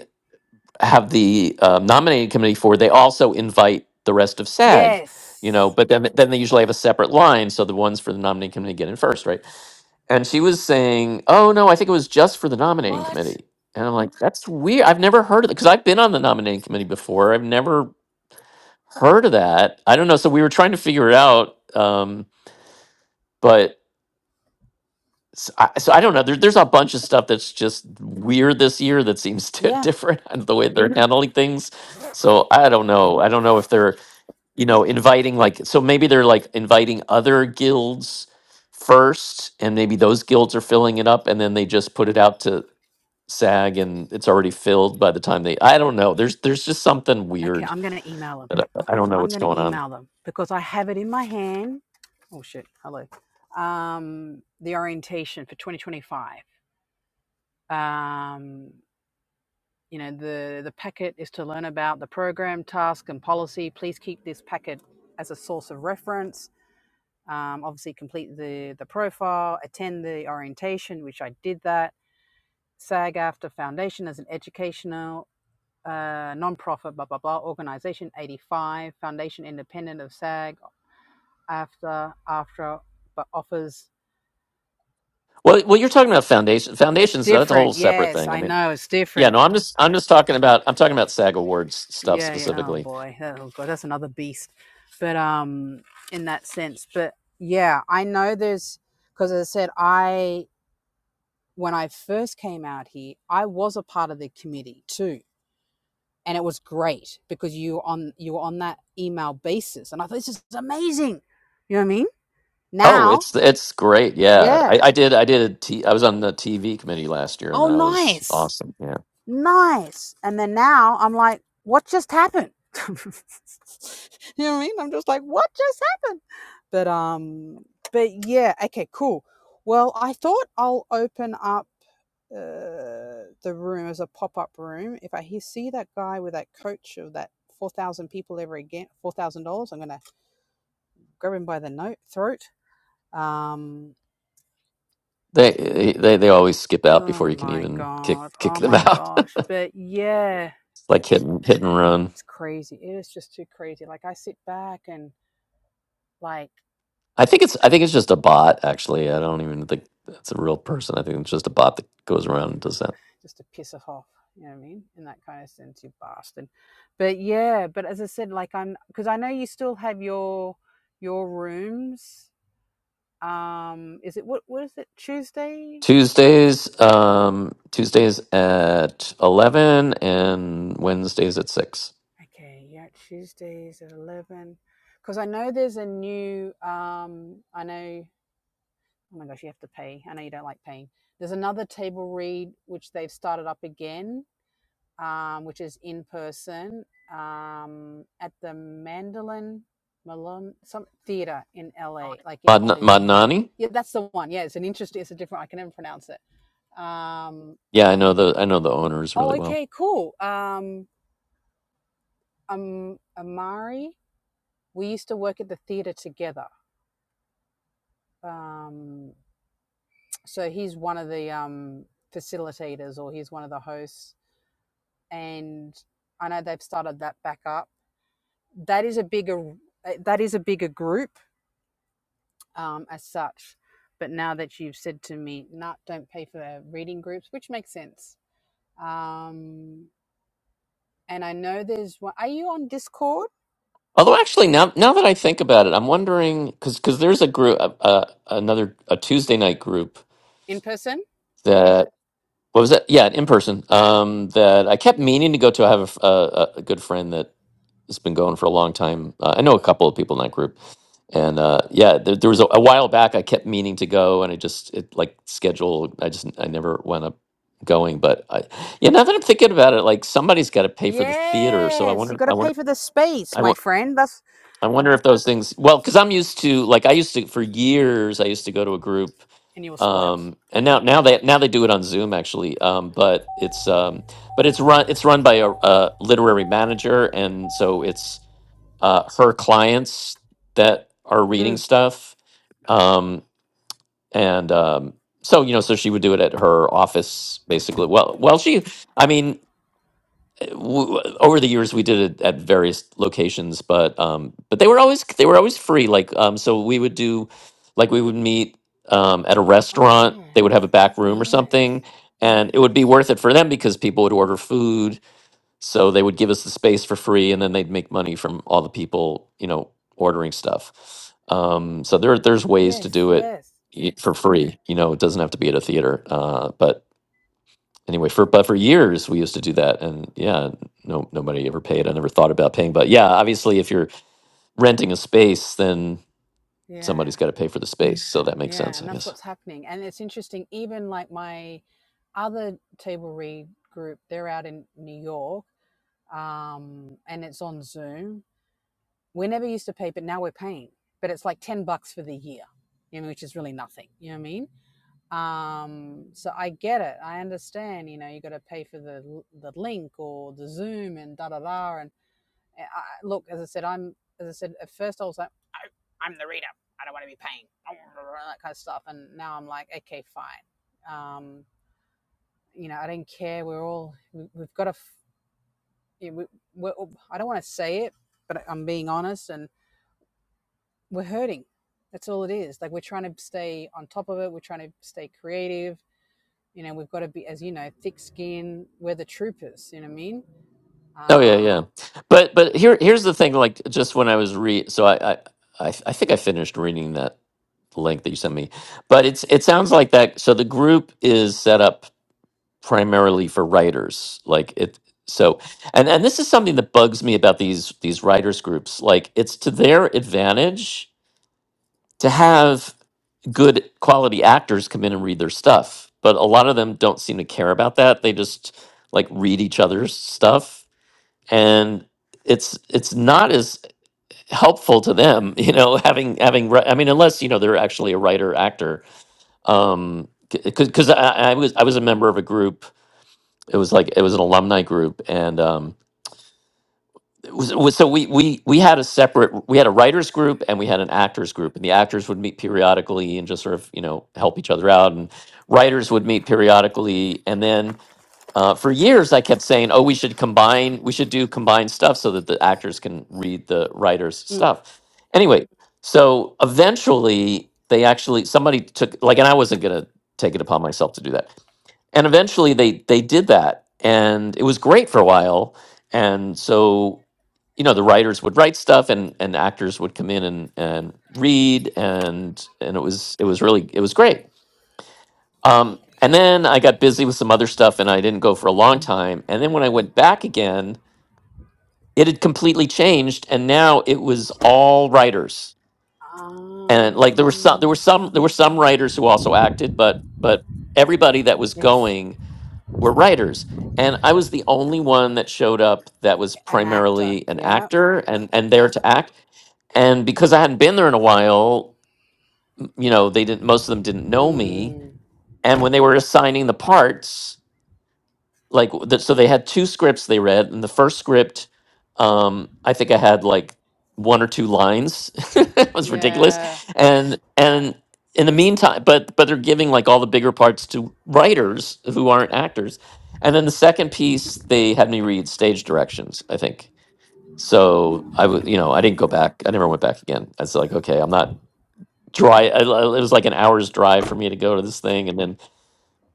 [SPEAKER 3] have the um, nominating committee for, they also invite the rest of SAG, you know,
[SPEAKER 1] Yes.
[SPEAKER 3] but then then they usually have a separate line, so the ones for the nominating committee get in first, right? And she was saying, "Oh no, I think it was just for the nominating
[SPEAKER 1] What?
[SPEAKER 3] committee." And I'm like, "That's weird. I've never heard of it because I've been on the nominating committee before. I've never heard of that. I don't know." So we were trying to figure it out, um, but so I, so I don't know. There, there's a bunch of stuff that's just weird this year that seems di-
[SPEAKER 1] Yeah.
[SPEAKER 3] different and the way they're Mhm. handling things. So I don't know. I don't know if they're you know inviting like so maybe they're like inviting other guilds first, and maybe those guilds are filling it up, and then they just put it out to SAG, and it's already filled by the time they. I don't know. There's there's just something
[SPEAKER 1] Okay,
[SPEAKER 3] weird
[SPEAKER 1] I'm going to email them.
[SPEAKER 3] that I, I don't know
[SPEAKER 1] I'm
[SPEAKER 3] what's
[SPEAKER 1] going to
[SPEAKER 3] going on.
[SPEAKER 1] email them because I have it in my hand. Oh shit. Hello. Um the orientation for 2025. Um you know, the the packet is to learn about the program, task and policy. Please keep this packet as a source of reference. um, obviously complete the the profile, attend the orientation, which I did that. SAG aftra Foundation as an educational uh, non-profit blah blah blah organization 85 foundation independent of SAG aftra after but offers
[SPEAKER 3] Well, well, you're talking about foundation.
[SPEAKER 1] it's
[SPEAKER 3] Foundations. That's a whole
[SPEAKER 1] different
[SPEAKER 3] separate
[SPEAKER 1] yes
[SPEAKER 3] thing. I
[SPEAKER 1] I
[SPEAKER 3] mean.
[SPEAKER 1] know it's
[SPEAKER 3] Yeah,
[SPEAKER 1] different
[SPEAKER 3] no, I'm just I'm just talking about I'm talking about SAG Awards stuff
[SPEAKER 1] yeah, yeah oh
[SPEAKER 3] specifically.
[SPEAKER 1] boy oh god that's another beast but um in that sense but yeah I know there's because as I said I when I first came out here, I was a part of the committee too. And it was great because you on you were on that email basis. And I thought this is amazing. You know what I mean?
[SPEAKER 3] Oh,
[SPEAKER 1] Now,
[SPEAKER 3] it's it's great. Yeah,
[SPEAKER 1] yeah.
[SPEAKER 3] I, I did I did a t, I was on the TV committee last year, and
[SPEAKER 1] Oh
[SPEAKER 3] that was
[SPEAKER 1] nice.
[SPEAKER 3] awesome. Yeah,
[SPEAKER 1] nice. And then now I'm like, what just happened? you know what I mean? I'm just like, what just happened? But um, but yeah, okay, cool. Well, I thought I'll open up uh, the room as a pop-up room. If I hear, see that guy with that coach of that four thousand people ever again, four thousand dollars, I'm gonna grab him by the note throat. Um,
[SPEAKER 3] they they they always skip out before
[SPEAKER 1] oh
[SPEAKER 3] you can
[SPEAKER 1] my
[SPEAKER 3] even kick
[SPEAKER 1] god, oh
[SPEAKER 3] kick them
[SPEAKER 1] my
[SPEAKER 3] out.
[SPEAKER 1] gosh, but yeah
[SPEAKER 3] It's like hit and, hit and
[SPEAKER 1] Oh,
[SPEAKER 3] run.
[SPEAKER 1] it's crazy. It is just too crazy. Like I sit back and like
[SPEAKER 3] I think it's I think it's just a bot. Actually, I don't even think that's a real person. I think it's just a bot that goes around and does that.
[SPEAKER 1] just to piss it off. You know what I mean? In that kind of sense, you bastard. But yeah, but as I said, like I'm because I know you still have your your rooms. Um, is it what what is it Tuesday?
[SPEAKER 3] Tuesdays, um, Tuesdays at eleven, and Wednesdays at six.
[SPEAKER 1] Okay, yeah, Tuesdays at eleven. Because I know there's a new. Um, I know. Oh my gosh, you have to pay. I know you don't like paying. There's another table read which they've started up again um, which is in person um, at the Mandolin Malone some theater in LA, like in
[SPEAKER 3] Madn-
[SPEAKER 1] Hollywood.
[SPEAKER 3] Madnani.
[SPEAKER 1] Yeah, that's the one. Yeah, it's an interesting. It's a different. I can never pronounce it. Um,
[SPEAKER 3] Yeah, I know the I know the owners really
[SPEAKER 1] oh,
[SPEAKER 3] well.
[SPEAKER 1] okay, cool. Um, um, Amari, we used to work at the theater together. Um, so he's one of the um, facilitators, or he's one of the hosts, and I know they've started that back up. That is a bigger. That is a bigger group um, as such. But now that you've said to me, not don't pay for reading groups, which makes sense. Um, and I know there's one. Are you on Discord?
[SPEAKER 3] Although actually now now that I think about it, I'm wondering cuz cuz there's a group uh, uh, another a Tuesday night group
[SPEAKER 1] In person?
[SPEAKER 3] that what was that? Yeah, in person. Um that I kept meaning to go to. I have a, f- uh, a, a good friend that has been going for a long time. Uh, I know a couple of people in that group. And uh yeah, there, there was a, a while back I kept meaning to go and I just it like scheduled I just I never went up going, but I yeah, now that I'm thinking about it, like somebody's got to pay for the theater, so I
[SPEAKER 1] Yes. You
[SPEAKER 3] wonder
[SPEAKER 1] got to
[SPEAKER 3] I
[SPEAKER 1] pay
[SPEAKER 3] wonder
[SPEAKER 1] for the space,
[SPEAKER 3] I
[SPEAKER 1] my friend. That's
[SPEAKER 3] I wonder if those things, well, because I'm used to like I used to for years I used to go to a group,
[SPEAKER 1] and you were spoiled.
[SPEAKER 3] um, and now now they now they do it on Zoom actually, um, but it's um, but it's run it's run by a, a literary manager, and so it's uh, her clients that are reading
[SPEAKER 1] Mm.
[SPEAKER 3] stuff, um, and um, so you know so she would do it at her office basically. Well, well she, I mean w- over the years we did it at various locations but um but they were always they were always free like um so we would do like we would meet um at a
[SPEAKER 1] Oh,
[SPEAKER 3] restaurant they would have a
[SPEAKER 1] nice.
[SPEAKER 3] back
[SPEAKER 1] Oh,
[SPEAKER 3] room or
[SPEAKER 1] nice.
[SPEAKER 3] something and it would be worth it for them because people would order food so they would give us the space for free and then they'd make money from all the people you know ordering stuff um so there there's ways to
[SPEAKER 1] Yes,
[SPEAKER 3] do it
[SPEAKER 1] yes.
[SPEAKER 3] y- for free you know it doesn't have to be at a theater uh but anyway for but for years we used to do that and yeah no nobody ever paid i never thought about paying but yeah obviously if you're renting a space then
[SPEAKER 1] Yeah,
[SPEAKER 3] somebody's got to pay for the space so that makes
[SPEAKER 1] yeah,
[SPEAKER 3] sense i
[SPEAKER 1] and that's
[SPEAKER 3] guess
[SPEAKER 1] what's happening. And it's interesting, even like my other table read group, they're out in New York, um, and it's on Zoom. We never used to pay, but now we're paying. But it's like ten bucks for the year, you know, which is really nothing. You know what I mean? Um, so I get it. I understand. You know, you got to pay for the the link or the Zoom and da da da. And I, I- look, as I said, I'm as I said at first, I was like. I'm the reader. I don't want to be paying that kind of stuff. And now I'm like, okay, fine. Um, you know, I do not care. We're all we, we've got to. You know, we, we're, I don't want to say it, but I'm being honest, and we're hurting. That's all it is. Like we're trying to stay on top of it. We're trying to stay creative. You know, we've got to be, as you know, thick skin. We're the troopers. You know what I mean?
[SPEAKER 3] oh yeah
[SPEAKER 1] Um,
[SPEAKER 3] yeah but but here here's the thing like just when i was re so i i i, I think i finished reading that link that you sent me but it's it sounds like that so the group is set up primarily for writers like it so and and this is something that bugs me about these these writers groups like it's to their advantage to have good quality actors come in and read their stuff but a lot of them don't seem to care about that they just like read each other's stuff and it's it's not as helpful to them you know having having wri- i mean unless you know they're actually a writer actor um because I, I was i was a member of a group it was like it was an alumni group and um it was, it was so we we we had a separate we had a writers group and we had an actors group and the actors would meet periodically and just sort of you know help each other out and writers would meet periodically and then uh, for years i kept saying oh we should combine we should do combined stuff so that the actors can read the writers
[SPEAKER 1] mm,
[SPEAKER 3] stuff anyway so eventually they actually somebody took like and i wasn't going to take it upon myself to do that and eventually they they did that and it was great for a while and so you know the writers would write stuff and and actors would come in and and read and and it was it was really it was great um and then i got busy with some other stuff and i didn't go for a long time and then when i went back again it had completely changed and now it was all writers and like there were some there were
[SPEAKER 1] um,
[SPEAKER 3] some there were some writers who also acted but but everybody that was
[SPEAKER 1] yes,
[SPEAKER 3] going were writers and i was the only one that showed up that was
[SPEAKER 1] an actor.
[SPEAKER 3] primarily an
[SPEAKER 1] Yeah.
[SPEAKER 3] actor and and there to act and because i hadn't been there in a while m- you know they didn't most of them didn't know me
[SPEAKER 1] Mm,
[SPEAKER 3] and when they were assigning the parts like w- th- so they had two scripts they read and the first script um i think i had like one or two lines it was ridiculous
[SPEAKER 1] yeah
[SPEAKER 3] and and in the meantime but but they're giving like all the bigger parts to writers who aren't actors and then the second piece they had me read stage directions i think so i was you know i didn't go back i never went back again i was like okay i'm not dry I, I- it was like an hour's drive for me to go to this thing and then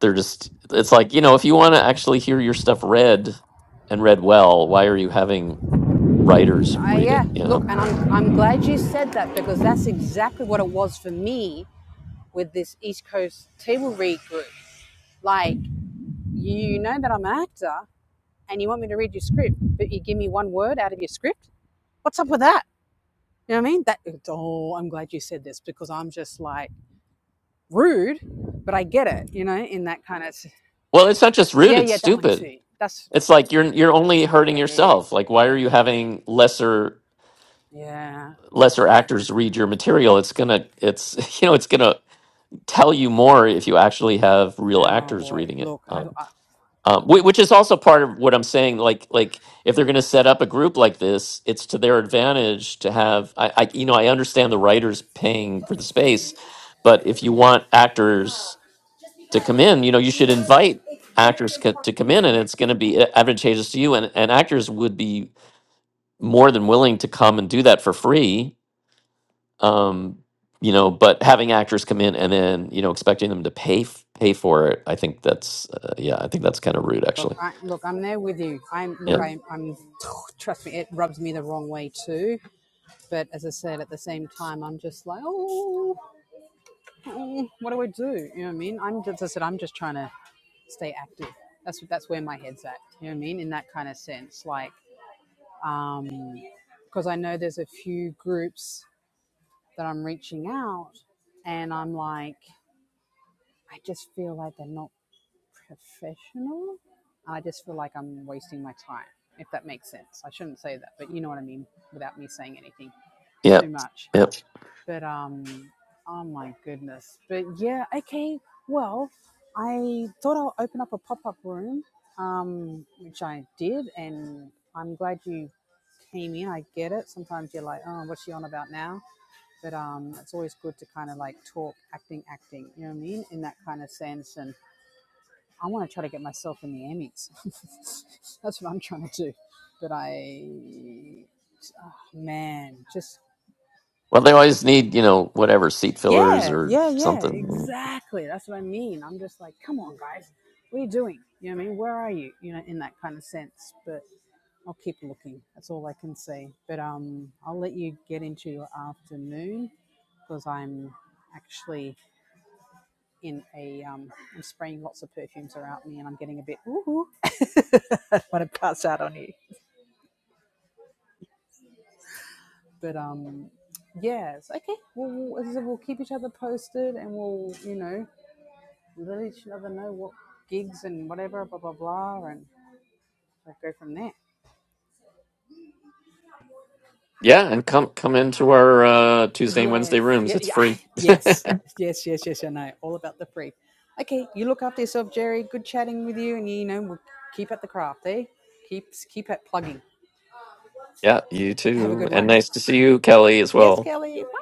[SPEAKER 3] they're just it's like you know if you want to actually hear your stuff read and read well why are you having writers
[SPEAKER 1] I,
[SPEAKER 3] read
[SPEAKER 1] yeah,
[SPEAKER 3] it you
[SPEAKER 1] look,
[SPEAKER 3] know
[SPEAKER 1] and I'm, I'm glad you said that because that's exactly what it was for me with this East Coast table read group. Like, you know that I'm an actor and you want me to read your script, but you give me one word out of your script? What's up with that? You know what I mean? That, oh, I'm glad you said this because I'm just like rude, but I get it, you know, in that kind of,
[SPEAKER 3] well it's not just rude
[SPEAKER 1] yeah,
[SPEAKER 3] it's
[SPEAKER 1] yeah, that one
[SPEAKER 3] stupid
[SPEAKER 1] too. That's,
[SPEAKER 3] it's like you're you're only
[SPEAKER 1] yeah,
[SPEAKER 3] hurting
[SPEAKER 1] yeah, yeah, yeah.
[SPEAKER 3] yourself like why are you having lesser
[SPEAKER 1] Yeah.
[SPEAKER 3] lesser actors read your material it's gonna it's you know it's gonna tell you more if you actually have real
[SPEAKER 1] Oh
[SPEAKER 3] actors
[SPEAKER 1] boy.
[SPEAKER 3] reading it
[SPEAKER 1] Look, I,
[SPEAKER 3] um,
[SPEAKER 1] I,
[SPEAKER 3] um, whi- which is also part of what i'm saying like like if they're gonna set up a group like this it's to their advantage to have i, I you know i understand the writers paying for the space but if you want actors to come in you know you should invite actors co- to come in and it's going to be advantageous to you and, and actors would be more than willing to come and do that for free um you know but having actors come in and then you know expecting them to pay f- pay for it i think that's uh, yeah i think that's kind of rude
[SPEAKER 1] Look,
[SPEAKER 3] actually
[SPEAKER 1] I, look, I'm there with you. I'm
[SPEAKER 3] yeah
[SPEAKER 1] look,
[SPEAKER 3] Mhm.
[SPEAKER 1] I'm, I'm. Trust me, it rubs me the wrong way too. But as I said, at the same time, I'm just like, oh, oh, what do I do? You know what I mean? I'm just, as I said, I'm just trying to stay active. That's that's where my head's at. You know what I mean? In that kind of sense, like, um, because I know there's a few groups that I'm reaching out, and I'm like, I just feel like they're not professional. I just feel like I'm wasting my time, if that makes sense. I shouldn't say that, but you know what I mean without me saying anything
[SPEAKER 3] yeah
[SPEAKER 1] too much.
[SPEAKER 3] yeah
[SPEAKER 1] But um, oh my goodness. But yeah, okay. Well, I thought I'll open up a pop up room, um, which I did, and I'm glad you came in. I get it. Sometimes you're like, oh, what's she on about now? But um, it's always good to kind of like talk acting, acting. You know what I mean? In that kind of sense, and I want to try to get myself in the Emmys. That's what I'm trying to do. But I, oh man, just
[SPEAKER 3] well they always need you know whatever seat fillers
[SPEAKER 1] yeah,
[SPEAKER 3] or
[SPEAKER 1] yeah, yeah,
[SPEAKER 3] something
[SPEAKER 1] exactly. That's what I mean. I'm just like, come on, guys, what are you doing? You know what I mean? Where are you? You know, in that kind of sense. But I'll keep looking. That's all I can say. But um, I'll let you get into your afternoon because I'm actually in a um, I'm spraying lots of perfumes around me, and I'm getting a bit ooh, I'm want to pass out on you. but um, yes, okay. We'll, we'll, we'll keep each other posted, and we'll you know let each other know what gigs and whatever, blah blah blah, and we'll go from there.
[SPEAKER 3] yeah and come come into our uh tuesday and wednesday
[SPEAKER 1] Yes, yeah,
[SPEAKER 3] rooms it's
[SPEAKER 1] yeah,
[SPEAKER 3] free
[SPEAKER 1] yes, yes, yes, yes. I know all about the free. Okay, you look after yourself, Jerry. Good chatting with you, and you know we'll keep at the craft. Eh? Keep keep at plugging.
[SPEAKER 3] yeah you
[SPEAKER 1] Have a
[SPEAKER 3] too
[SPEAKER 1] good
[SPEAKER 3] and
[SPEAKER 1] one.
[SPEAKER 3] nice to see you kelly as
[SPEAKER 1] Yes,
[SPEAKER 3] well
[SPEAKER 1] Kelly. Bye.